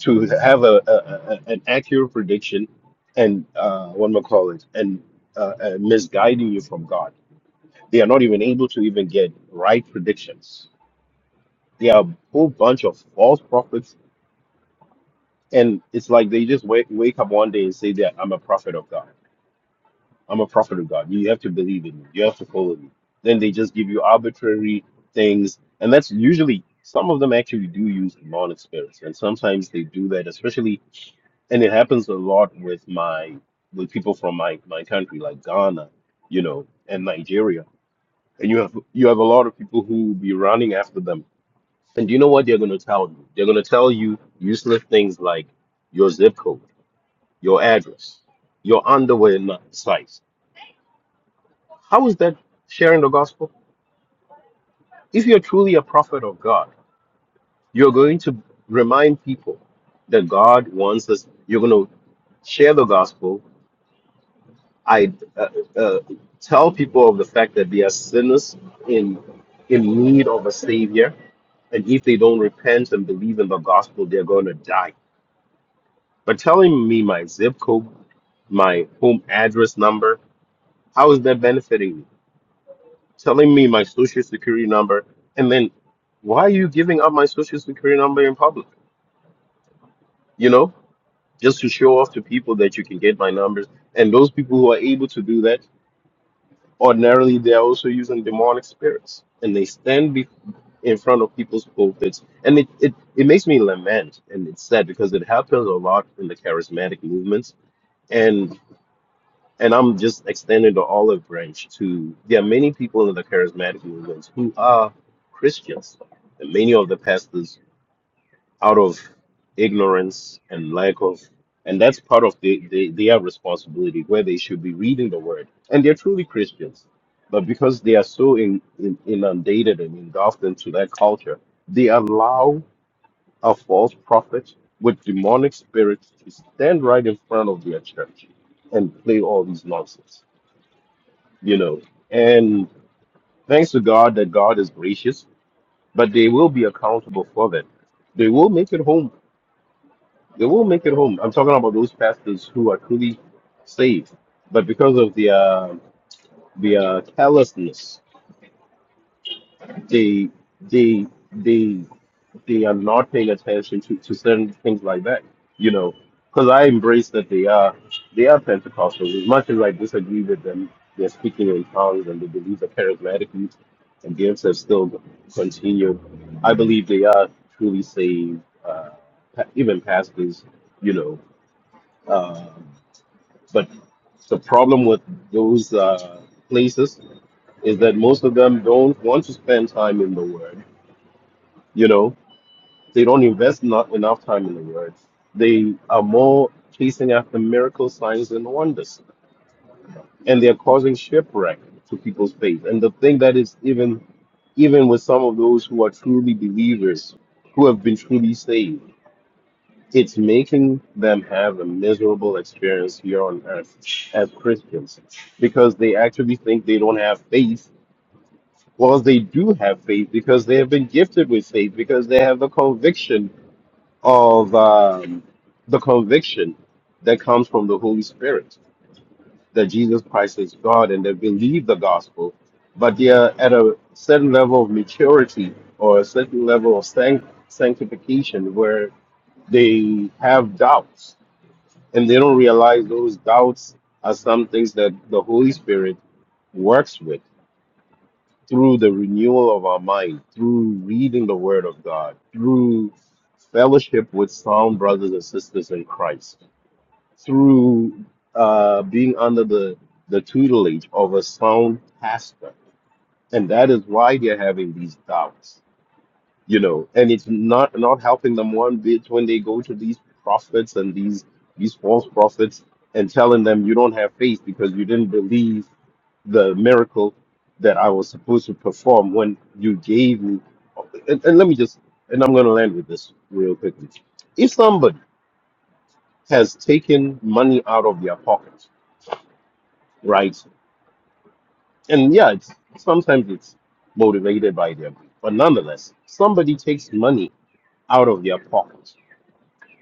to have a, a, a an accurate prediction and uh, what am I call it and uh, uh, misguiding you from God. They are not even able to even get right predictions. They are a whole bunch of false prophets, and it's like they just wake, wake up one day and say that I'm a prophet of God I'm a prophet of God. You have to believe in me. You have to follow me. Then they just give you arbitrary things. And that's usually, some of them actually do use demonic spirits. And sometimes they do that, especially, and it happens a lot with my, with people from my, my country, like Ghana, you know, and Nigeria. And you have, you have a lot of people who will be running after them. And do you know what they're going to tell you? They're going to tell you useless things like your zip code, your address, your underwear n- size How is that sharing the gospel? If you're truly a prophet of God, you're going to remind people that God wants us. You're going to share the gospel. I uh, uh, tell people of the fact that they are sinners in in need of a savior, and if they don't repent and believe in the gospel, they're going to die. But telling me my zip code, my home address number, how is that benefiting me? telling me my social security number and then why are you giving up my social security number in public you know just to show off to people that you can get my numbers and those people who are able to do that ordinarily they're also using demonic spirits and they stand be- in front of people's pulpits and it, it it makes me lament and it's sad because it happens a lot in the charismatic movements and I'm just extending the olive branch to there are many people in the charismatic movements who are Christians. And many of the pastors, out of ignorance and lack of, and that's part of the, the, their responsibility, where they should be reading the word. And they're truly Christians. But because they are so in, in, inundated and engulfed into that culture, they allow a false prophet with demonic spirits to stand right in front of their church and play all these nonsense you know. And thanks to God that God is gracious, but they will be accountable for that. They will make it home. They will make it home. I'm talking about those pastors who are truly saved, but because of the uh, the uh, carelessness, they they they they are not paying attention to, to certain things like that, you know, because I embrace that they are they are Pentecostals. As much as I disagree with them, they're speaking in tongues and they believe that charismatically and gifts have still continued. I believe they are truly saved, uh, pa- even pastors, you know. Uh, but the problem with those uh, places is that most of them don't want to spend time in the Word, you know they don't invest not enough time in the word. They are more chasing after miracles, signs, and wonders, and they are causing shipwreck to people's faith. And the thing that is even even with some of those who are truly believers, who have been truly saved, it's making them have a miserable experience here on earth as Christians because they actually think they don't have faith. Well, they do have faith because they have been gifted with faith because they have the conviction of um, the conviction that comes from the Holy Spirit that Jesus Christ is God and they believe the gospel, but they are at a certain level of maturity or a certain level of sanct- sanctification where they have doubts and they don't realize those doubts are some things that the Holy Spirit works with through the renewal of our mind, through reading the Word of God, through fellowship with sound brothers and sisters in Christ. through uh, being under the, the tutelage of a sound pastor. And that is why they're having these doubts, you know, and it's not not helping them one bit when they go to these prophets and these these false prophets and telling them you don't have faith because you didn't believe the miracle that I was supposed to perform when you gave me. And, and let me just, and I'm going to land with this real quickly. If somebody has taken money out of their pocket right? And yeah, it's sometimes it's motivated by their greed, but nonetheless, somebody takes money out of their pocket,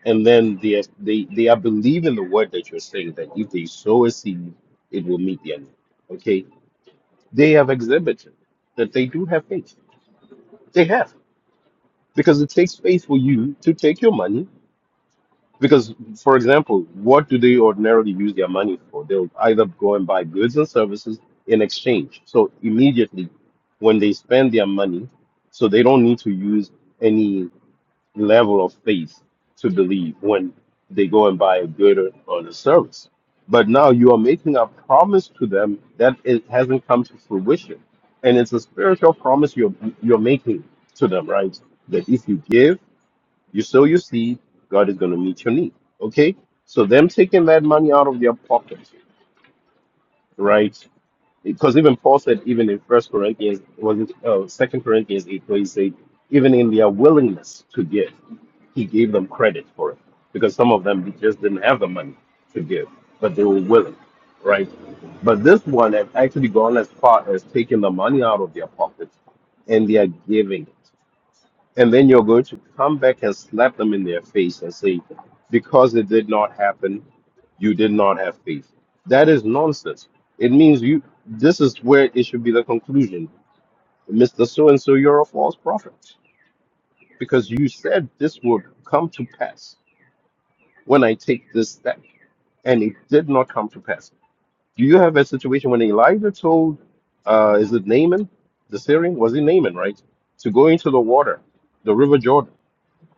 and then they are- they they are believing the word that you're saying that if they sow a seed, it will meet their need. Okay, they have exhibited that they do have faith. They have because it takes faith for you to take your money Because, for example, what do they ordinarily use their money for? They'll either go and buy goods and services in exchange. So immediately, when they spend their money, so they don't need to use any level of faith to believe when they go and buy a good or, or a service. But now you are making a promise to them that it hasn't come to fruition, and it's a spiritual promise you're you're making to them, right? That if you give you sow your seed, God is going to meet your need. Okay? So them taking that money out of their pocket, right? Because even Paul said, even in First Corinthians, was it uh, Second Corinthians eight, where he said, even in their willingness to give, he gave them credit for it because some of them just didn't have the money to give, but they were willing, right? But this one has actually gone as far as taking the money out of their pockets and they are giving it. And then you're going to come back and slap them in their face and say, because it did not happen, you did not have faith. That is nonsense. It means you, this is where it should be the conclusion. Mr. So and so, you're a false prophet because you said this would come to pass when I take this step, and it did not come to pass. Do you have a situation when Elijah told, uh, is it Naaman, the Syrian? Was it Naaman, right? To go into the water, the river Jordan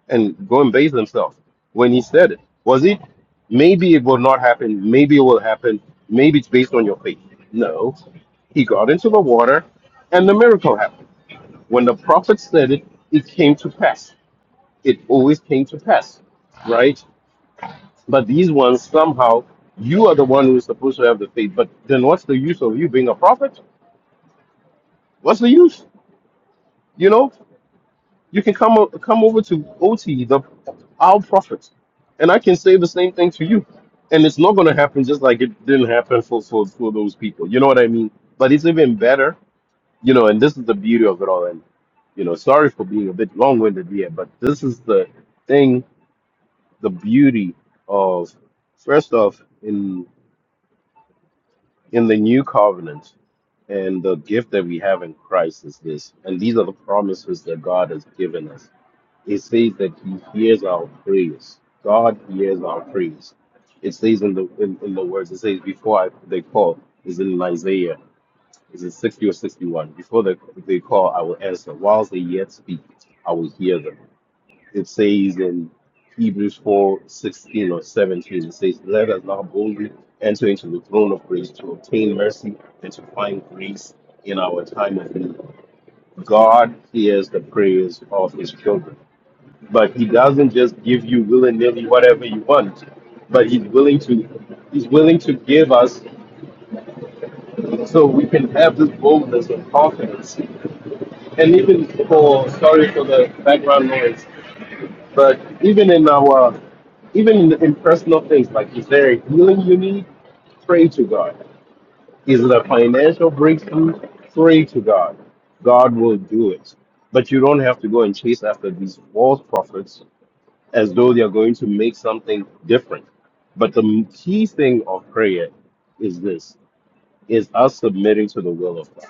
and go and base themselves when he said it. Was it? Maybe it will not happen. Maybe it will happen. Maybe it's based on your faith. No. He got into the water and the miracle happened. When the prophet said it, it came to pass. It always came to pass, right? But these ones, somehow, you are the one who is supposed to have the faith. But then what's the use of you being a prophet? What's the use? You know? You can come o- come over to OT, the our prophets, and I can say the same thing to you. And it's not going to happen just like it didn't happen for, for, for those people. You know what I mean? But it's even better, you know, and this is the beauty of it all. And, you know, sorry for being a bit long winded here, but this is the thing, the beauty of, first off, in in the new covenant and the gift that we have in Christ is this. And these are the promises that God has given us It says that He hears our prayers. God hears our prayers. It says in the in, in the words. It says before I, they call is in Isaiah. Is in sixty or sixty one? Before they, they call, I will answer. Whilst they yet speak, I will hear them. It says in Hebrews four sixteen or seventeen. It says, "Let us now boldly enter into the throne of grace to obtain mercy and to find grace in our time of need." God hears the prayers of His children but he doesn't just give you willy-nilly whatever you want but he's willing to he's willing to give us so we can have this boldness and confidence and even for sorry for the background noise but even in our even in, in personal things like is there a healing you need pray to god is it a financial breakthrough pray to god god will do it but you don't have to go and chase after these false prophets as though they're going to make something different. But the m- key thing of prayer is this is us submitting to the will of God.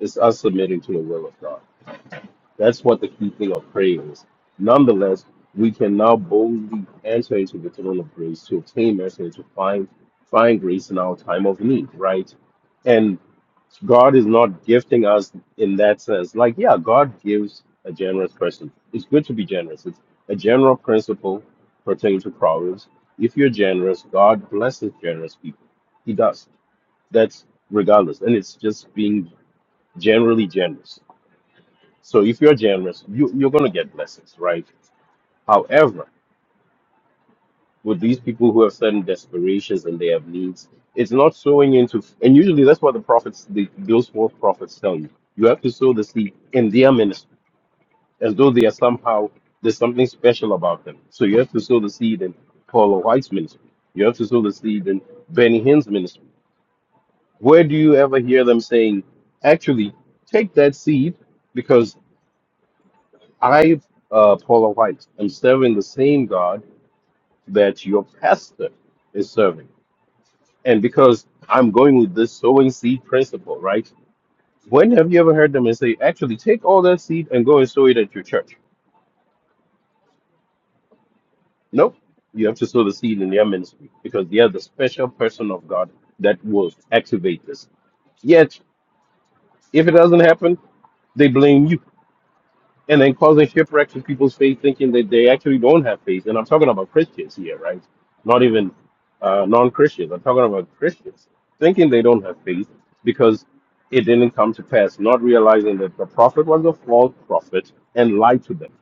It's us submitting to the will of God. That's what the key thing of prayer is. Nonetheless, we can now boldly enter into the throne of grace to obtain mercy and to find find grace in our time of need, right? And God is not gifting us in that sense. Like, yeah, God gives a generous person. It's good to be generous. It's a general principle pertaining to Proverbs. If you're generous, God blesses generous people. He does. That's regardless. And it's just being generally generous so if you're generous, you, you're going to get blessings, right? However, with these people who have certain desperations and they have needs, it's not sowing into, and usually that's what the prophets, the, those false prophets tell you. You have to sow the seed in their ministry, as though they are somehow, there's something special about them. So you have to sow the seed in Paula White's ministry. You have to sow the seed in Benny Hinn's ministry. Where do you ever hear them saying, actually, take that seed? I, uh, Paula White, am serving the same God that your pastor is serving. And because I'm going with this sowing seed principle, right? When have you ever heard them and say, actually, take all that seed and go and sow it at your church? Nope. You have to sow the seed in their ministry because they are the special person of God that will activate this. Yet, if it doesn't happen, they blame you and then causing shipwrecks with people's faith, thinking that they actually don't have faith. And I'm talking about Christians here, right? Not even uh, non-Christians. I'm talking about Christians thinking they don't have faith because it didn't come to pass, not realizing that the prophet was a false prophet and lied to them,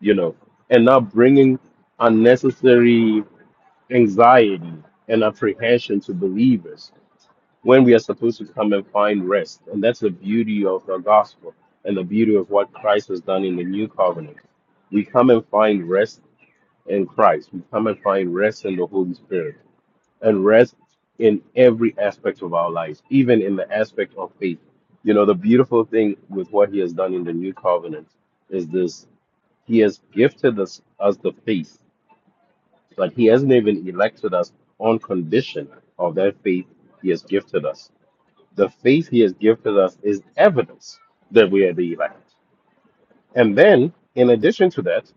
you know, and not bringing unnecessary anxiety and apprehension to believers when we are supposed to come and find rest. And that's the beauty of the gospel and the beauty of what Christ has done in the new covenant. We come and find rest in Christ, we come and find rest in the Holy Spirit, and rest in every aspect of our lives, even in the aspect of faith. You know, the beautiful thing with what He has done in the new covenant is this He has gifted us, us the faith, but He hasn't even elected us on condition of that faith He has gifted us the faith he has gifted us is evidence that we are the elect. And then, in addition to that,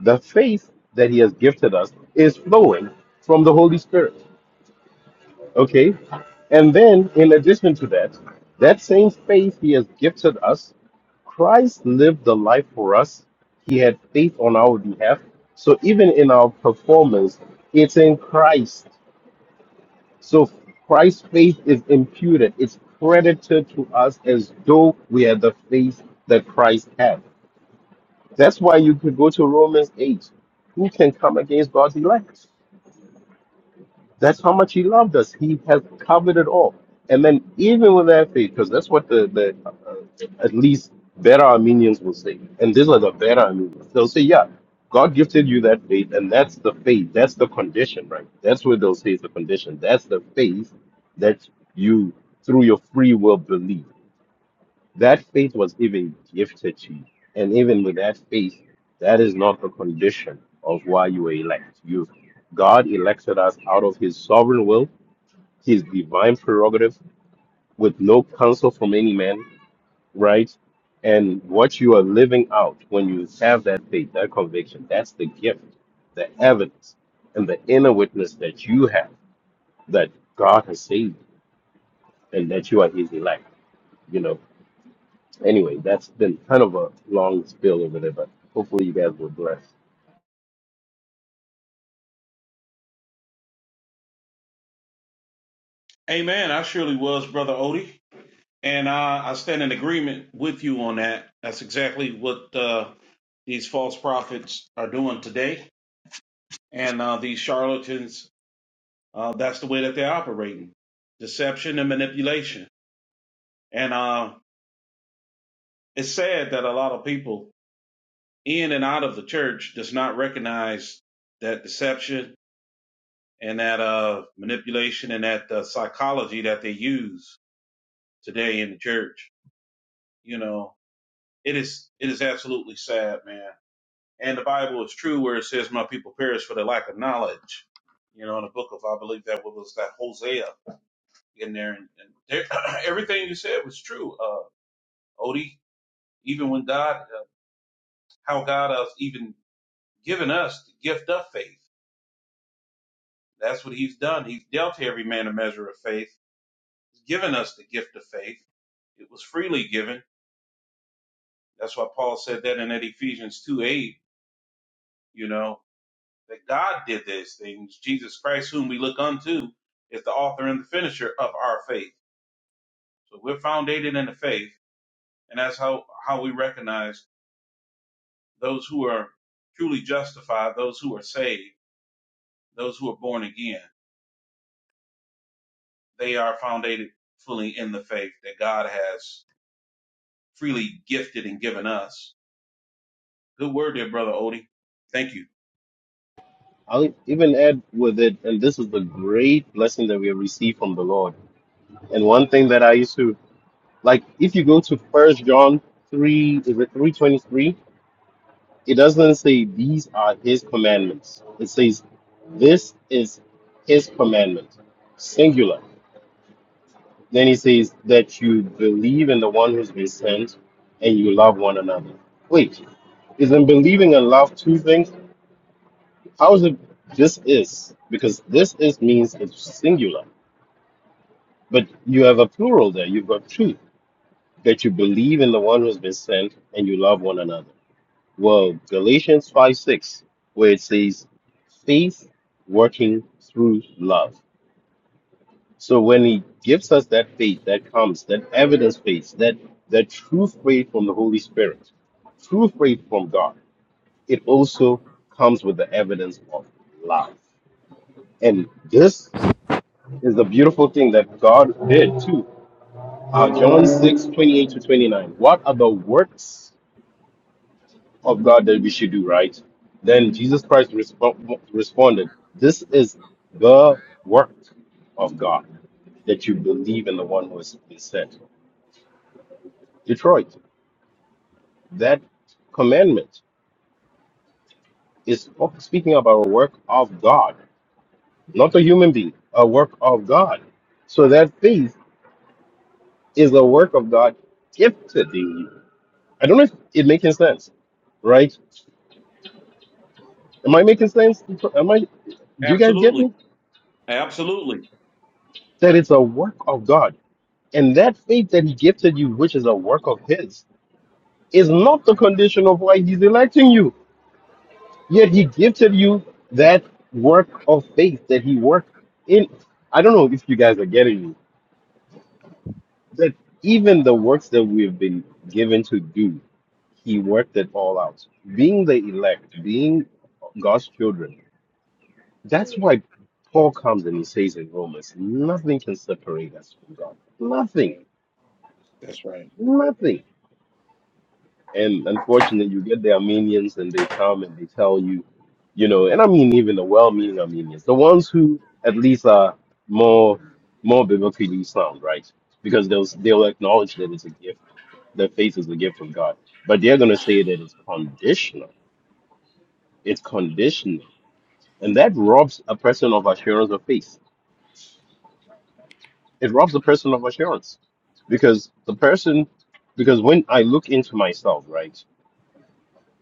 the faith that he has gifted us is flowing from the Holy Spirit. Okay? And then, in addition to that, that same faith he has gifted us, Christ lived the life for us. He had faith on our behalf. So even in our performance, it's in Christ. So Christ's faith is imputed, it's credited to us as though we are the faith that Christ had. That's why you could go to Romans 8. Who can come against God's elect? That's how much he loved us. He has covered it all. And then even with that faith, because that's what the, the uh, at least better Armenians will say. And these are the better Armenians. They'll say, yeah, God gifted you that faith, and that's the faith. That's the condition, right? That's what they'll say is the condition. That's the faith that you, through your free will, believe. That faith was even gifted to you. And even with that faith, that is not the condition of why you were elect. You God elected us out of his sovereign will, his divine prerogative, with no counsel from any man, right? And what you are living out when you have that faith, that conviction, that's the gift, the evidence, and the inner witness that you have that God has saved you and that you are his elect. You know, Anyway, that's been kind of a long spill over there, but hopefully you guys were blessed. Amen. I surely was, brother Odie. And I, I stand in agreement with you on that. That's exactly what uh, these false prophets are doing today. And uh, these charlatans, uh, that's the way that they're operating deception and manipulation. And uh, it's sad that a lot of people in and out of the church does not recognize that deception and that uh, manipulation and that uh, psychology that they use today in the church. You know, it is it is absolutely sad, man. And the Bible is true where it says, My people perish for the lack of knowledge. You know, in the book of, I believe that was that Hosea in there. And, and there, everything you said was true, uh, Odie. Even when God, uh, how God has even given us the gift of faith. That's what he's done. He's dealt to every man a measure of faith. He's given us the gift of faith. It was freely given. That's why Paul said that in that Ephesians 2 8, you know. that God did these things. Jesus Christ, whom we look unto, is the author and the finisher of our faith. So we're foundated in the faith, and that's how, how we recognize those who are truly justified, those who are saved, those who are born again. They are founded fully in the faith that God has freely gifted and given us. Good word there, Brother Odie. Thank you. I'll even add with it, and this is the great blessing that we have received from the Lord. And one thing that I used to like, if you go to First John three, is it three twenty three? It doesn't say these are His commandments. It says this is His commandment, singular. Then he says that you believe in the one who's been sent and you love one another. Wait, isn't believing and love two things? How is it this is? Because this is means it's singular. But you have a plural there. You've got two. That you believe in the one who's been sent and you love one another. Well, Galatians 5 6, where it says, faith working through love. So when he gives us that faith that comes, that evidence faith, that that true faith from the Holy Spirit, true faith from God, it also comes with the evidence of love. And this is the beautiful thing that God did too. Uh, John 6 28 to 29. What are the works of God that we should do, right? Then Jesus Christ respo- responded, This is the work of God that you believe in the one who has been sent. Detroit, that commandment is speaking of a work of God, not a human being, a work of God. So that faith is a work of God gifted in you. I don't know if it making sense, right? Am I making sense? Am I? Do you guys get Absolutely. me? Absolutely. That it's a work of God, and that faith that He gifted you, which is a work of His, is not the condition of why He's electing you. Yet he gifted you that work of faith that he worked in. I don't know if you guys are getting me. That even the works that we've been given to do, he worked it all out. Being the elect, being God's children. That's why Paul comes and he says in Romans, nothing can separate us from God. Nothing. Right. That's right. Nothing. And unfortunately, you get the Armenians and they come and they tell you, you know, and I mean even the well-meaning Armenians, the ones who at least are more more biblically sound, right? Because they'll they'll acknowledge that it's a gift, that faith is a gift of God, but they're going to say that it's conditional. It's conditional, and that robs a person of assurance of faith. It robs a person of assurance because the person, because when I look into myself, right?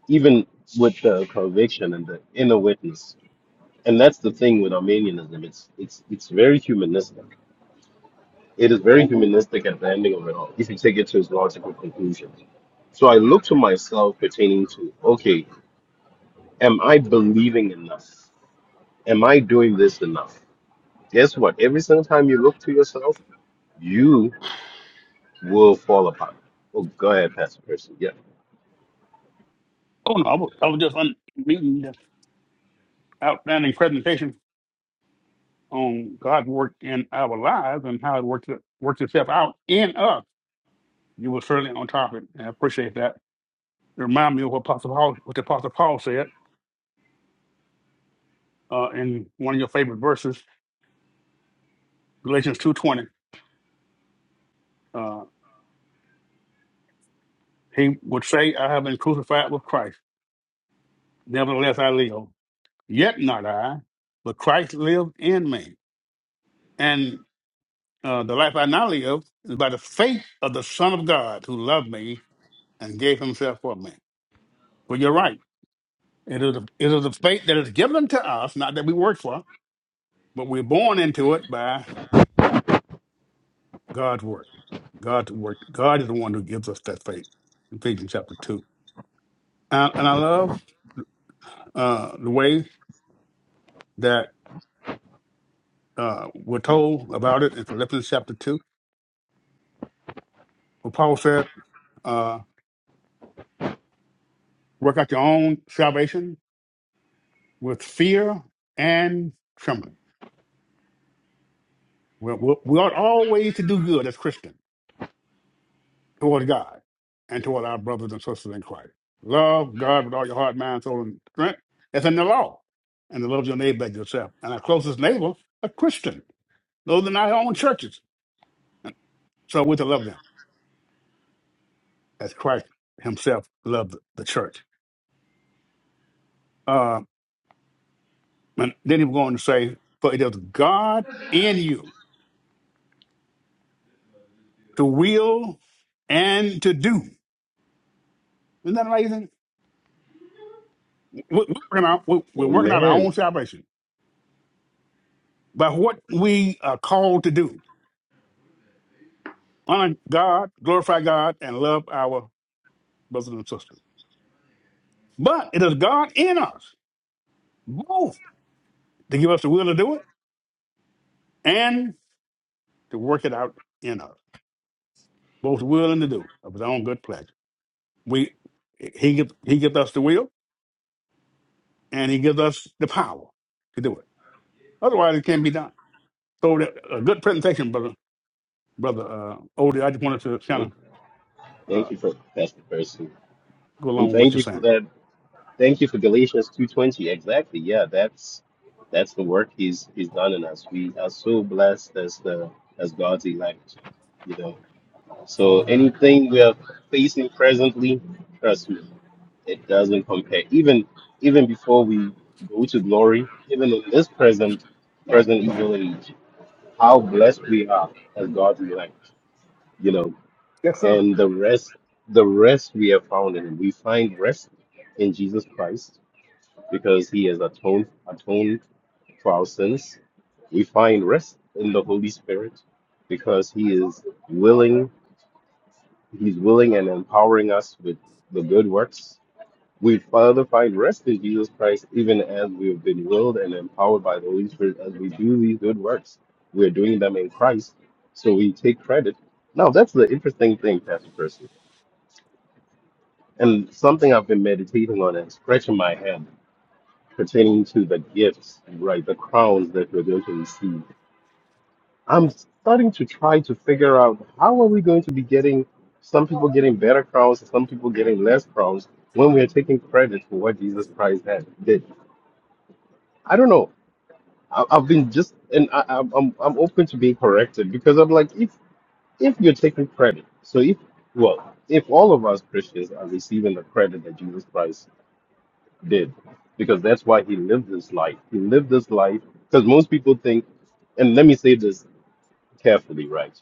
even with the conviction and the inner witness. And that's the thing with Armenianism. It's it's it's very humanistic. It is very humanistic at the ending of it all, if you take it to its logical conclusion. So I look to myself pertaining to, okay, am I believing enough? Am I doing this enough? Guess what? Every single time you look to yourself, you will fall apart. Oh, go ahead, Pastor Percy. Yeah. Oh no, I was, I was just unmuting this outstanding presentation on God's work in our lives and how it works it- works itself out in us. You were certainly on topic. and I appreciate that. It reminded me of what Apostle Paul, what the Apostle Paul said uh, in one of your favorite verses, Galatians two twenty. Uh, he would say, "I have been crucified with Christ. Nevertheless, I live. Yet not I, but Christ lives in me." And uh, the life I now live is by the faith of the Son of God who loved me and gave himself for me. Well, you're right. It is, a, it is a faith that is given to us, not that we work for, but we're born into it by God's work. God's work. God is the one who gives us that faith. Ephesians chapter 2. And, and I love uh, the way that uh, we're told about it in Philippians chapter 2, where Paul said, uh, work out your own salvation with fear and trembling. We're, we're, we ought always to do good as Christians toward God and toward our brothers and sisters in Christ. Love God with all your heart, mind, soul, and strength. That's in the law. And to love your neighbor as yourself. And our closest neighbor, a Christian. Those in our own churches. So we're to love them as Christ himself loved the church. Uh, and then he was going to say, For it is God in you to will and to do. Isn't that amazing? We- We're working out, we- we're working out our Amen. own salvation by what we are called to do honor God, glorify God, and love our brothers and sisters. But it is God in us, both to give us the will to do it and to work it out in us, both willing to do of His own good pleasure. We, he, gives, he gives us the will and He gives us the power to do it. Otherwise, it can't be done. So, that, a good presentation, brother, brother uh, Odie. I just wanted to kind Thank of uh, thank you for Pastor Percy. go And along with what thank you're you for saying. that Thank you for Galatians 2:20. Exactly. Yeah, that's that's the work he's he's done in us. We are so blessed as the as God's elect, you know. So anything we are facing presently, trust me, it doesn't compare. Even even before we go to glory, even in this present present evil age, how blessed we are as God's elect, you know. Yes, sir. And the rest the rest we have found in him. We find rest in Jesus Christ because he has atoned, atoned for our sins. We find rest in the Holy Spirit because he is willing, he's willing and empowering us with the good works. We further find rest in Jesus Christ even as we have been willed and empowered by the Holy Spirit as we do these good works. We are doing them in Christ, so we take credit. Now, that's the interesting thing, Pastor Percy, and something I've been meditating on and scratching my head pertaining to the gifts, right? The crowns that we're going to receive. I'm starting to try to figure out how are we going to be getting some people getting better crowns, some people getting less crowns when we are taking credit for what Jesus Christ had did. I don't know. I, I've been just and I, I'm I'm I'm open to being corrected because I'm like if if you're taking credit, so if well if all of us Christians are receiving the credit that Jesus Christ did because that's why he lived this life. He lived this life because most people think, and let me say this carefully, right?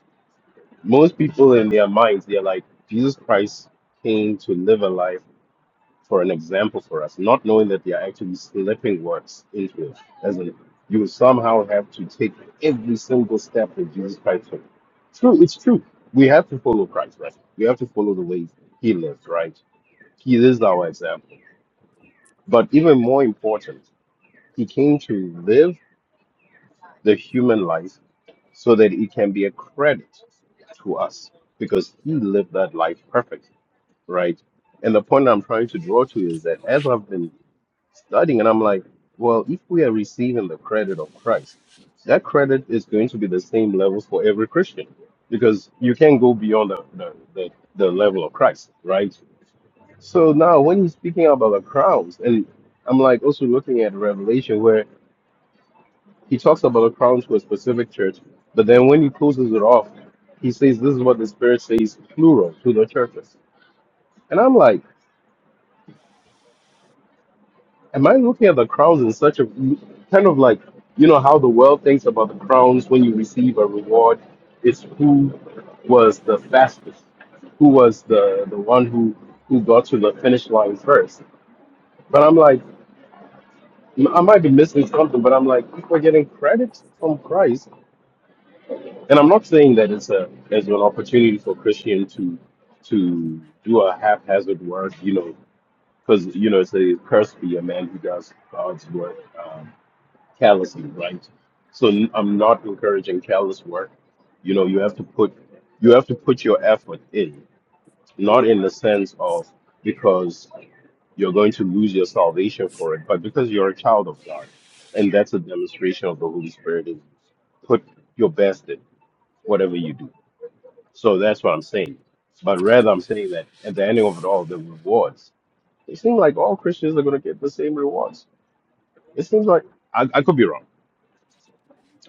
Most people in their minds, they're like, Jesus Christ came to live a life for an example for us, not knowing that they are actually slipping words into it. As in, you somehow have to take every single step that Jesus Christ took. True, it's true. We have to follow Christ, right? We have to follow the ways he lived, right? He is our example. But even more important, He came to live the human life so that it can be a credit to us because he lived that life perfectly, right? And the point I'm trying to draw to is that as I've been studying, and I'm like, well, if we are receiving the credit of Christ, that credit is going to be the same level for every Christian because you can't go beyond the, the, the, the level of Christ, right? So now when he's speaking about the crowns, and I'm like also looking at Revelation where he talks about a crown to a specific church, but then when he closes it off, he says this is what the Spirit says, plural, to the churches. And I'm like, am I looking at the crowns in such a kind of like, you know, how the world thinks about the crowns when you receive a reward? It's who was the fastest, who was the, the one who, who got to the finish line first. But I'm like, I might be missing something, but I'm like, people are getting credit from Christ and I'm not saying that it's a as an opportunity for Christian to to do a haphazard work, you know, because you know it's a curse to be a man who does God's work um, callously, right? So n- I'm not encouraging callous work. You know, you have to put you have to put your effort in, not in the sense of because you're going to lose your salvation for it, but because you're a child of God, and that's a demonstration of the Holy Spirit in you. Put your best in whatever you do so that's what I'm saying. But rather, I'm saying that at the ending of it all, the rewards. It seems like all Christians are going to get the same rewards. It seems like I, I could be wrong.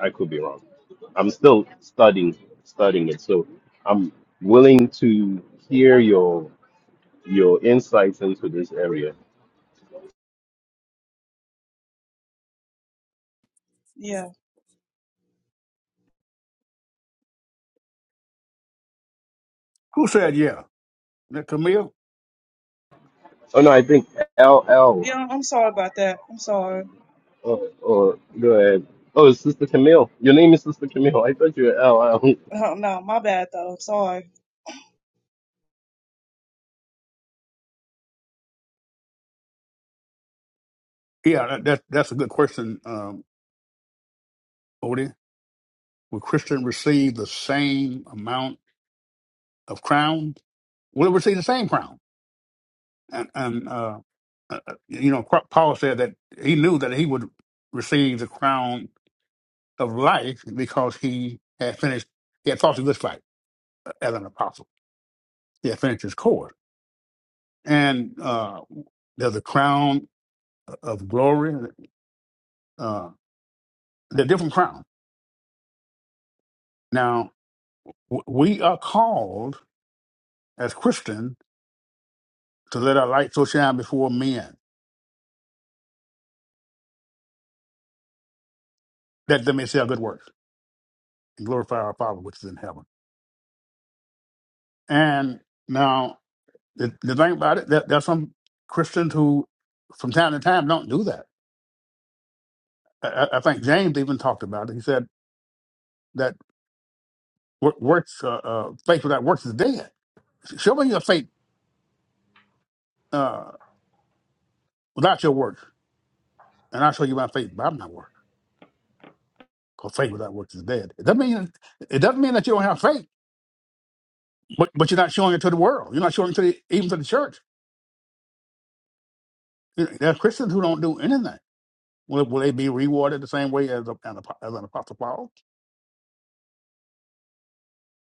I could be wrong. I'm still studying studying it, so I'm willing to hear your your insights into this area. Yeah. Who said yeah? That Camille? Oh no, I think L L. Yeah, I'm sorry about that. I'm sorry. Oh, oh go ahead. Oh, Sister Camille. Your name is Sister Camille. I thought you were L L. no, my bad though. Sorry. Yeah, that, that that's a good question, um, Odie. Will Christian receive the same amount of crown? Will it receive the same crown? And, and uh, uh, uh, you know, Qu- Paul said that he knew that he would receive the crown of life because he had finished. He had fought the good fight uh, as an apostle. He had finished his course, and uh, there's a crown uh, of glory. Uh, there are different crowns. Now w- we are called. as Christians, to let our light so shine before men that they may see our good works and glorify our Father which is in heaven. And now the, the thing about it, that there are some Christians who, from time to time, don't do that. I, I I think James even talked about it. He said that wor- works, uh, uh, faith without works is dead. Show me your faith uh, without your works, and I'll show you my faith by my work. Because faith without works is dead. It doesn't mean it doesn't mean that you don't have faith, but but you're not showing it to the world. You're not showing it to the, even to the church There's Christians who don't do anything. Will, will they be rewarded the same way as, a, an, apo- as an apostle Paul?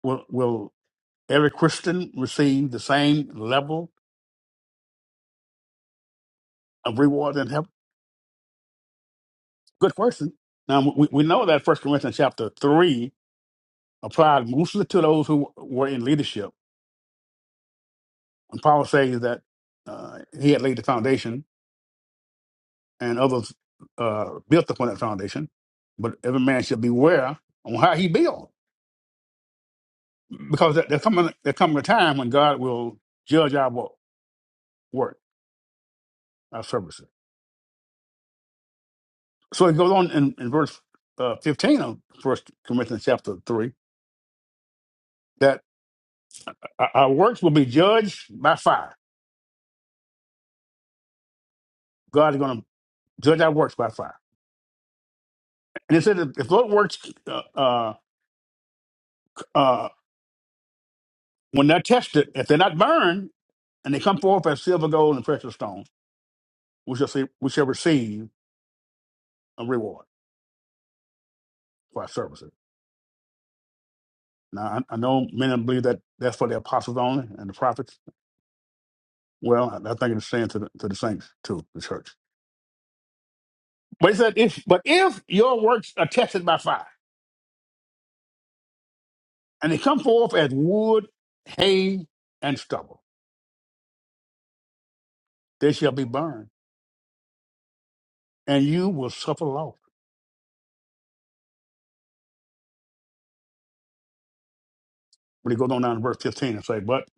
Will, will every Christian receive the same level of reward in heaven? Good question. Now we, we know that First Corinthians chapter three applied mostly to those who were in leadership, and Paul says that uh, he had laid the foundation, and others uh, built upon that foundation. But every man should beware on how he build, because there- there's coming there coming a time when God will judge our work work, our services. So it goes on in, in verse uh, 15 of First Corinthians chapter 3 that our our works will be judged by fire. God is going to judge our works by fire. And it said that if those works, uh, uh, uh, when they're tested, if they're not burned and they come forth as silver, gold, and precious stones, we shall, see, we shall receive a reward for our services. Now, I, I know many believe that that's for the apostles only and the prophets. Well, I, I think it's saying to the, to the saints, too, the church. But he said, if but if your works are tested by fire, and they come forth as wood, hay, and stubble, they shall be burned, and you will suffer loss. But he goes on down to verse 15 and say, But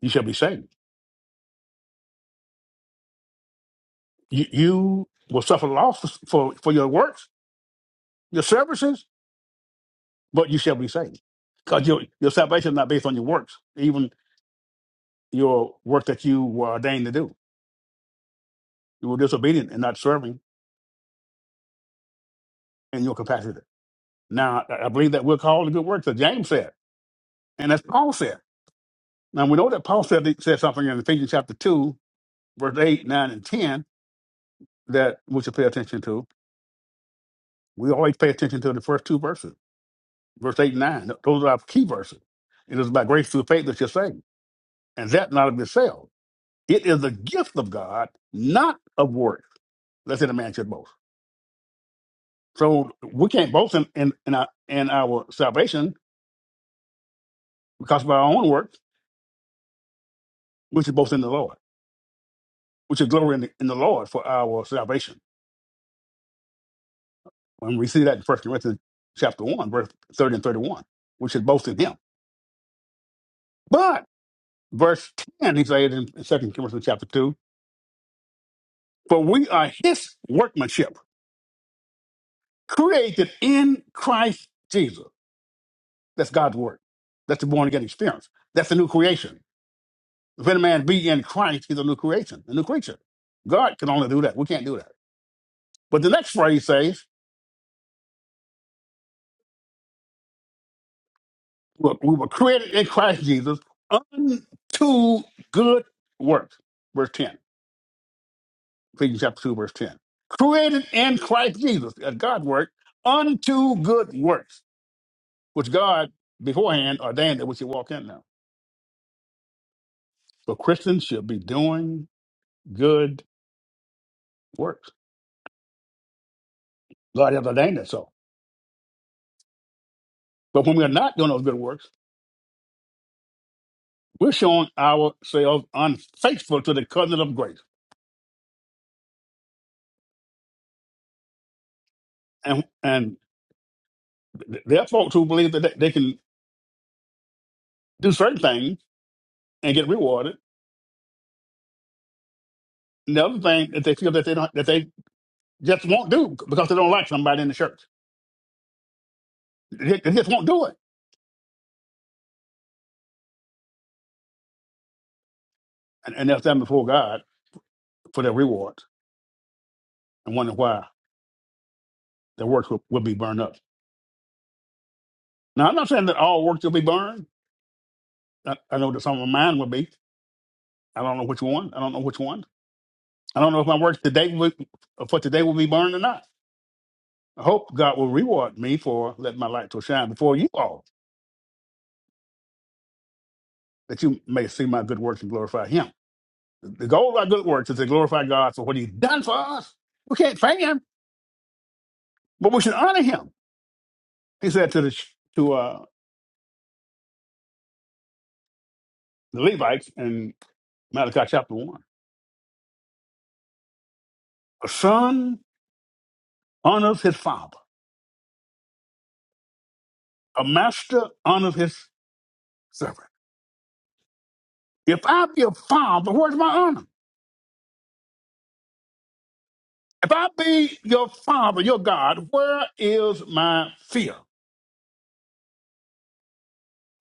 you shall be saved. You, you will suffer loss for, for your works, your services, but you shall be saved. Because your, your salvation is not based on your works, even your work that you were ordained to do. You were disobedient and not serving in your capacity. Now, I I believe that we're called to good works, as James said, and as Paul said. Now we know that Paul said, said something in Ephesians chapter 2, verse 8, 9, and 10 that we should pay attention to. We always pay attention to the first two verses, verse 8 and 9. Those are our key verses. It is by grace through faith that you're saved, and that not of yourself. It is the gift of God, not of works, lest any man should boast. So we can't boast in, in, in, our, in our salvation because of our own works. We should boast in the Lord. We should glory in the, in the Lord for our salvation. When we see that in First Corinthians chapter one, verse thirty and thirty-one, which is both in him. But verse ten, he says in Second Corinthians chapter two, for we are his workmanship, created in Christ Jesus. That's God's word. That's the born again experience. That's the new creation. If any man be in Christ, he's a new creation, a new creature. God can only do that. We can't do that. But the next phrase says, look, we were created in Christ Jesus unto good works. Verse 10 Ephesians chapter 2, verse 10. Created in Christ Jesus, at God work, unto good works, which God beforehand ordained that we should walk in now. So Christians should be doing good works. God has ordained it so. But when we are not doing those good works, we're showing ourselves unfaithful to the covenant of grace. And and there are folks who believe that they, they can do certain things and get rewarded. And the other thing that they feel that they don't that they just won't do because they don't like somebody in the church. They, they just won't do it and, and they'll stand before God for their reward and wonder why their works will, will be burned up. Now, I'm not saying that all works will be burned. I, I know that some of mine will be. I don't know which one. I don't know which one. I don't know if my works today will, for today will be burned or not. I hope God will reward me for letting my light to shine before you all, that you may see my good works and glorify Him. The goal of our good works is to glorify God for what He's done for us. We can't thank Him, but we should honor Him. He said to the to uh, the Levites in Malachi chapter 1. A son honors his father. A master honors his servant. If I be a father, where's my honor? If I be your father, your God, where is my fear?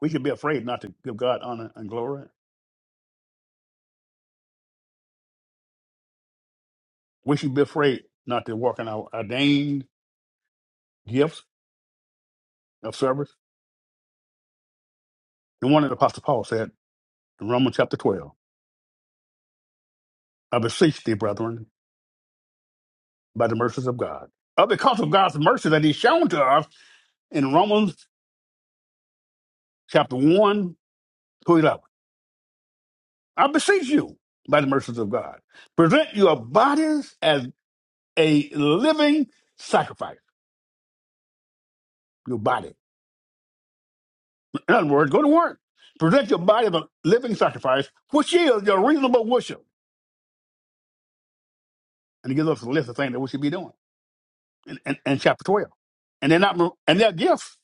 We should be afraid not to give God honor and glory. We should be afraid not to walk in our ordained gifts of service. And one of the Apostle Paul said in Romans chapter 12, I beseech thee, brethren, by the mercies of God. Uh, because of God's mercy that he's shown to us in Romans chapter 1 through 11. I beseech you, by the mercies of God, present your bodies as a living sacrifice. Your body. In other words, go to work. Present your body as a living sacrifice, which is your reasonable worship. And he gives us a list of things that we should be doing in, in, in chapter 12. And they're not, and they're gifts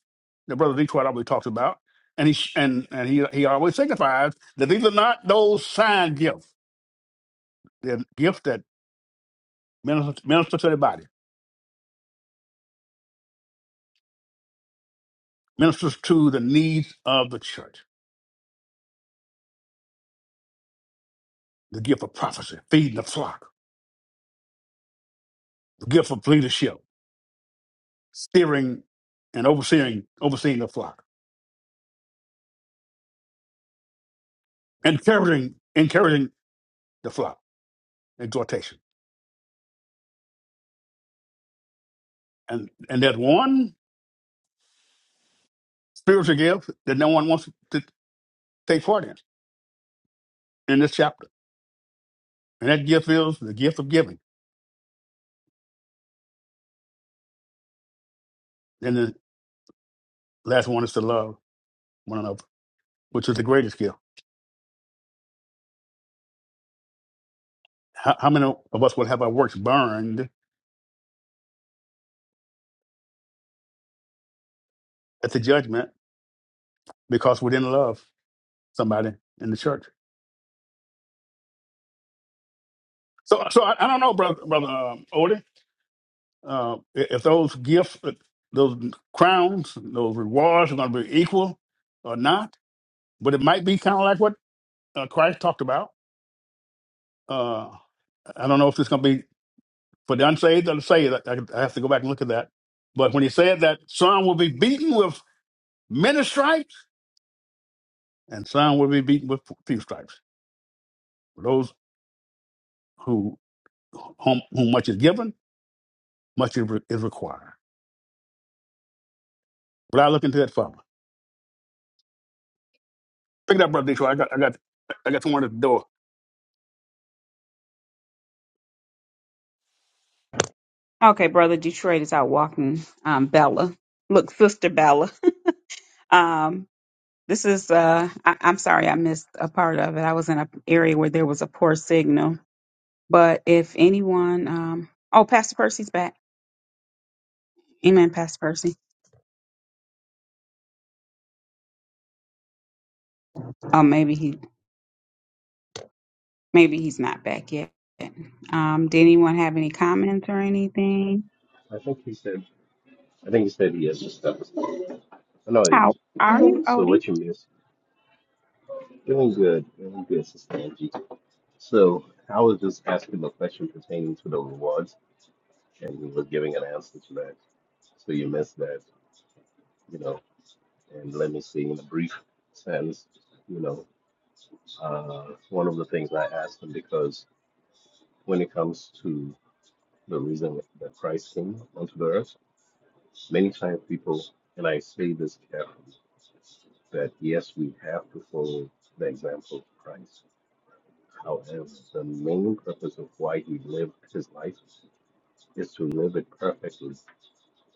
that Brother Detroit always talks about. And he, and, and he, he always signifies that these are not those sign gifts. They're gifts that minister, minister to the body, ministers to the needs of the church. the gift of prophecy, feeding the flock, the gift of leadership, steering and overseeing, overseeing the flock, encouraging, encouraging the flock, exhortation. And and there's one spiritual gift that no one wants to take part in in this chapter. And that gift is the gift of giving. And the last one is to love one another, which is the greatest gift. How, how many of us will have our works burned at the judgment because we didn't love somebody in the church? So, so I, I don't know, brother, brother um, Odie. uh, i- if those gifts, uh, those crowns, those rewards are going to be equal or not. But it might be kind of like what uh, Christ talked about. Uh, I don't know if it's going to be for the unsaved or the saved. I, I I have to go back and look at that. But when he said that some will be beaten with many stripes and some will be beaten with few stripes, those who whom, whom much is given, much is, re- is required. But I look into that further. Pick it up, brother Detroit. I got, I got, I got someone at the door. Okay, brother Detroit is out walking. Um, Bella, look, sister Bella. Um, this is. Uh, I, I'm sorry, I missed a part of it. I was in an area where there was a poor signal But if anyone, um, oh, Pastor Percy's back. Amen, Pastor Percy. Oh, maybe he, maybe he's not back yet. Um, did anyone have any comments or anything? I think he said. I think he said he has a step. No, How it's- are you, so Odie? what you miss? Doing good, doing good, Sister Angie. So I was just asking the question pertaining to the rewards, and you were giving an answer to that. So you missed that, you know. And let me see in a brief sense, you know, uh, one of the things I asked him because when it comes to the reason that Christ came onto the earth, many times people, and I say this carefully, that yes, we have to follow the example of Christ However, the main purpose of why he lived his life is to live it perfectly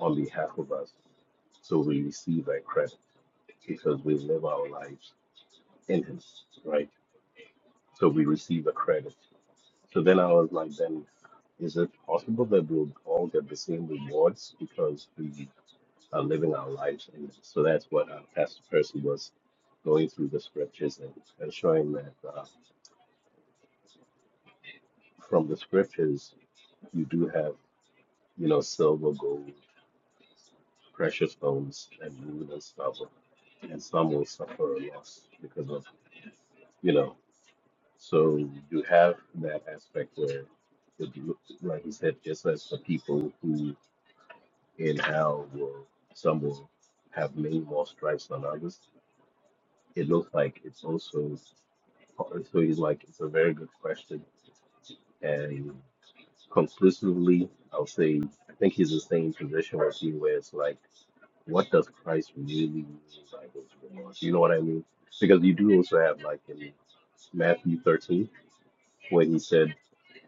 on behalf of us so we receive a credit because we live our lives in him, right? So we receive a credit. So then I was like, then is it possible that we'll all get the same rewards because we are living our lives in him? So that's what uh, Pastor Percy was going through the scriptures and, and showing that uh, from the scriptures, you do have, you know, silver, gold, precious stones and wood and stuff, and some will suffer a loss because of you know. So you have that aspect where, it, look- like he said, just as the people who in hell will some will have many more stripes than others. It looks like it's also so. He's like it's a very good question, and conclusively, I'll say I think he's the same position with you, where it's like what does Christ really mean by those remarks? You know what I mean? Because you do also have like in Matthew 13 when he said,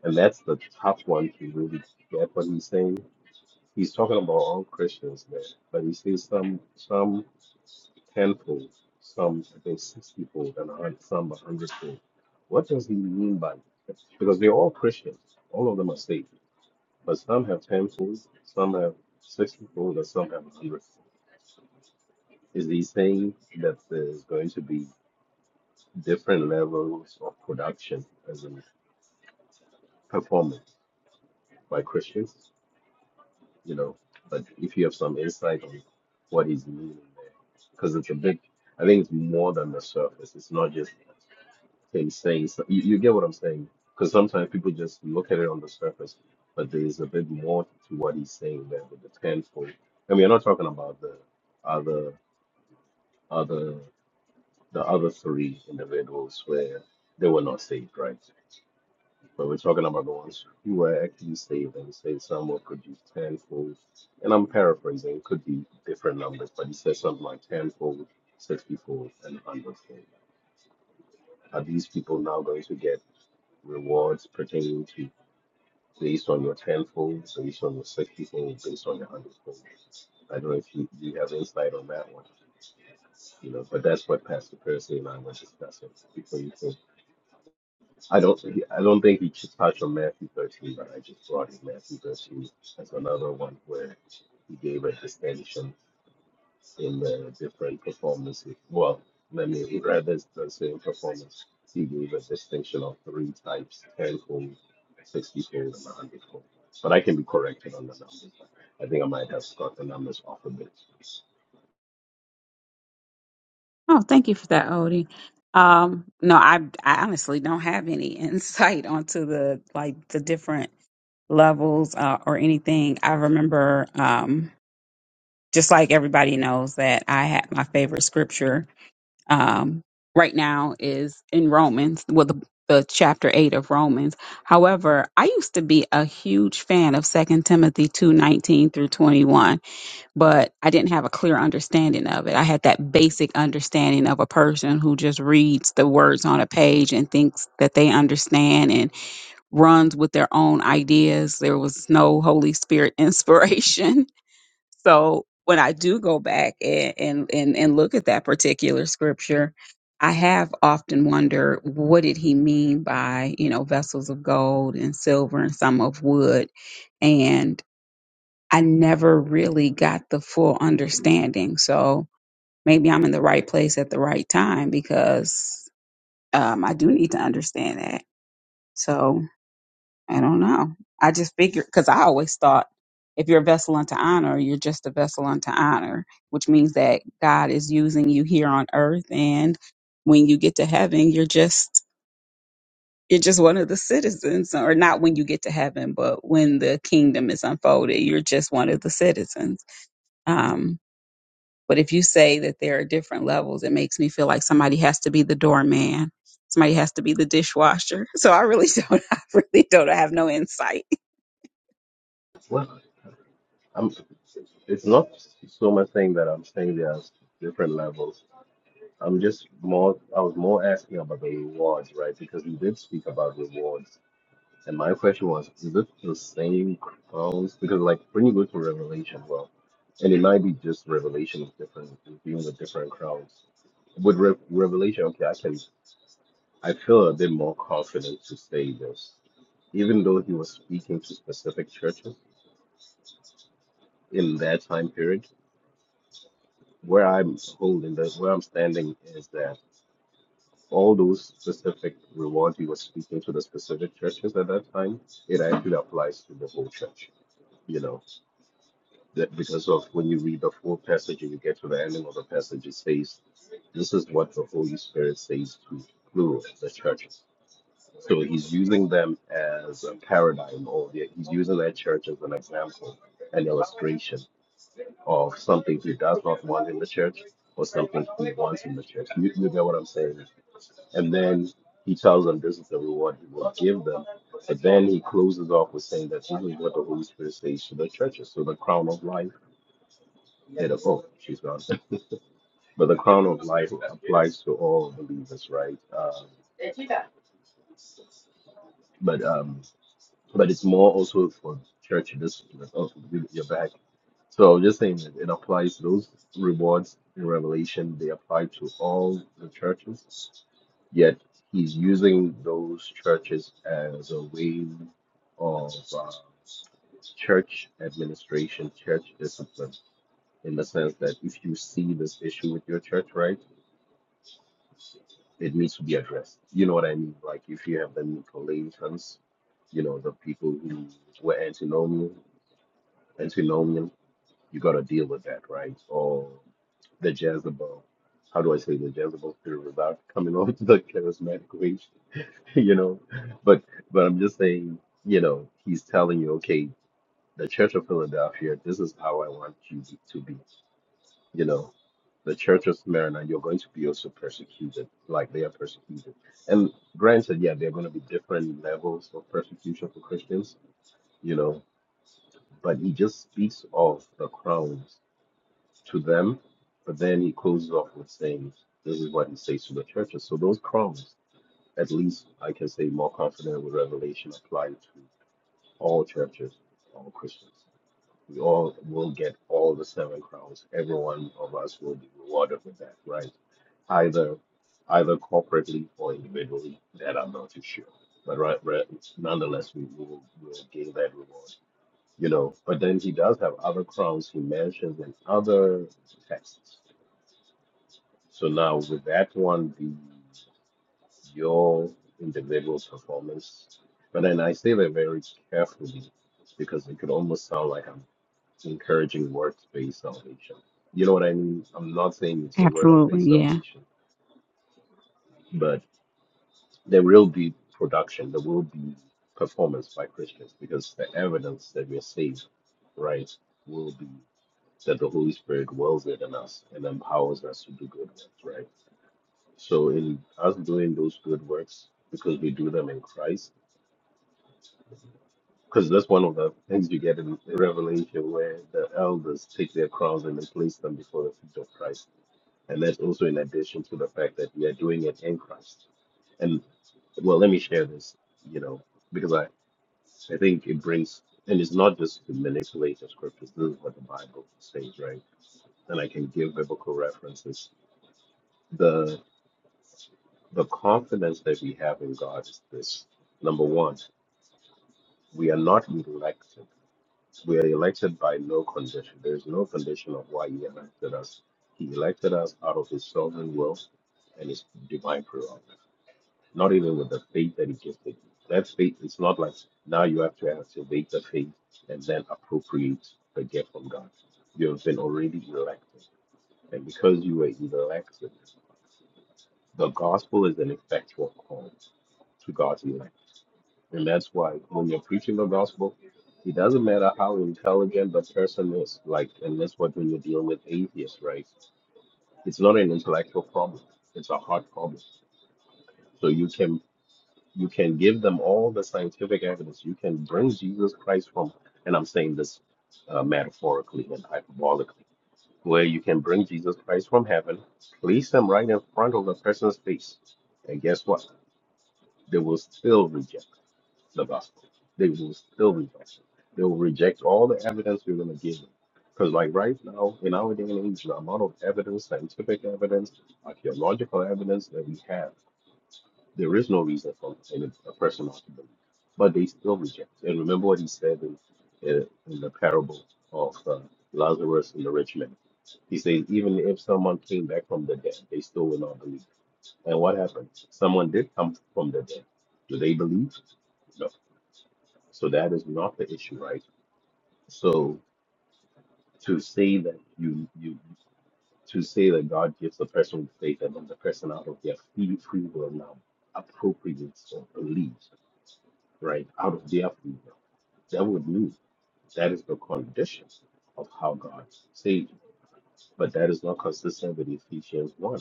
and that's the tough one to really get what he's saying. He's talking about all Christians there, but he says some some tenfold, some I think sixtyfold, and a hun- some a hundredfold. What does he mean by that? Because they're all Christians, all of them are saved, but some have tenfold, some have sixtyfold, and some have hundredfold. is these saying that there's going to be different levels of production as in performance by Christians, you know. But if you have some insight on what he's meaning there, because it's a bit, I think it's more than the surface. It's not just him saying, so, you, you get what I'm saying? Because sometimes people just look at it on the surface, but there's a bit more to what he's saying there with the tenfold. And we are not talking about the other other The other three individuals where they were not saved, right? But we're talking about the ones who were actually saved and say some were produced tenfold. And I'm paraphrasing, it could be different numbers, but he says something like tenfold, sixtyfold, and hundredfold. Are these people now going to get rewards pertaining to based on your tenfold, based on your sixtyfold, based on your hundredfold? I don't know if you, you have insight on that one, you know, but that's what Pastor Percy and I were discussing before you came. I don't. he- I don't think he just touched on Matthew 13, but I just brought in Matthew 13 as another one where he gave a distinction in the different performances. Well, let me rather than saying performance, he gave a distinction of three types: tenfold, sixtyfold, and a hundredfold. But I can be corrected on the numbers. I think I might have got the numbers off a bit. Oh, thank you for that, Odie. Um, no, I, I honestly don't have any insight onto the like the different levels uh, or anything. I remember, um, just like everybody knows that I had my favorite scripture um, right now is in Romans, well, the, the chapter eight of Romans. However, I used to be a huge fan of Second Timothy two nineteen through twenty one, but I didn't have a clear understanding of it. I had that basic understanding of a person who just reads the words on a page and thinks that they understand and runs with their own ideas. There was no Holy Spirit inspiration so when I do go back and and and, and look at that particular scripture, I have often wondered what did he mean by, you know, vessels of gold and silver and some of wood. And I never really got the full understanding. So maybe I'm in the right place at the right time because um, I do need to understand that. So I don't know. I just figured because I always thought if you're a vessel unto honor, you're just a vessel unto honor, which means that God is using you here on earth, and when you get to heaven, you're just you're just one of the citizens, or not when you get to heaven, but when the kingdom is unfolded, you're just one of the citizens. Um, but if you say that there are different levels, it makes me feel like somebody has to be the doorman, somebody has to be the dishwasher. So I really don't, I really don't I have no insight Well, I'm. It's not so much saying that I'm saying there are different levels I'm just more, I was more asking about the rewards, right? Because we did speak about rewards. And my question was, is it the same crowns? Because, like, when you go to Revelation, well, and it might be just Revelation of different, dealing with different crowns. With Re- Revelation, okay, I can, I feel a bit more confident to say this. Even though he was speaking to specific churches in that time period, where I'm holding this, where I'm standing is that. all those specific rewards you were speaking to the specific churches at that time, it actually applies to the whole church. You know, that because of when you read the full passage and you get to the ending of the passage, it says, This is what the Holy Spirit says to plural, the churches. So he's using them as a paradigm, or the- he's using that church as an example, an illustration of something he does not want in the church or something he wants in the church. You, you get what I'm saying? and then he tells them this is the reward he will give them. But then he closes off with saying that this is what the Holy Spirit says to the churches. So the crown of life, yeah, the, oh, she's gone. But the crown of life applies to all believers, right? Um, but um, but it's more also for church discipline. Oh, you- you're back. So I'm just saying that it applies those rewards in Revelation. They apply to all the churches Yet he's using those churches as a way of uh, church administration, church discipline, in the sense that if you see this issue with your church, right, it needs to be addressed. You know what I mean? Like if you have the Nicolaitans, you know, the people who were antinomian, antinomian, you got to deal with that, right? Or the Jezebel. How do I say the Jezebel theory without coming off the charismatic way? you know but but i'm just saying you know he's telling you okay the church of philadelphia this is how i want you to to be you know the church of smyrna you're going to be also persecuted like they are persecuted and granted yeah there are going to be different levels of persecution for christians you know but he just speaks of the crowns to them but then he closes off with saying this is what he says to the churches so those crowns at least i can say more confident with revelation applied all churches, all Christians. We all will get all the seven crowns. Every one of us will be rewarded with that, right? Either either corporately or individually, that I'm not too sure. But right, right nonetheless, we, we will we will gain that reward, you know. But then he does have other crowns he mentions in other texts. So now would that one be your individual performance? But then I say that very carefully because it could almost sound like I'm encouraging works based salvation. You know what I mean? I'm not saying it's a works Absolutely, based yeah. salvation, but there will be production, there will be performance by Christians because the evidence that we're saved, right, will be that the Holy Spirit dwells within us and empowers us to do good works, right? So, in us doing those good works, because we do them in Christ, because that's one of the things you get in Revelation where the elders take their crowns and they place them before the feet of Christ And that's also in addition to the fact that we are doing it in Christ. And well, let me share this, you know, because I, I think it brings, and it's not just to manipulate the scriptures. This is what the Bible says, right? And I can give biblical references. The the confidence that we have in God is this: number one, we are not elected. We are elected by no condition. There is no condition of why He elected us. He elected us out of His sovereign will and His divine prerogative. not even with the faith that he gifted you. That faith is not like now you have to activate the faith and then appropriate the gift from God. You have been already elected. And because you were elected, the gospel is an effectual call to God's elect. And that's why when you're preaching the gospel, it doesn't matter how intelligent the person is, like, and that's what when you're dealing with atheists, right? It's not an intellectual problem, it's a heart problem. So you can You can give them all the scientific evidence. You can bring Jesus Christ from, and I'm saying this uh, metaphorically and hyperbolically, where you can bring Jesus Christ from heaven, place him right in front of the person's face. And guess what? They will still reject the gospel. They will still reject it. They will reject all the evidence you're going to give them. Because, like right now, in our day and age, the amount of evidence, scientific evidence, archaeological evidence that we have there is no reason for an, a person not to believe, but they still reject. And remember what he said in, in, in the parable of uh, Lazarus and the rich man. He says, even if someone came back from the dead, they still will not believe. And what happened? Someone did come from the dead. Do they believe? No. So that is not the issue, right? So to say that you you to say that God gives a person faith and then the person out of their free free will now appropriates or believes right out of their freedom. That would mean that is the conditions of how God saved you. But that is not consistent with Ephesians 1,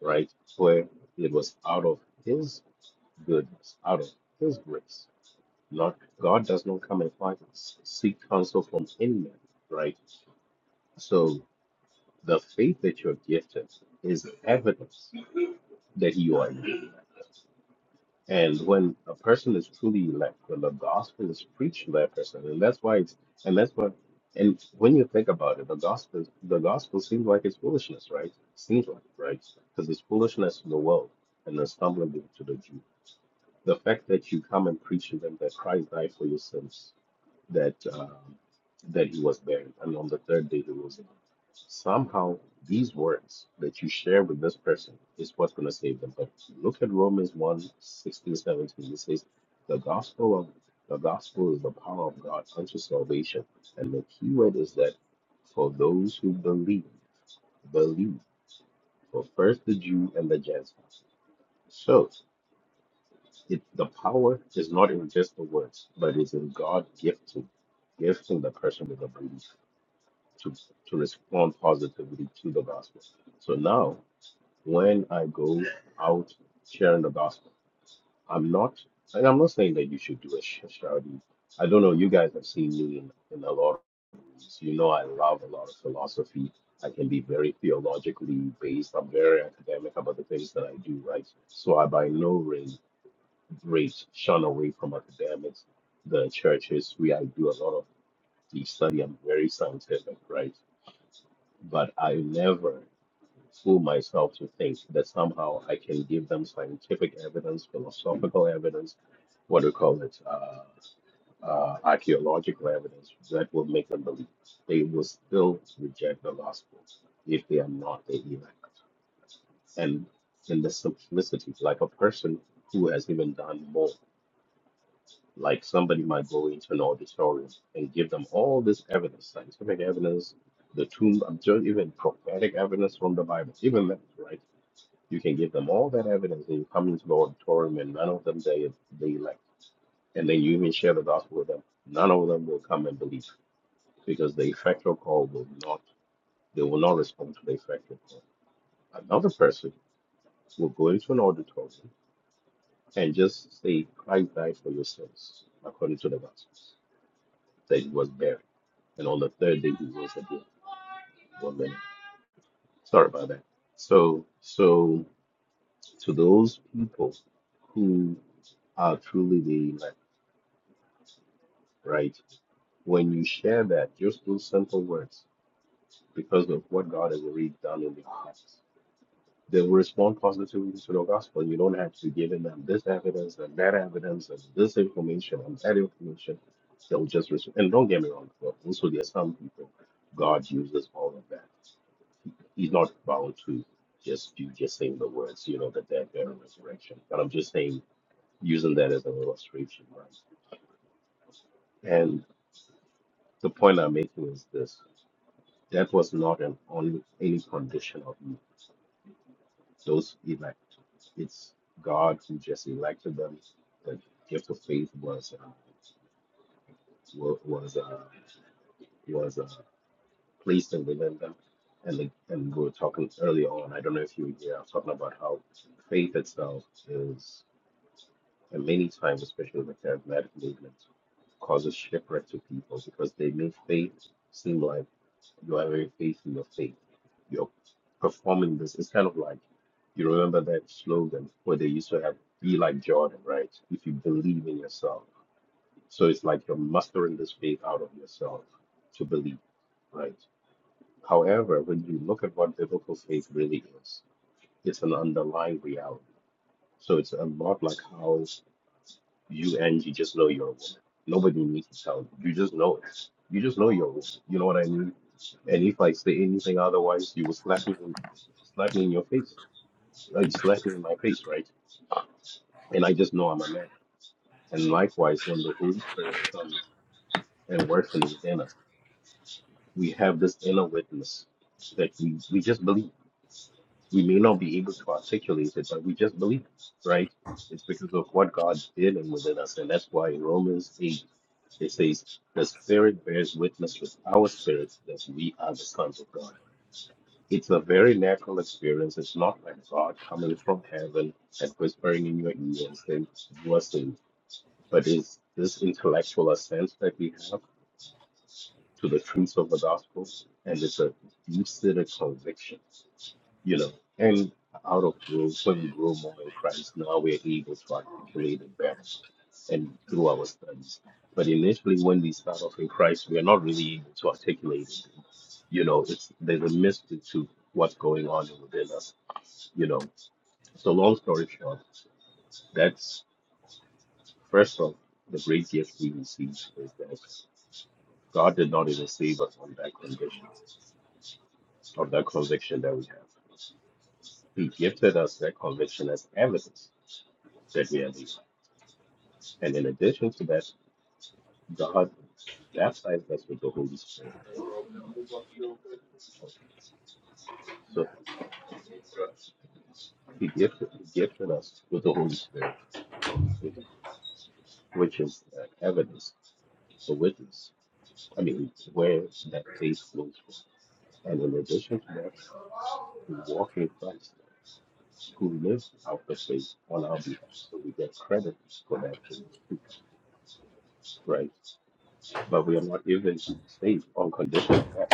right? Where it was out of his goodness, out of his grace. Not God does not come and find seek counsel from any man, right? So the faith that you're gifted is evidence that you are. And when a person is truly elect, when the gospel is preached to that person, and that's why it's and that's what and when you think about it, the gospel the gospel seems like it's foolishness, right? Seems like right? Because it's foolishness to the world and the stumbling block to the Jew. The fact that you come and preach to them that Christ died for your sins, that uh, that he was buried, and on the third day he rose Somehow, these words that you share with this person is what's going to save them. But look at Romans one 16 17. It says, The gospel of the gospel is the power of God unto salvation. And the key word is that for those who believe, believe for first the Jew and the Gentile. So it, the power is not in just the words, but is in God gifting, gifting the person with a belief to, to respond positively to the gospel. So now when I go out sharing the gospel. I'm not, and I'm not saying that you should do a Sh- Shadi. I don't know. You guys have seen me in, in a lot of rooms. You know, I love a lot of philosophy. I can be very theologically based. I'm very academic about the things that I do, right? So I by no ra- rate shun away from academics. The churches, we I do a lot of the study. I'm very scientific, right? But I never fool myself to think that somehow I can give them scientific evidence, philosophical evidence, what do you call it, uh, uh, archaeological evidence that will make them believe. They will still reject the gospel if they are not the elect. And in the simplicity, like a person who has even done more, like somebody might go into an auditorium and give them all this evidence, scientific evidence, the tomb, I'm sure even prophetic evidence from the Bible, even that, right? You can give them all that evidence and you come into the Auditorium, and none of them they they elect. And then you even share the gospel with them. None of them will come and believe because the effectual call will not. They will not respond to the effectual call. Another person will go into an auditorium and just say, "Christ died for your sins," according to the Gospels. That he was buried, and on the third day he rose again. One minute. Sorry about that. So, so to those people who are truly the elect, right? When you share that, just those simple words, because of what God has already done in the past, they will respond positively to the gospel. You don't have to give them this evidence and that evidence and this information and that information. They'll just respond. And don't get me wrong, but also there are some people God uses all of that. He's not bound to just you just saying the words, you know, the death, burial, and resurrection. But I'm just saying using that as an illustration, right? And the point I'm making is this. That was not an on any condition of you. Those elect, it's God who just elected them. The gift of faith was uh, wa- was uh, was uh, placed in within them. And, the, and we were talking earlier on. I don't know if you were here. I was talking about how faith itself is, and many times, especially with the charismatic movement, causes shipwreck to people because they make faith seem like You are very faithful. You're faith. You're performing this. It's kind of like you remember that slogan where they used to have "Be like Jordan," right? If you believe in yourself, so it's like you're mustering this faith out of yourself to believe, right? However, when you look at what biblical faith really is, it's an underlying reality. So it's a lot like how you and you just know you're a woman. Nobody needs to tell you. You just know it. You just know you're a woman. You know what I mean? And if I say anything otherwise, you will slap me, slap me in your face. Uh, You slap me in my face, right? And I just know I'm a man. And likewise, when the Holy Spirit comes and works in within us, we have this inner witness that we, we just believe. We may not be able to articulate it, but we just believe, right? It's because of what God did and within us. And that's why in Romans 8 It says, The Spirit bears witness with our spirits that we are the sons of God. It's a very natural experience. It's not like God coming from heaven and whispering in your ear and saying, You are saved. But it's this intellectual assent that we have to the truth of the gospel, and it's a deep seated conviction you know, and out of growth, when we grow more in Christ, now we're able to articulate and better and through our studies. But initially, when we start off in Christ, we are not really able to articulate. it. You know, it's there's a mystery to what's going on within us. You know, so long story short, that's first of the great gift we receive is that God did not even save us on that condition, on that conviction that we have. He gifted us that conviction as evidence that we are saved. And in addition to that, God baptized us with the Holy Spirit. So He gifted, he gifted us with the Holy Spirit, which is uh, evidence, a witness. I mean, where that faith flows from. And in addition to that, we walk in Christ, who lives out the faith on our behalf. So we get credit for that faith, too, right? But we are not even saved on condition of that.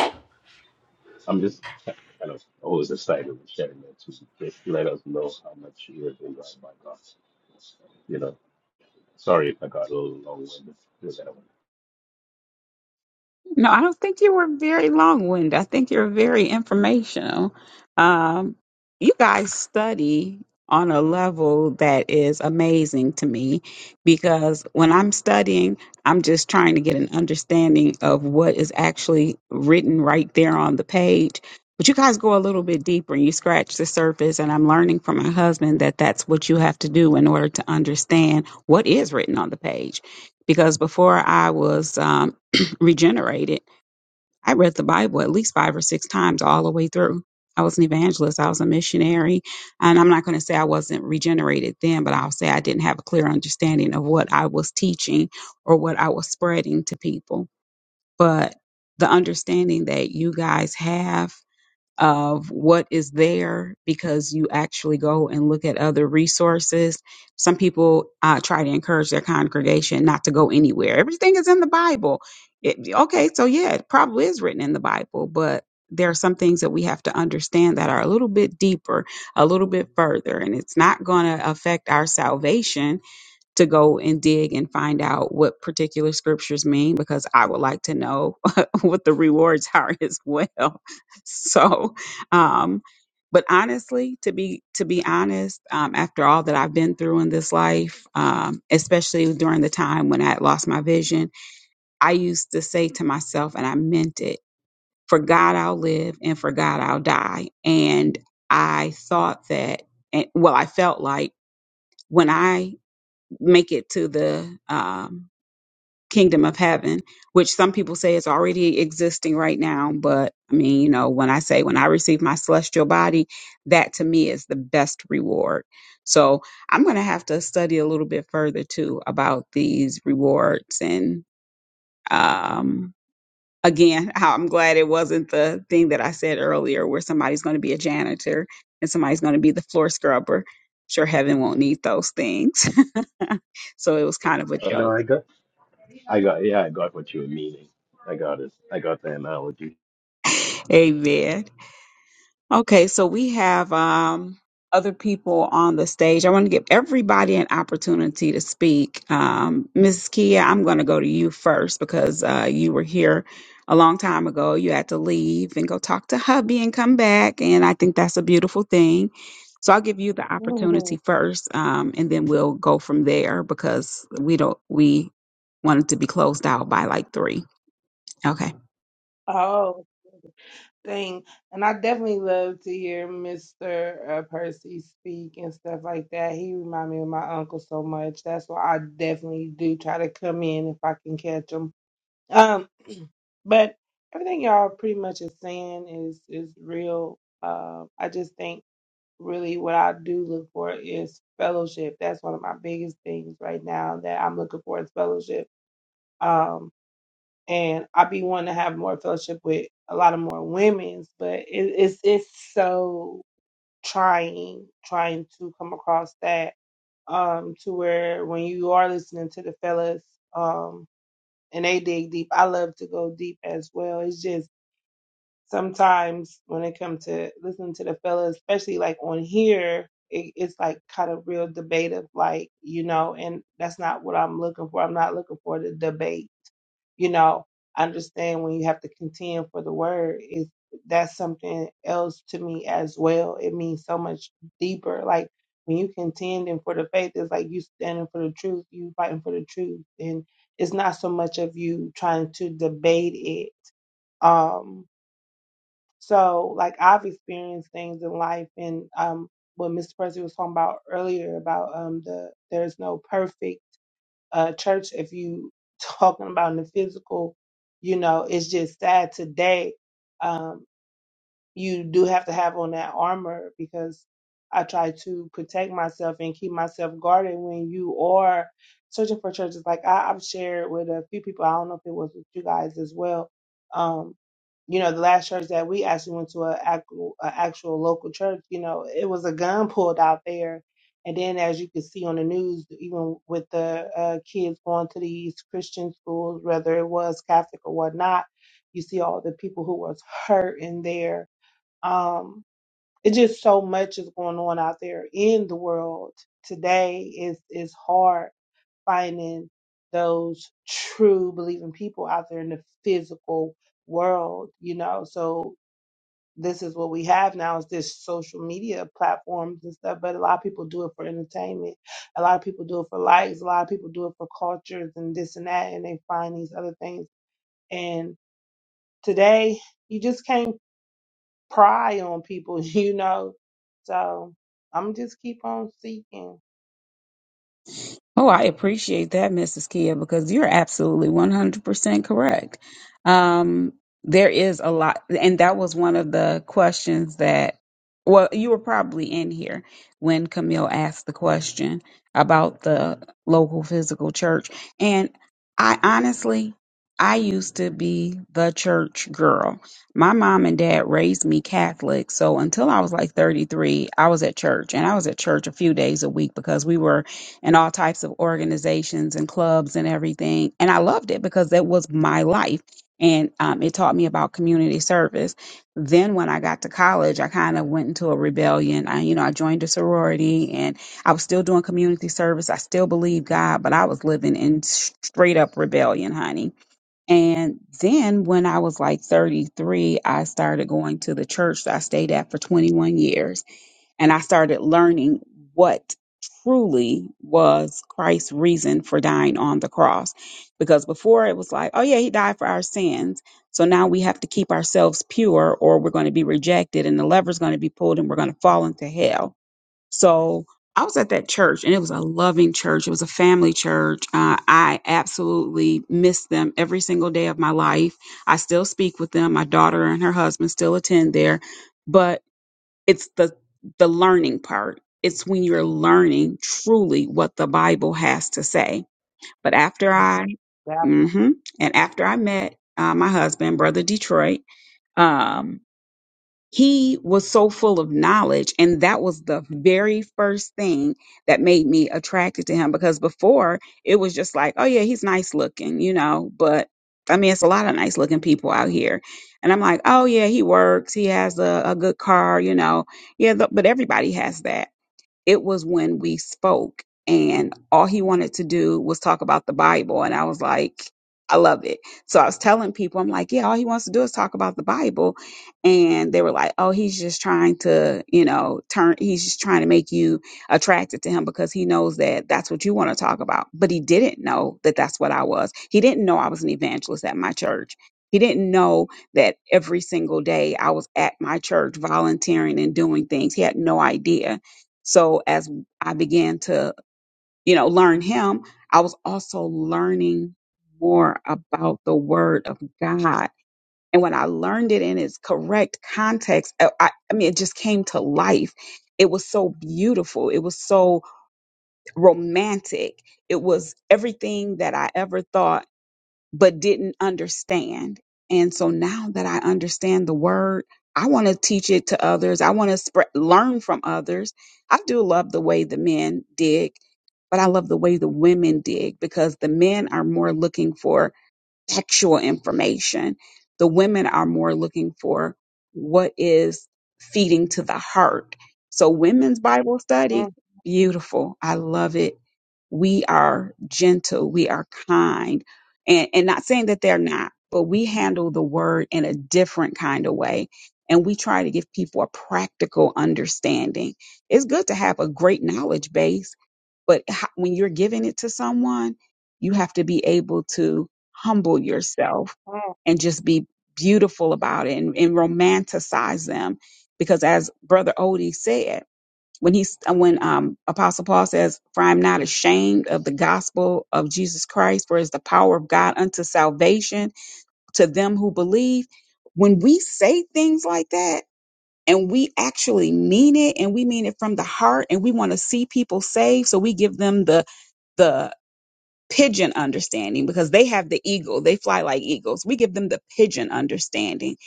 I'm just kind of always excited when sharing that too. Just let us know how much you have been loved by God. You know, sorry if I got a little long-winded with that one. No, I don't think you were very long winded. I think you're very informational. Um, you guys study on a level that is amazing to me because when I'm studying, I'm just trying to get an understanding of what is actually written right there on the page. But you guys go a little bit deeper and you scratch the surface. And I'm learning from my husband that that's what you have to do in order to understand what is written on the page because before I was um, regenerated. I read the Bible at least five or six times all the way through. I was an evangelist, I was a missionary, and I'm not going to say I wasn't regenerated then, but I'll say I didn't have a clear understanding of what I was teaching or what I was spreading to people. But the understanding that you guys have of what is there because you actually go and look at other resources. Some people uh, try to encourage their congregation not to go anywhere. Everything is in the Bible. It, okay, so yeah, it probably is written in the Bible, but there are some things that we have to understand that are a little bit deeper, a little bit further, and it's not going to affect our salvation to go and dig and find out what particular scriptures mean because I would like to know what the rewards are as well. So, um, but honestly, to be to be honest, um, after all that I've been through in this life, um, especially during the time when I had lost my vision, I used to say to myself, and I meant it: "For God I'll live, and for God I'll die." And I thought that, and well, I felt like when I make it to the um, kingdom of heaven, which some people say is already existing right now. But I mean, you know, when I say when I receive my celestial body, that to me is the best reward. So I'm going to have to study a little bit further too about these rewards. And um, again, how I'm glad it wasn't the thing that I said earlier where somebody's going to be a janitor and somebody's going to be the floor scrubber. Sure, heaven won't need those things. so it was kind of a But joke no, I got, I got, yeah, I got what you were meaning. I got it. I got the analogy. Amen. Okay, so we have um, other people on the stage. I want to give everybody an opportunity to speak. Um, Mrs. Kia, I'm going to go to you first because uh, you were here a long time ago. You had to leave and go talk to hubby and come back. And I think that's a beautiful thing. So I'll give you the opportunity Mhm. first, um, and then we'll go from there because we don't we wanted to be closed out by like three. Okay. Oh, thing. And I definitely love to hear Mr. Uh, Percy speak and stuff like that. He remind me of my uncle so much. That's why I definitely do try to come in if I can catch him. Um, but everything y'all pretty much is saying is is real. Uh, I just think really what I do look for is fellowship. That's one of my biggest things right now that I'm looking for is fellowship. Um, and I be wanting to have more fellowship with a lot of more women's, but it, it's it's so trying trying to come across that um to where when you are listening to the fellas um and they dig deep, I love to go deep as well. It's just sometimes when it comes to listening to the fellas, especially like on here. It, it's like kind of real debate of like you know, and that's not what I'm looking for. I'm not looking for the debate you know, I understand when you have to contend for the word is that's something else to me as well. It means so much deeper. Like when you contending for the faith, it's like you standing for the truth, you fighting for the truth, and it's not so much of you trying to debate it. Um, so like I've experienced things in life, and um, what Mr. Presley was talking about earlier about um the there's no perfect uh, church, if you talking about in the physical, you know, it's just sad today. Um, you do have to have on that armor because I try to protect myself and keep myself guarded when you are searching for churches. Like I, I've shared with a few people, I don't know if it was with you guys as well. Um, you know, the last church that we actually went to, a actual, a actual local church, you know, it was a gun pulled out there. And then, as you can see on the news, even with the uh, kids going to these Christian schools, whether it was Catholic or whatnot, you see all the people who was hurt in there um, it's just so much is going on out there in the world today. Is is hard finding those true believing people out there in the physical world, you know. So this is what we have now is this social media platforms and stuff. But a lot of people do it for entertainment. A lot of people do it for likes. A lot of people do it for cultures and this and that. And they find these other things. And today, you just can't pry on people, you know. So I'm just keep on seeking. Oh, I appreciate that, Mrs. Kia, because you're absolutely 100% correct. Um, there is a lot, and that was one of the questions that, well, you were probably in here when Camille asked the question about the local physical church. And I honestly, I used to be the church girl. My mom and dad raised me Catholic. So until I was like 33, I was at church, and I was at church a few days a week because we were and all types of organizations and clubs and everything. And I loved it because that was my life. And um, it taught me about community service. Then when I got to college, I kind of went into a rebellion. I, you know, I joined a sorority and I was still doing community service. I still believed God, but I was living in straight up rebellion, honey. And then when I was like 33, I started going to the church that I stayed at for 21 years and I started learning what truly was Christ's reason for dying on the cross. Because before it was like, oh yeah, he died for our sins. So now we have to keep ourselves pure or we're going to be rejected and the lever's going to be pulled and we're going to fall into hell. So I was at that church and it was a loving church. It was a family church. Uh, I absolutely miss them every single day of my life. I still speak with them. My daughter and her husband still attend there. But it's the the learning part it's when you're learning truly what the bible has to say but after i That, mhm, and after i met uh, my husband brother detroit um he was so full of knowledge and that was the very first thing that made me attracted to him because before it was just like oh yeah he's nice looking you know but i mean it's a lot of nice looking people out here and i'm like oh yeah he works he has a, a good car you know yeah th- but everybody has that it was when we spoke and all he wanted to do was talk about the Bible. And I was like, I love it. So I was telling people, I'm like, yeah, all he wants to do is talk about the Bible. And they were like, oh, he's just trying to, you know, turn, he's just trying to make you attracted to him because he knows that that's what you want to talk about. But he didn't know that that's what I was. He didn't know I was an evangelist at my church. He didn't know that every single day I was at my church volunteering and doing things. He had no idea. So as I began to, you know, learn him, I was also learning more about the word of God. And when I learned it in its correct context, I, I I mean, it just came to life. It was so beautiful. It was so romantic. It was everything that I ever thought but didn't understand. And so now that I understand the word, I want to teach it to others. I want to spread, learn from others. I do love the way the men dig, but I love the way the women dig because the men are more looking for textual information. The women are more looking for what is feeding to the heart. So, women's Bible mm, study, beautiful. I love it. We are gentle, we are kind, and, and not saying that they're not, but we handle the word in a different kind of way. And we try to give people a practical understanding. It's good to have a great knowledge base but h- when you're giving it to someone, you have to be able to humble yourself mm, and just be beautiful about it and, and romanticize them. Because as Brother Odie said, when he's uh, when um, Apostle Paul says, "For I'm not ashamed of the gospel of Jesus Christ, for it is the power of God unto salvation to them who believe." When we say things like that, and we actually mean it and we mean it from the heart and we want to see people saved so we give them the the pigeon understanding because they have the eagle. They fly like eagles. We give them the pigeon understanding.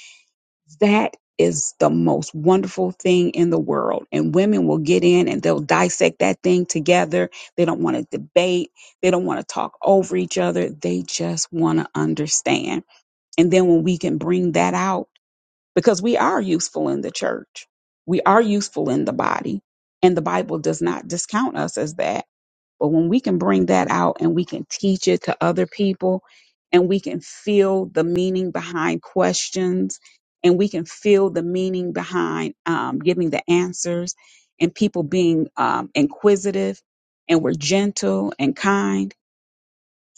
That is the most wonderful thing in the world. And women will get in and they'll dissect that thing together. They don't want to debate. They don't want to talk over each other. They just want to understand. And then when we can bring that out, because we are useful in the church, we are useful in the body. And the Bible does not discount us as that but when we can bring that out and we can teach it to other people and we can feel the meaning behind questions and we can feel the meaning behind um, giving the answers and people being um, inquisitive and we're gentle and kind,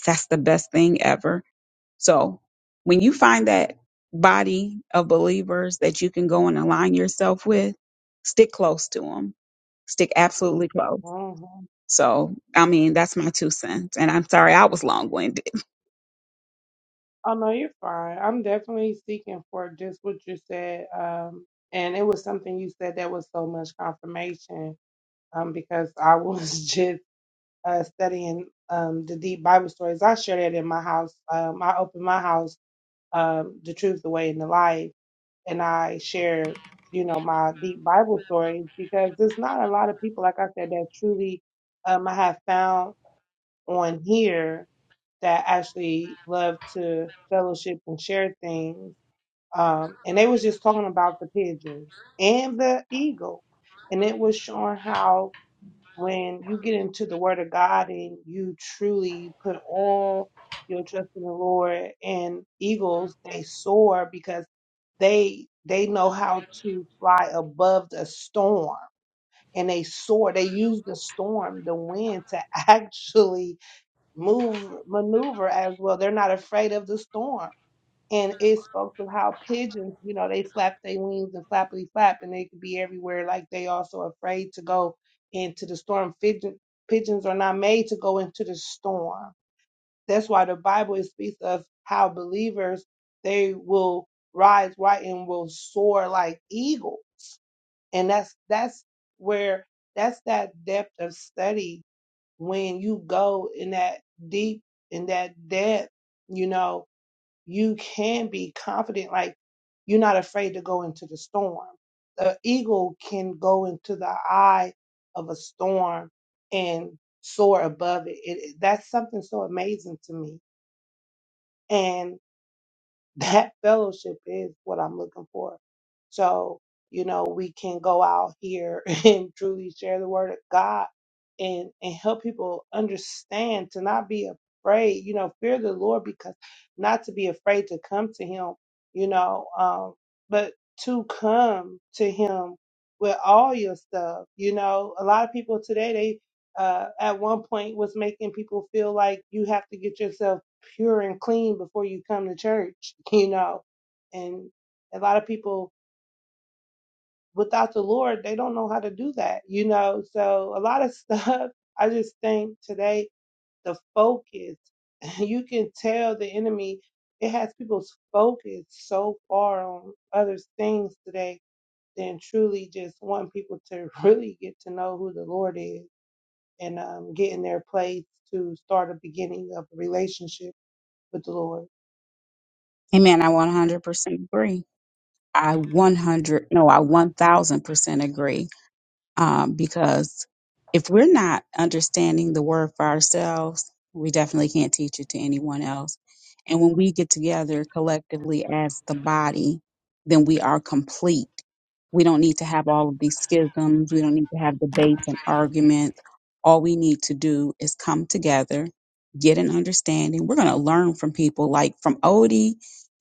that's the best thing ever. So when you find that body of believers that you can go and align yourself with, stick close to them. Stick absolutely close mhm. so, I mean, that's my two cents. And I'm sorry I was long winded. Oh no, you're fine. I'm definitely seeking for just what you said. Um, and it was something you said that was so much confirmation. Um, because I was just uh studying um the deep Bible stories. I share that in my house. Um, I open my house, um, the truth, the way, and the life. and I share, you know, my deep Bible stories because there's not a lot of people, like I said, that truly um, I have found on here that actually love to fellowship and share things. Um, and they was just talking about the pigeon and the eagle, and it was showing how when you get into the word of God and you truly put all your trust in the Lord and eagles they soar because they they know how to fly above the storm and they soar they use the storm the wind to actually move maneuver as well they're not afraid of the storm and it spoke to how pigeons, you know, they flap their wings and flappity flap, and they could be everywhere. Like they also afraid to go into the storm. Pigeon, pigeons are not made to go into the storm. That's why the Bible it speaks of how believers they will rise right and will soar like eagle, and that's that's where that's that depth of study when you go in that deep in that depth, you know you can be confident. Like you're not afraid to go into the storm. The eagle can go into the eye of a storm and soar above it. it that's something so amazing to me. and. That fellowship is what I'm looking for. So, you know, we can go out here and truly share the word of God and, and help people understand to not be afraid, you know, fear the Lord because not to be afraid to come to him, you know, um, but to come to him with all your stuff. You know, a lot of people today, they, uh, at one point was making people feel like you have to get yourself pure and clean before you come to church, you know. And a lot of people without the Lord, they don't know how to do that, you know. So a lot of stuff, I just think today the focus, you can tell the enemy, it has people's focus so far on other things today than truly just want people to really get to know who the Lord is and um, get in their place to start a beginning of a relationship with the Lord. Amen. I 100% agree. I 100, no, I 1000% agree. um, because if we're not understanding the word for ourselves, we definitely can't teach it to anyone else. And when we get together collectively as the body, then we are complete. We don't need to have all of these schisms. We don't need to have debates and arguments. All we need to do is come together, get an understanding. We're going to learn from people like from Odie,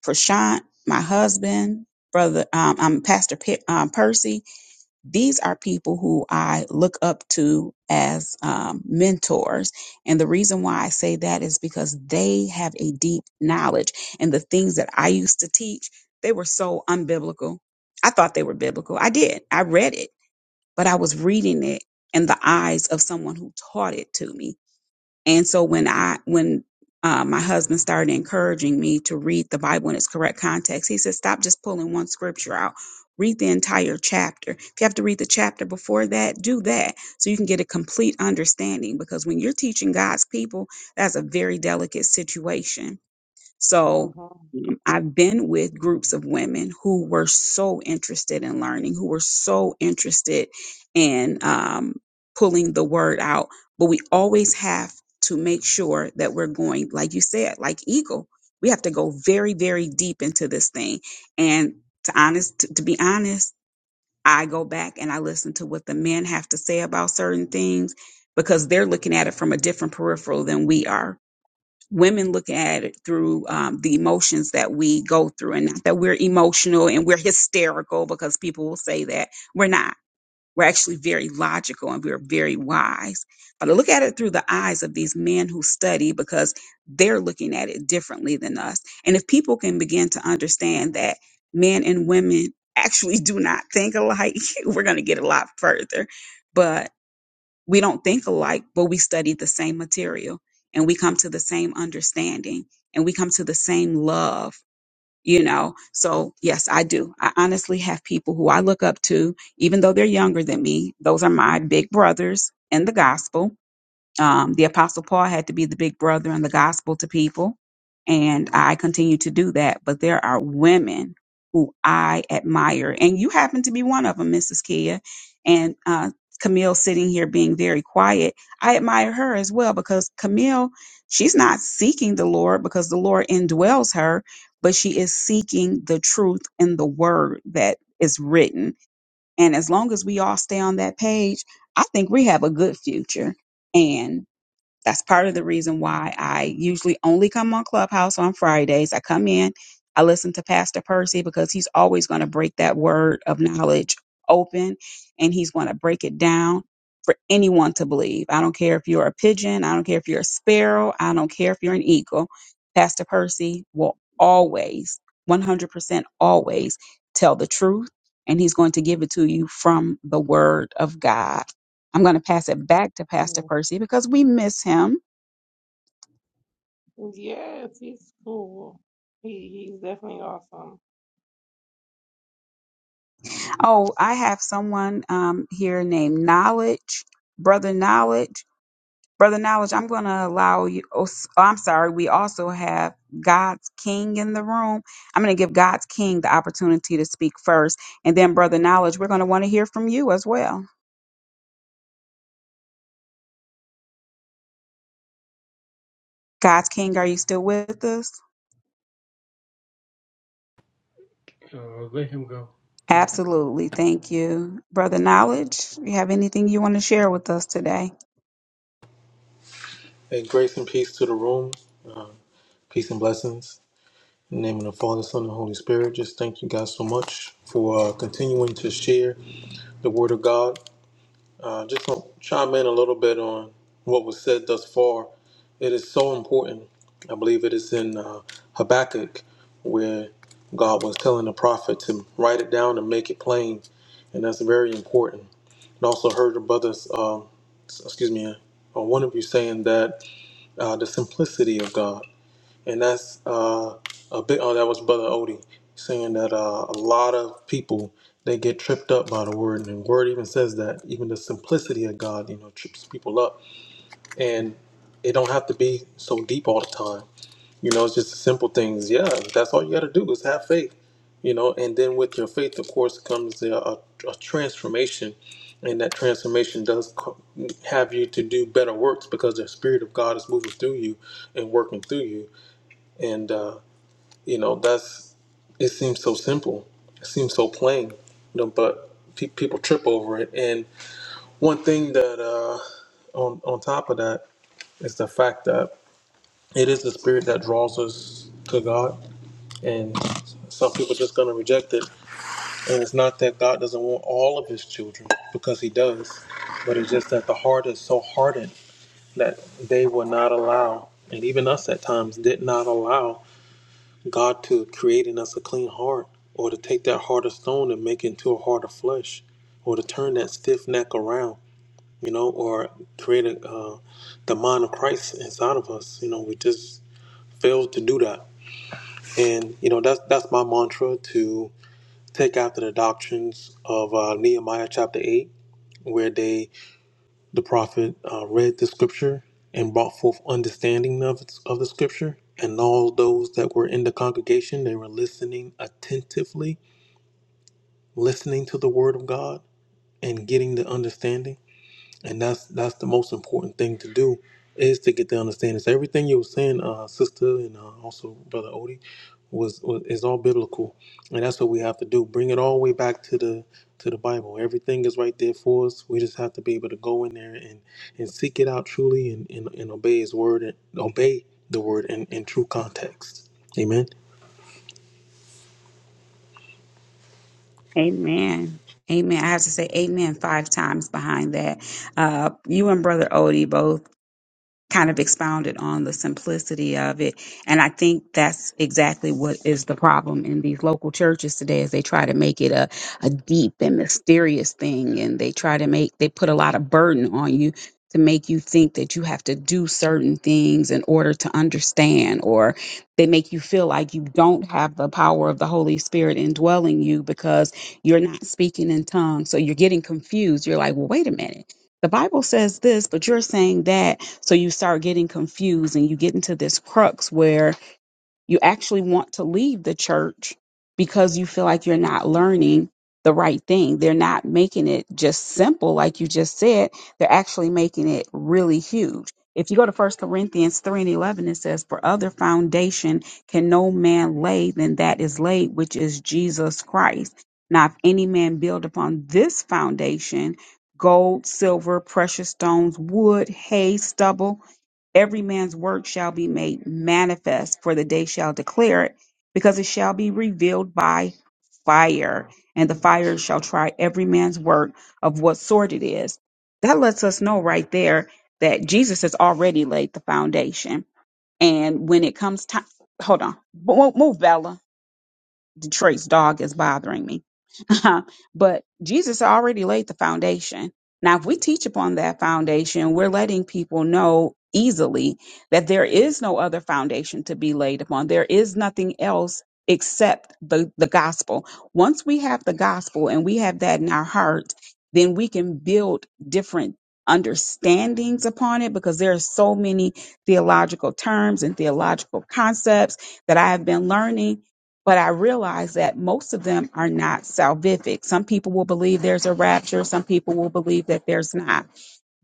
Prashant, my husband, brother, um, I'm Pastor Pe- um, Percy these are people who I look up to as um, mentors. And the reason why I say that is because they have a deep knowledge. And the things that I used to teach, they were so unbiblical. I thought they were biblical. I did. I read it, but I was reading it in the eyes of someone who taught it to me and so when I when uh, my husband started encouraging me to read the Bible in its correct context, he said, "Stop just pulling one scripture out. Read the entire chapter. If you have to read the chapter before that, do that so you can get a complete understanding. Because when you're teaching God's people, that's a very delicate situation so Uh-huh. um, I've been with groups of women who were so interested in learning, who were so interested in um, pulling the word out. But we always have to make sure that we're going, like you said, like Eagle. We have to go very, very deep into this thing. And to honest, to, to be honest, I go back and I listen to what the men have to say about certain things because they're looking at it from a different peripheral than we are women look at it through um, the emotions that we go through and not that we're emotional and we're hysterical because people will say that we're not we're actually very logical and we're very wise but i look at it through the eyes of these men who study because they're looking at it differently than us and if people can begin to understand that men and women actually do not think alike we're going to get a lot further But we don't think alike, but we study the same material and we come to the same understanding and we come to the same love, you know? So, yes, I do. I honestly have people who I look up to, even though they're younger than me. Those are my big brothers in the gospel um, the Apostle Paul had to be the big brother in the gospel to people, and I continue to do that. But there are women who I admire, and you happen to be one of them, Mrs. Kia, and uh, Camille sitting here being very quiet. I admire her as well because Camille, she's not seeking the Lord because the Lord indwells her, but she is seeking the truth in the word that is written. And as long as we all stay on that page, I think we have a good future. That's part of the reason why I usually only come on Clubhouse on Fridays. I come in, I listen to Pastor Percy because he's always going to break that word of knowledge open and he's going to break it down for anyone to believe. I don't care if you're a pigeon, I don't care if you're a sparrow, I don't care if you're an eagle. Pastor Percy will always, 100% always tell the truth and he's going to give it to you from the word of God. I'm going to pass it back to Pastor Percy because we miss him. Yes, he's cool. He he's definitely awesome. Oh, I have someone um, here named Knowledge, Brother Knowledge. Brother Knowledge, I'm going to allow you. Oh, s- oh, I'm sorry. We also have God's King in the room. I'm going to give God's King the opportunity to speak first. And then, Brother Knowledge, we're going to want to hear from you as well. God's King, are you still with us? Absolutely. Thank you. Brother Knowledge, you have anything you want to share with us today? And grace and peace to the room. Um, peace and blessings. In the name of the Father, Son, and Holy Spirit. Just thank you guys so much for uh, continuing to share the Word of God. Uh, just going to chime in a little bit on what was said thus far. It is so important. I believe it is in uh, Habakkuk where God was telling the prophet to write it down and make it plain. And that's very important. And also heard the brothers, um, s- excuse me, uh, one of you saying that uh, the simplicity of God and that's uh, a bit. Oh, that was Brother Odie saying that uh, a lot of people they get tripped up by the word, and the word even says that even the simplicity of God, you know, trips people up, and it don't have to be so deep all the time. You know, it's just the simple things. Yeah, that's all you got to do is have faith. You know, and then with your faith, of course, comes a, a, a transformation, and that transformation does co- have you to do better works because the Spirit of God is moving through you and working through you. And uh, you know, that's it seems so simple. It seems so plain, you know, but pe- people trip over it. And one thing that uh, on on top of that is the fact that it is the spirit that draws us to God, and some people just gonna reject it. And it's not that God doesn't want all of His children because He does, but it's just that the heart is so hardened that they will not allow, and even us at times did not allow God to create in us a clean heart, or to take that heart of stone and make it into a heart of flesh, or to turn that stiff neck around, you know, or create a, uh, the mind of Christ inside of us. You know, we just fail to do that, and you know that's that's my mantra to take after the doctrines of uh, Nehemiah chapter eight, where they the prophet uh, read the scripture and brought forth understanding of, its, of the scripture. And all those that were in the congregation, they were listening attentively, listening to the word of God and getting the understanding and that's that's the most important thing to do is to get the understanding. So everything you were saying, uh, sister, and uh, also brother Odie, was, was is all biblical, and that's what we have to do. Bring it all the way back to the to the Bible. Everything is right there for us. We just have to be able to go in there and and seek it out truly and and, and obey His word and obey the word in in true context. Amen. Amen. Amen. I have to say amen five times behind that. Uh, you and Brother Odie both kind of expounded on the simplicity of it. And I think that's exactly what is the problem in these local churches today is they try to make it a, a deep and mysterious thing and they try to make they put a lot of burden on you to make you think that you have to do certain things in order to understand or they make you feel like you don't have the power of the Holy Spirit indwelling you because you're not speaking in tongues. So you're getting confused. You're like, well wait a minute the Bible says this, but you're saying that. So you start getting confused and you get into this crux where you actually want to leave the church because you feel like you're not learning the right thing. They're not making it just simple, like you just said. They're actually making it really huge. If you go to First Corinthians 3 and 11, it says, For other foundation can no man lay than that is laid, which is Jesus Christ. Now, if any man build upon this foundation, gold, silver, precious stones, wood, hay, stubble, every man's work shall be made manifest, for the day shall declare it, because it shall be revealed by fire, and the fire shall try every man's work of what sort it is. That lets us know right there that Jesus has already laid the foundation. And when it comes time, hold on, Mo- move, Bella. Detroit's dog is bothering me. but Jesus already laid the foundation. Now, if we teach upon that foundation, we're letting people know easily that there is no other foundation to be laid upon. There is nothing else except the, the gospel. Once we have the gospel and we have that in our heart, then we can build different understandings upon it because there are so many theological terms and theological concepts that I have been learning but I realize that most of them are not salvific. Some people will believe there's a rapture, some people will believe that there's not.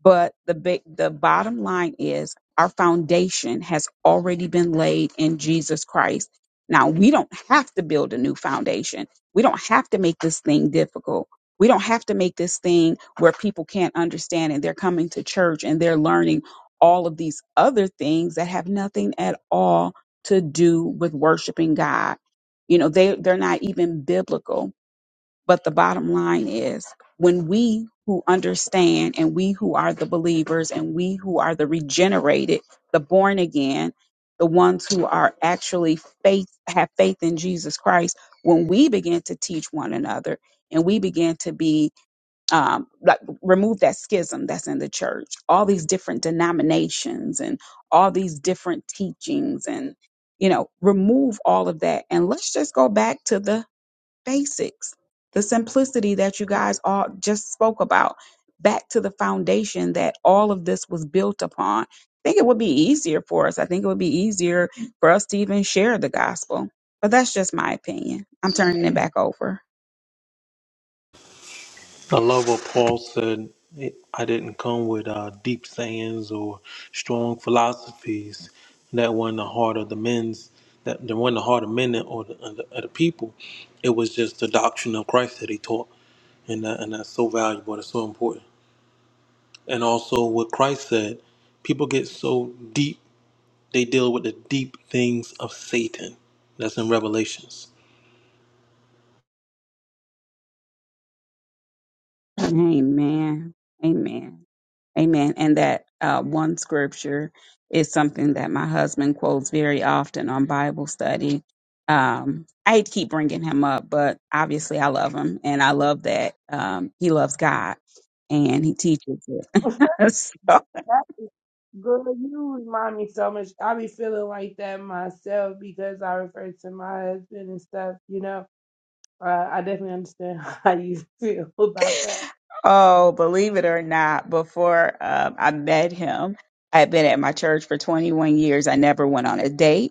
But the big, the bottom line is our foundation has already been laid in Jesus Christ. Now we don't have to build a new foundation. We don't have to make this thing difficult. We don't have to make this thing where people can't understand and they're coming to church and they're learning all of these other things that have nothing at all to do with worshiping God. You know, they, they're not even biblical but the bottom line is when we who understand and we who are the believers and we who are the regenerated, the born again, the ones who are actually faith, have faith in Jesus Christ, when we begin to teach one another and we begin to be, um, like, remove that schism that's in the church, all these different denominations and all these different teachings and, you know, remove all of that. And let's just go back to the basics, the simplicity that you guys all just spoke about, back to the foundation that all of this was built upon. I think it would be easier for us. I think it would be easier for us to even share the gospel. But that's just my opinion. I'm turning it back over. I love what Paul said. I didn't come with uh, deep sayings or strong philosophies that won the heart of the men's, that, that won the heart of men or the, of the, of the people. It was just the doctrine of Christ that he taught, and that, and that's so valuable. That's so important. And also what Christ said. People get so deep; they deal with the deep things of Satan. That's in Revelations. Amen. Amen. Amen. And that uh, one scripture is something that my husband quotes very often on Bible study. Um, I hate to keep bringing him up, but obviously I love him and I love that um, he loves God and he teaches it. That is good. You remind me so much. I be feeling like that myself because I refer to my husband and stuff. You know, uh, I definitely understand how you feel about that. so, believe it or not, before um, I met him, I had been at my church for 21 years. I never went on a date.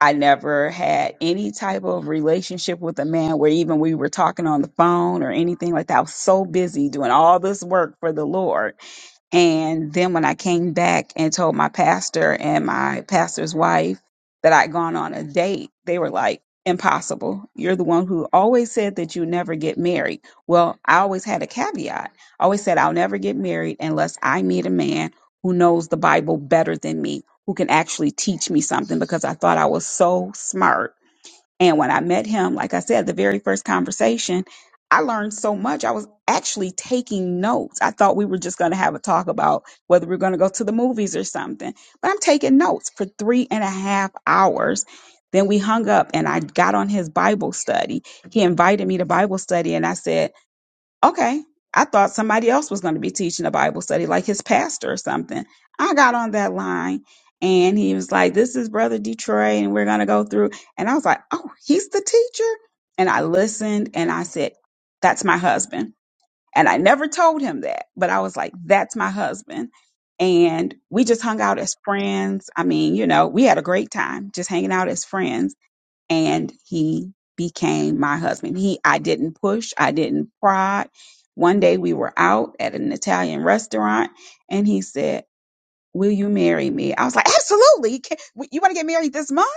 I never had any type of relationship with a man where even we were talking on the phone or anything like that. I was so busy doing all this work for the Lord. And then when I came back and told my pastor and my pastor's wife that I'd gone on a date, they were like, Impossible. You're the one who always said that you never get married. Well, I always had a caveat. I always said I'll never get married unless I meet a man who knows the Bible better than me who can actually teach me something because I thought I was so smart. And when I met him, like I said, the very first conversation, I learned so much. I was actually taking notes. I thought we were just going to have a talk about whether we are going to go to the movies or something, but I'm taking notes for three and a half hours. Then we hung up and I got on his Bible study. He invited me to Bible study and I said, Okay. I thought somebody else was going to be teaching a Bible study, like his pastor or something. I got on that line and he was like, This is Brother Detroit, and we're going to go through. And I was like, Oh, he's the teacher. And I listened and I said, That's my husband. And I never told him that, but I was like, That's my husband. And we just hung out as friends. I mean, you know, we had a great time just hanging out as friends and he became my husband. He I didn't push, I didn't prod. One day we were out at an Italian restaurant and he said, "Will you marry me?" I was like, "Absolutely. Ca- You want to get married this month?"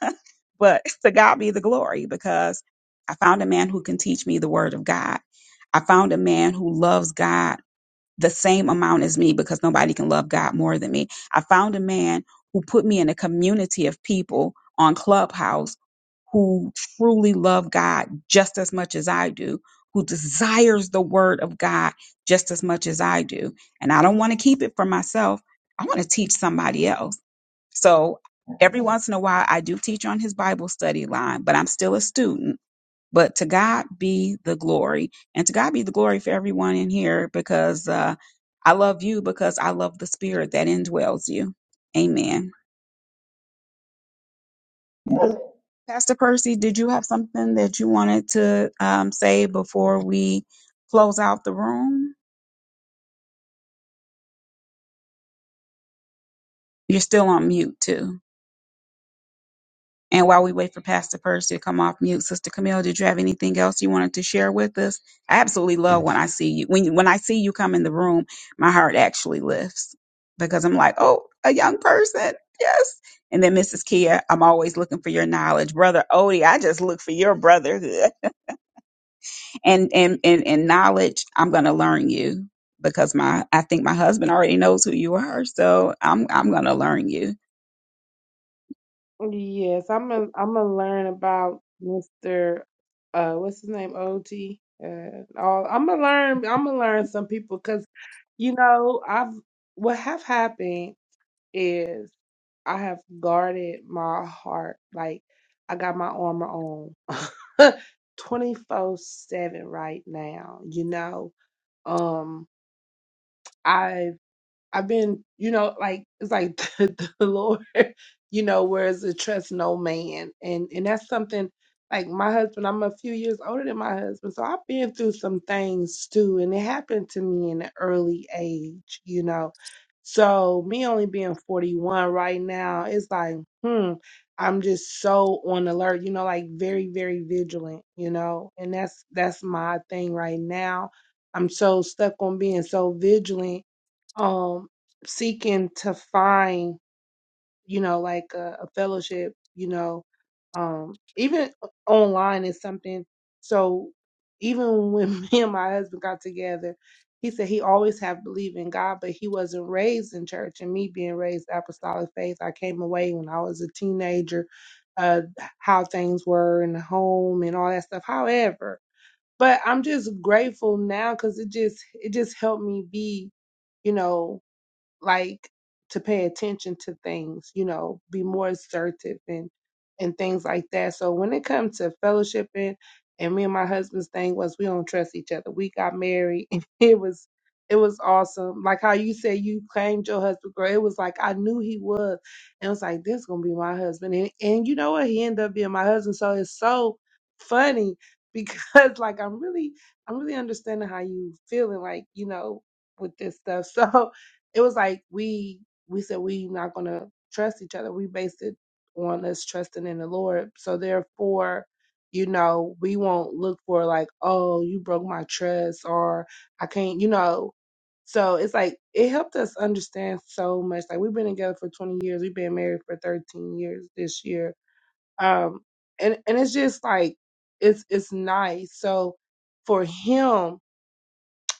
But to God be the glory because I found a man who can teach me the word of God. I found a man who loves God the same amount as me because nobody can love God more than me. I found a man who put me in a community of people on Clubhouse who truly love God just as much as I do, who desires the word of God just as much as I do. And I don't want to keep it for myself. I want to teach somebody else. So every once in a while, I do teach on his Bible study line, but I'm still a student but to God be the glory. And to God be the glory for everyone in here because uh, I love you because I love the spirit that indwells you. Amen. Pastor Percy, did you have something that you wanted to um, say before we close out the room? You're still on mute, too. And while we wait for Pastor Percy to come off mute, Sister Camille, did you have anything else you wanted to share with us? I absolutely love when I see you. When when I see you come in the room, my heart actually lifts because I'm like, oh, a young person, yes. And then Mrs. Kia, I'm always looking for your knowledge, brother Odie. I just look for your brotherhood. and and and, and knowledge i'm going to learn you because my i think my husband already knows who you are so i'm i'm going to learn you Yes, I'm gonna I'm gonna learn about Mr. Uh, what's his name? OT. Uh, all I'm gonna learn. I'm gonna learn some people because you know I've what have happened. is I have guarded my heart. Like I got my armor on 24 7 right now, you know. Um, I've I've been, you know, like it's like the, the Lord, you know, whereas it trust no man, and and that's something like my husband. I'm a few years older than my husband, so I've been through some things too, and it happened to me in an early age, you know. So me only being 41 right now, it's like, hmm, I'm just so on alert, you know, like very very vigilant, you know, and that's that's my thing right now. I'm so stuck on being so vigilant um seeking to find you know like a, a fellowship you know um even online is something so even when me and my husband got together he said he always have believed in god but he wasn't raised in church and me being raised apostolic faith i came away when i was a teenager uh how things were in the home and all that stuff however but i'm just grateful now because it just it just helped me be you know like to pay attention to things, you know, be more assertive and and things like that. So when it comes to fellowshipping, and me and my husband's thing was we don't trust each other. We got married and it was it was awesome. Like how you said you claimed your husband, girl. It was like I knew he was. And it was like, this is gonna be my husband. And and you know what? He ended up being my husband. So it's so funny because like I'm really I'm really understanding how you feeling like, you know, with this stuff. So it was like we we said we not gonna trust each other. We based it on us trusting in the Lord. So therefore, you know, we won't look for like, oh, you broke my trust or I can't, you know. So it's like it helped us understand so much. Like we've been together for twenty years. We've been married for thirteen years this year. Um and and it's just like it's it's nice. So for him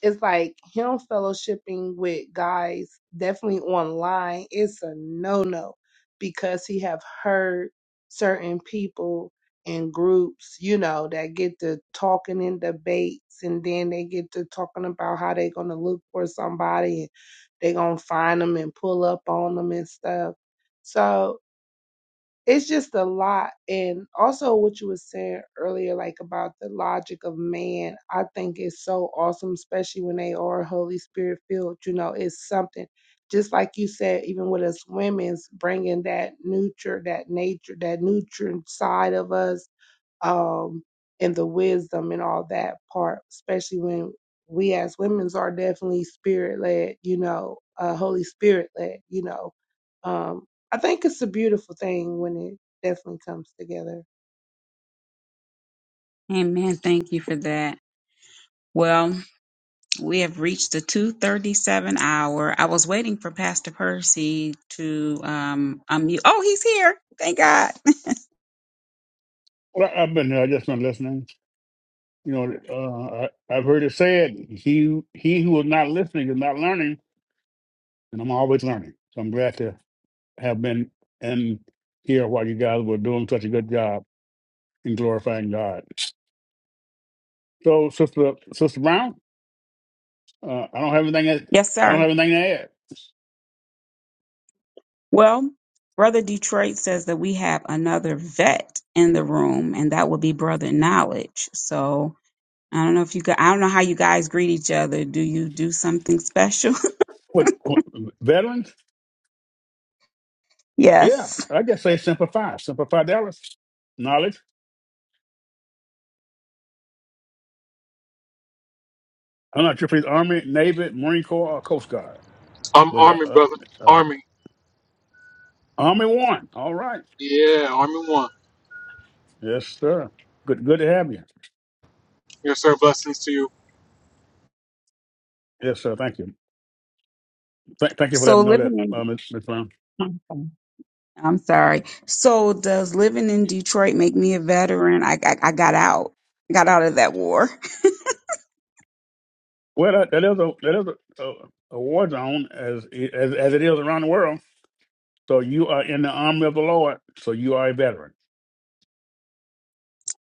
it's like him fellowshipping with guys definitely online it's a no-no because he have heard certain people in groups you know that get to talking in debates and then they get to talking about how they gonna look for somebody and they gonna find them and pull up on them and stuff so it's just a lot and also what you were saying earlier like about the logic of man i think is so awesome especially when they are holy spirit filled you know it's something just like you said even with us women's bringing that nurture that nature that nutrient side of us um, and the wisdom and all that part, especially when we as women's are definitely spirit led, you know, uh, Holy Spirit led, you know. Um, I think it's a beautiful thing when it definitely comes together. amen thank you for that well We have reached the 237 hour. I was waiting for Pastor Percy to um, unmute. Oh, he's here. Thank God. Well, I, I've been here. I just been listening. You know, uh, I, I've heard it said, "He he who is not listening is not learning," and I'm always learning. So I'm glad to have been in here while you guys were doing such a good job in glorifying God. So, Sister Sister Brown, uh, I don't have anything. That, yes, I don't sir. have anything to add. Well, Brother Detroit says that we have another vet in the room, and that would be Brother Knowledge. So I don't know if you could, I don't know how you guys greet each other. Do you do something special? What, what veterans? Yeah, yes. I just say simplify, simplify Dallas knowledge. I'm not sure if it's Army, Navy, Marine Corps, or Coast Guard, I'm but Army, uh, brother. uh, uh, Army. Army one. All right, Yeah, Army One. yes, sir. Good, good to have you. Yes, sir. Blessings to you. Yes, sir. Thank you. Thank, thank you for So letting me know that, living uh, Ms. Brown. in, I'm sorry. So does living in Detroit make me a veteran? I, I, I got out, got out of that war. Well, that, that is a that is a, a, a war zone as, it- as as it is around the world. So you are in the army of the Lord. So you are a veteran.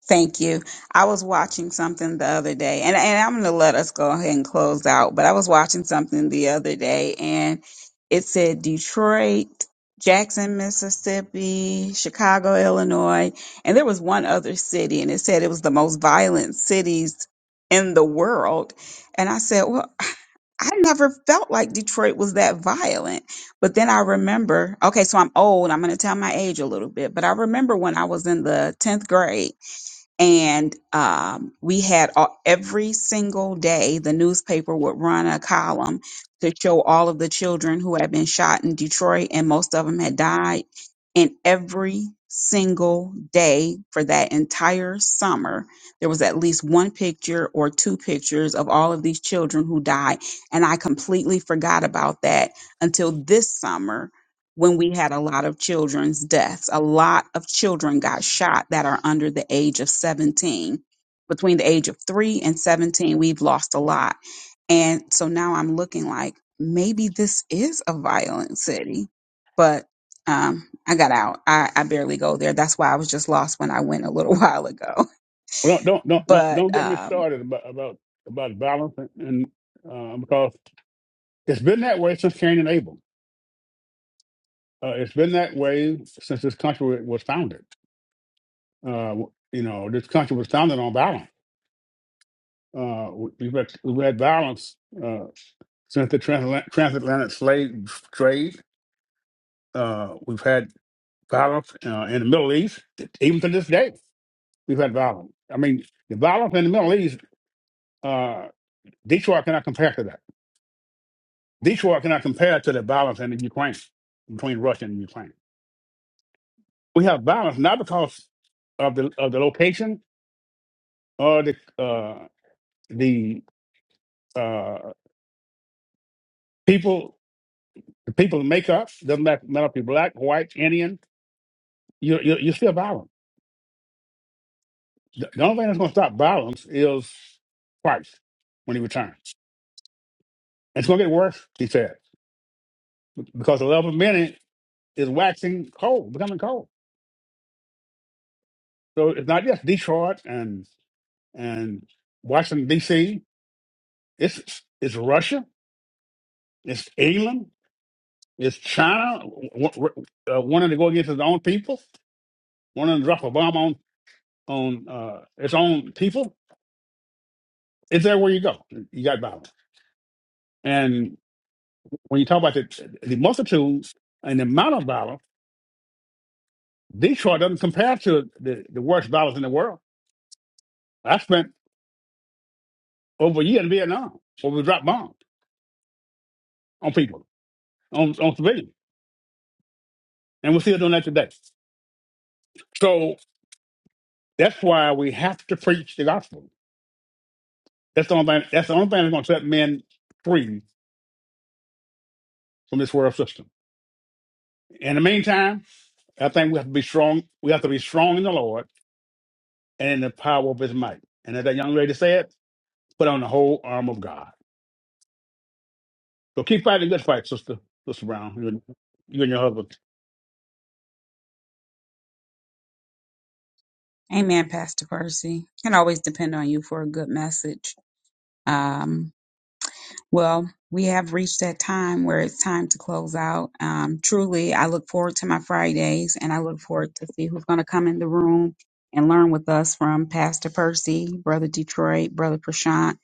Thank you. I was watching something the other day, and, and I'm going to let us go ahead and close out. But I was watching something the other day, and it said Detroit, Jackson, Mississippi, Chicago, Illinois, and there was one other city, and it said it was the most violent cities in the world. And I said, well, I never felt like Detroit was that violent. But then I remember, okay, so I'm old. I'm going to tell my age a little bit, but I remember when I was in the 10th grade and um, we had all, every single day the newspaper would run a column to show all of the children who had been shot in Detroit, and most of them had died. And every single day for that entire summer, there was at least one picture or two pictures of all of these children who died. And I completely forgot about that until this summer when we had a lot of children's deaths. A lot of children got shot that are under the age of 17. Between the age of three and 17, we've lost a lot. And so now I'm looking like maybe this is a violent city, but um, I got out. I, I barely go there. That's why I was just lost when I went a little while ago. Well, don't don't don't don't, But don't get me um, started about about about balance and, and uh, because it's been that way since Cain and Abel. Uh, it's been that way since this country was founded. Uh, you know, this country was founded on balance. Uh, we've had, we've had balance uh, since the transatlantic, transatlantic slave trade Uh, we've had violence uh, in the Middle East, even to this day. We've had violence. I mean, the violence in the Middle East, uh, Detroit cannot compare to that. Detroit cannot compare to the violence in the Ukraine between Russia and Ukraine. We have violence not because of the of the location or the uh, the uh, people the people make up doesn't matter matter if you're black, white, Indian. You're you're, you're still violent. The the only thing that's going to stop violence is Christ when he returns. It's going to get worse, he said, because the love of minute is waxing cold, becoming cold. So it's not just Detroit and and Washington D.C. It's it's Russia, it's England, it's China w- w- uh, wanting to go against its own people, wanting to drop a bomb on on uh, its own people. It's everywhere you go. You got violence, and when you talk about the the multitudes and the amount of violence, Detroit doesn't compare to the, the worst violence in the world. I spent over a year in Vietnam where we dropped bombs on people, on, on civilians. And we're still doing that today. So that's why we have to preach the gospel. That's the only thing that's the only thing that's gonna set men free from this world system. In the meantime, I think we have to be strong. We have to be strong in the Lord and in the power of his might. And as that young lady said, put on the whole arm of God. So keep fighting the good fight, sister, sister Brown. You and, you and your husband. amen, Pastor Percy. Can always depend on you for a good message. Um, Well, we have reached that time where it's time to close out. Um, truly, I look forward to my Fridays and I look forward to see who's going to come in the room and learn with us from Pastor Percy, Brother Detroit, Brother Prashant,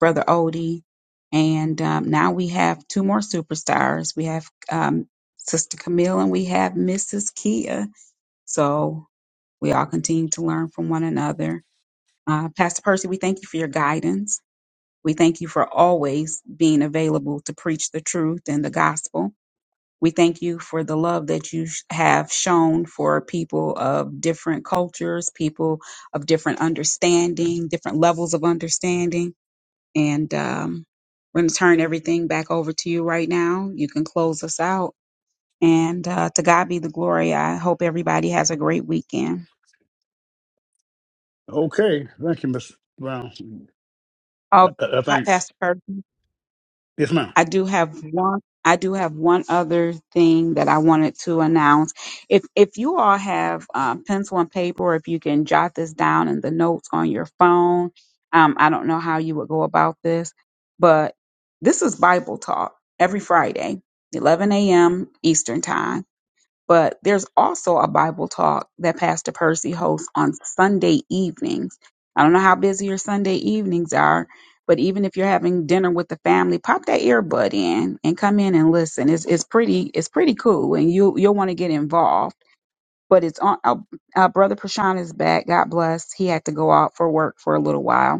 Brother Odie. And um, now we have two more superstars. We have um, Sister Camille and we have Mrs. Kia. So we all continue to learn from one another. Uh, Pastor Percy, we thank you for your guidance. We thank you for always being available to preach the truth and the gospel. We thank you for the love that you sh- have shown for people of different cultures, people of different understanding, different levels of understanding. And um, we're going to turn everything back over to you right now. You can close us out. And uh, to God be the glory. I hope everybody has a great weekend. Okay. Thank you, Miss Brown. Uh, Oh, uh, uh, Pa- thanks. Pastor Percy. Yes, ma'am. I do have one. I do have one other thing that I wanted to announce. If if you all have um, pencil and paper, if you can jot this down in the notes on your phone, um, I don't know how you would go about this, but this is Bible talk every Friday, 11 a.m. Eastern time but there's also a Bible talk that Pastor Percy hosts on Sunday evenings. I don't know how busy your Sunday evenings are, but even if you're having dinner with the family, pop that earbud in and come in and listen. It's it's pretty it's pretty cool, and you you'll want to get involved. But it's on. Uh, uh, Brother Prashan is back. God bless. He had to go out for work for a little while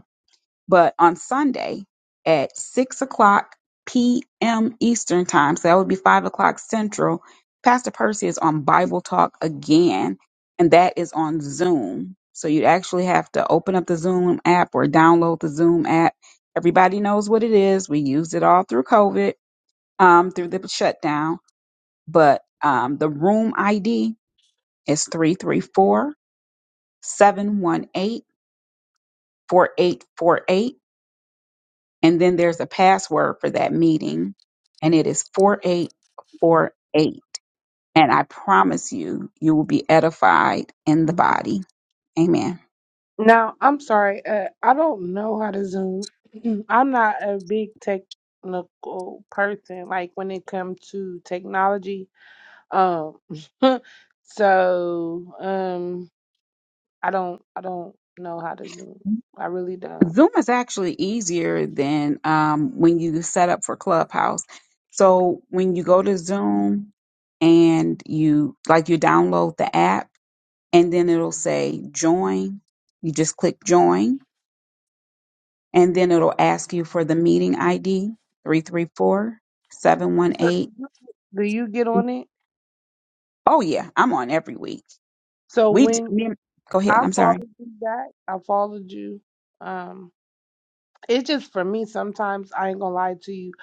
but on Sunday at 6 o'clock p.m. Eastern Time, so that would be 5 o'clock Central, Pastor Percy is on Bible Talk again, and that is on Zoom. So you'd actually have to open up the Zoom app or download the Zoom app. Everybody knows what it is. We used it all through COVID, um, through the shutdown. But um, the room ID is 334 718 4848. And then there's a password for that meeting, and it is 4848. And I promise you, you will be edified in the body. Amen. Now, I'm sorry, uh, I don't know how to Zoom. I'm not a big technical person, like when it comes to technology. Um, so, um, I don't I don't know how to Zoom. I really don't. Zoom is actually easier than um, when you set up for Clubhouse. So when you go to Zoom and you like you download the app, and then it'll say join, you just click join. and then it'll ask you for the meeting ID three three four seven one So do eight. you do you get on it? Oh, yeah, I'm on every week. So We d- when me and- go ahead. I I'm sorry. followed you back, I followed you. Um It's just for me sometimes, I ain't gonna lie to you.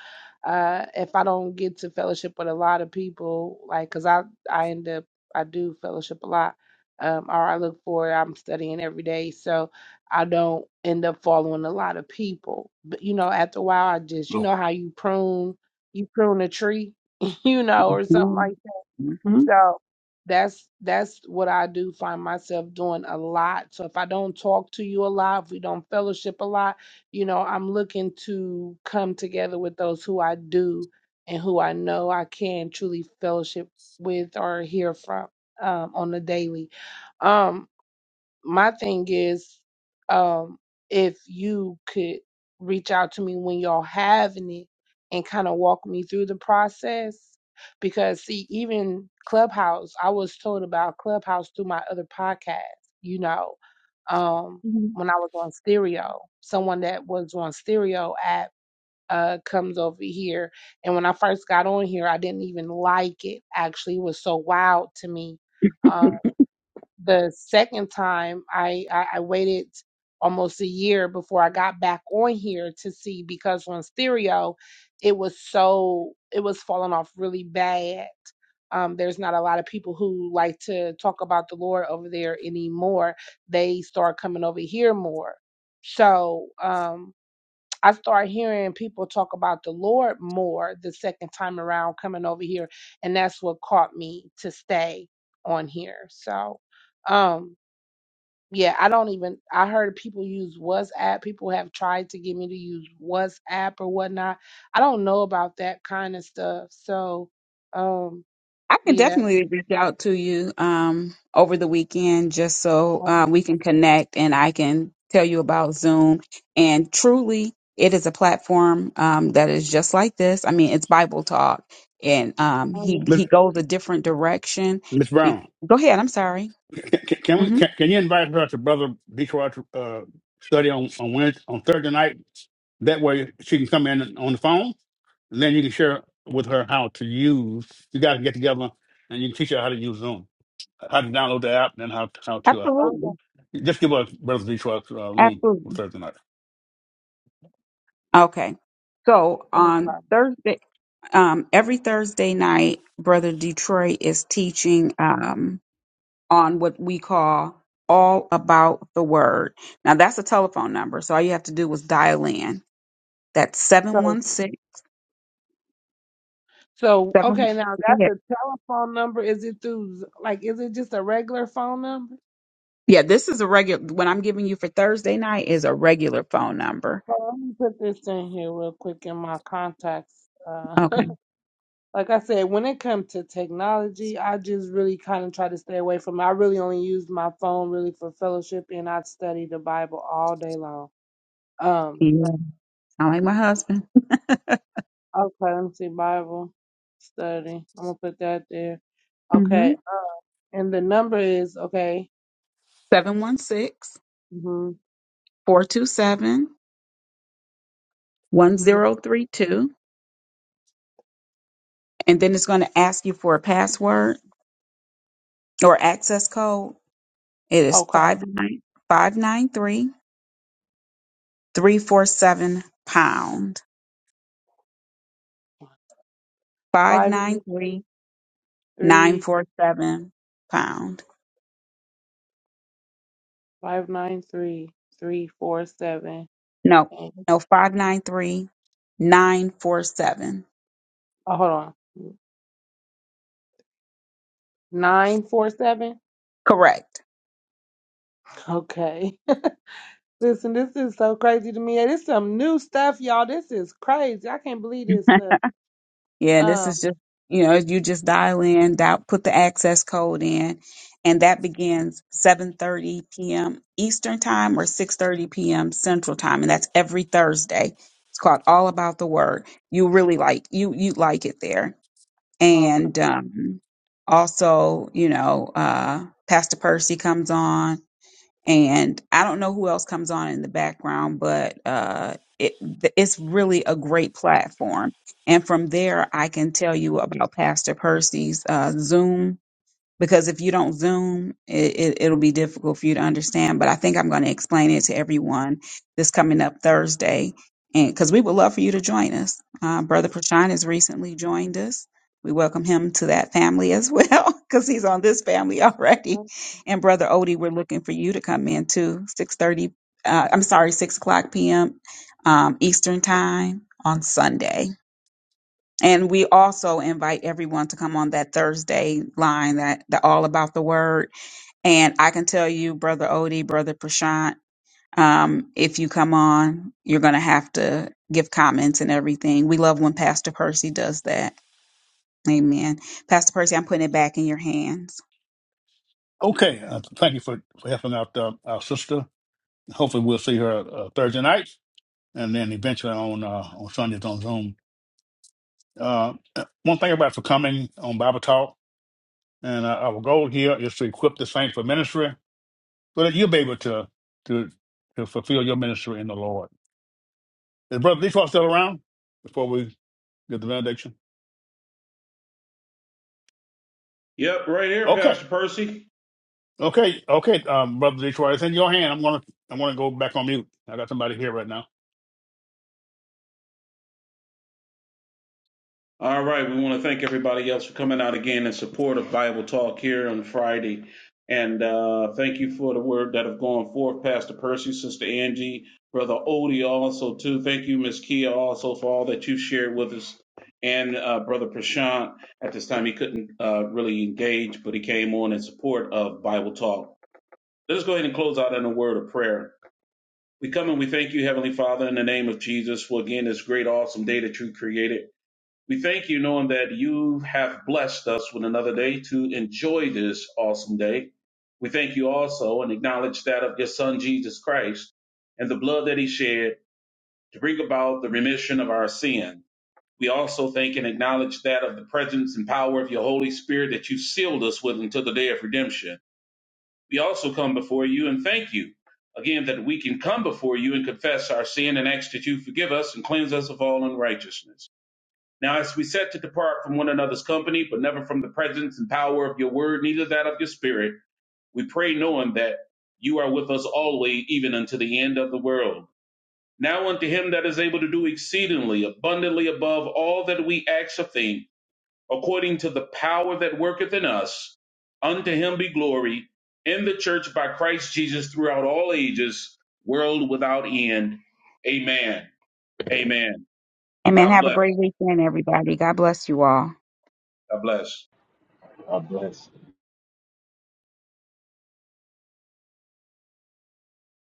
Uh, if I don't get to fellowship with a lot of people, like, cause I, I end up, I do fellowship a lot. Um, or I look for it, I'm studying every day. So I don't end up following a lot of people. But, you know, after a while, I just, you Oh. know, how you prune, you prune a tree, you know, or something like Mhm. so that's that's what I do find myself doing a lot. So if I don't talk to you a lot, if we don't fellowship a lot, you know, I'm looking to come together with those who I do and who I know I can truly fellowship with or hear from um on the daily. Um my thing is, um, if you could reach out to me when y'all having it and kind of walk me through the process, because see, even Clubhouse, I was told about Clubhouse through my other podcast. You know, um, Mhm. when I was on Stereo, someone that was on Stereo app uh comes over here, and when I first got on here, I didn't even like it. Actually, it was so wild to me um, the second time I, I i waited almost a year before i got back on here to see because on stereo it was so it was falling off really bad um, there's not a lot of people who like to talk about the lord over there anymore they start coming over here more so um, I start hearing people talk about the Lord more the second time around coming over here, and that's what caught me to stay on here. So, um, yeah, I don't even. I heard people use WhatsApp. People have tried to get me to use WhatsApp or whatnot. I don't know about that kind of stuff. So, um, I can yeah. definitely reach out to you um, over the weekend just so Okay. uh, we can connect and I can tell you about Zoom. And truly, it is a platform um, that is just like this. I mean, it's Bible talk, and um, he he goes a different direction. Miss Be- Brown, Go ahead. I'm sorry. can, can we hmm can, can you invite her to Brother Detroit's uh, study on on Wednesday, on Thursday night? That way she can come in on the phone, and then you can share with her how to use. You guys can get together, and you can teach her how to use Zoom, how to download the app, and how how to uh, Um, Absolutely, just give us Brother Detroit's uh, room on absolutely. Thursday night. Okay. So on okay. Thursday, um, every Thursday night, Brother Detroit is teaching. Um, on what we call All About the Word. Now that's a telephone number, so all you have to do was dial in. That's seven So, one six so seven. okay. Now go ahead. that's a telephone number. Is it through? Z- Like, is it just a regular phone number? Yeah, this is a regular what I'm giving you for Thursday night is a regular phone number. Well, let me put this in here real quick in my contacts. Uh, Okay. like I said, when it comes to technology, I just really kind of try to stay away from it. I really only use my phone really for fellowship, and I study the Bible all day long. Um, Yeah. Sound like my husband. okay, let me see Bible study. I'm gonna put that there. Mm-hmm. Okay, uh, and the number is okay. Seven one six hmm four two seven one hmm zero three two, And then it's going to ask you for a password or access code. It is Okay, five nine five nine three three four seven pound. five five nine nine three nine three four seven pound. five nine three three four seven. No, And, no, five nine three nine four seven. Oh, hold on. 947? Correct. Okay. Listen, this is so crazy to me. This is some new stuff, y'all. This is crazy. I can't believe this stuff. Yeah, this Um, is just you know you just dial in, dial, put the access code in, and that begins seven thirty p.m. Eastern time or six thirty p.m. Central time, and that's every Thursday. It's called All About the Word. You really like you you like it there and okay. um, also you know uh, pastor percy comes on and i don't know who else comes on in the background but uh, it, th- it's really a great platform and from there i can tell you about pastor percy's uh, zoom because if you don't zoom it, it, it'll be difficult for you to understand but i think i'm going to explain it to everyone this coming up thursday and because we would love for you to join us uh, brother prashan has recently joined us we welcome him to that family as well because he's on this family already and brother odie we're looking for you to come in too 6.30 uh, i'm sorry 6 o'clock pm um, eastern time on sunday and we also invite everyone to come on that Thursday line that the all about the word. And I can tell you, brother Odie, brother Prashant, um, if you come on, you're going to have to give comments and everything. We love when Pastor Percy does that. Amen. Pastor Percy, I'm putting it back in your hands. Okay, uh, thank you for, for helping out uh, our sister. Hopefully, we'll see her uh, Thursday night, and then eventually on uh, on Sundays on Zoom. Uh, one thing about for coming on Bible Talk And uh, our goal here is to equip the saints for ministry so that you'll be able to to to fulfill your ministry in the Lord. Is Brother Detroit still around before we get the benediction? Yep, right here, Okay. Pastor Percy. Okay. Okay, um, Brother Detroit, it's in your hand. I'm gonna I'm gonna go back on mute. I got somebody here right now. All right, we want to thank everybody else for coming out again in support of Bible Talk here on Friday, and uh, thank you for the word that have gone forth, Pastor Percy, Sister Angie, Brother Odie, also too. Thank you, Miss Kia, also for all that you shared with us, and uh, Brother Prashant. At this time, he couldn't uh, really engage, but he came on in support of Bible Talk. Let us go ahead and close out in a word of prayer. We come and we thank you, Heavenly Father, in the name of Jesus, for again this great, awesome day that you created. We thank you knowing that you have blessed us with another day to enjoy this awesome day. We thank you also and acknowledge that of your son Jesus Christ and the blood that he shed to bring about the remission of our sin. We also thank and acknowledge that of the presence and power of your Holy Spirit that you sealed us with until the day of redemption. We also come before you and thank you again that we can come before you and confess our sin and ask that you forgive us and cleanse us of all unrighteousness. Now, as we set to depart from one another's company, but never from the presence and power of your word, neither that of your spirit, we pray knowing that you are with us always, even unto the end of the world. Now, unto him that is able to do exceedingly abundantly above all that we ask or think, according to the power that worketh in us, unto him be glory in the church by Christ Jesus throughout all ages, world without end. Amen. Amen. Amen. God Have a bless. great weekend, everybody. God bless you all. God bless. God bless.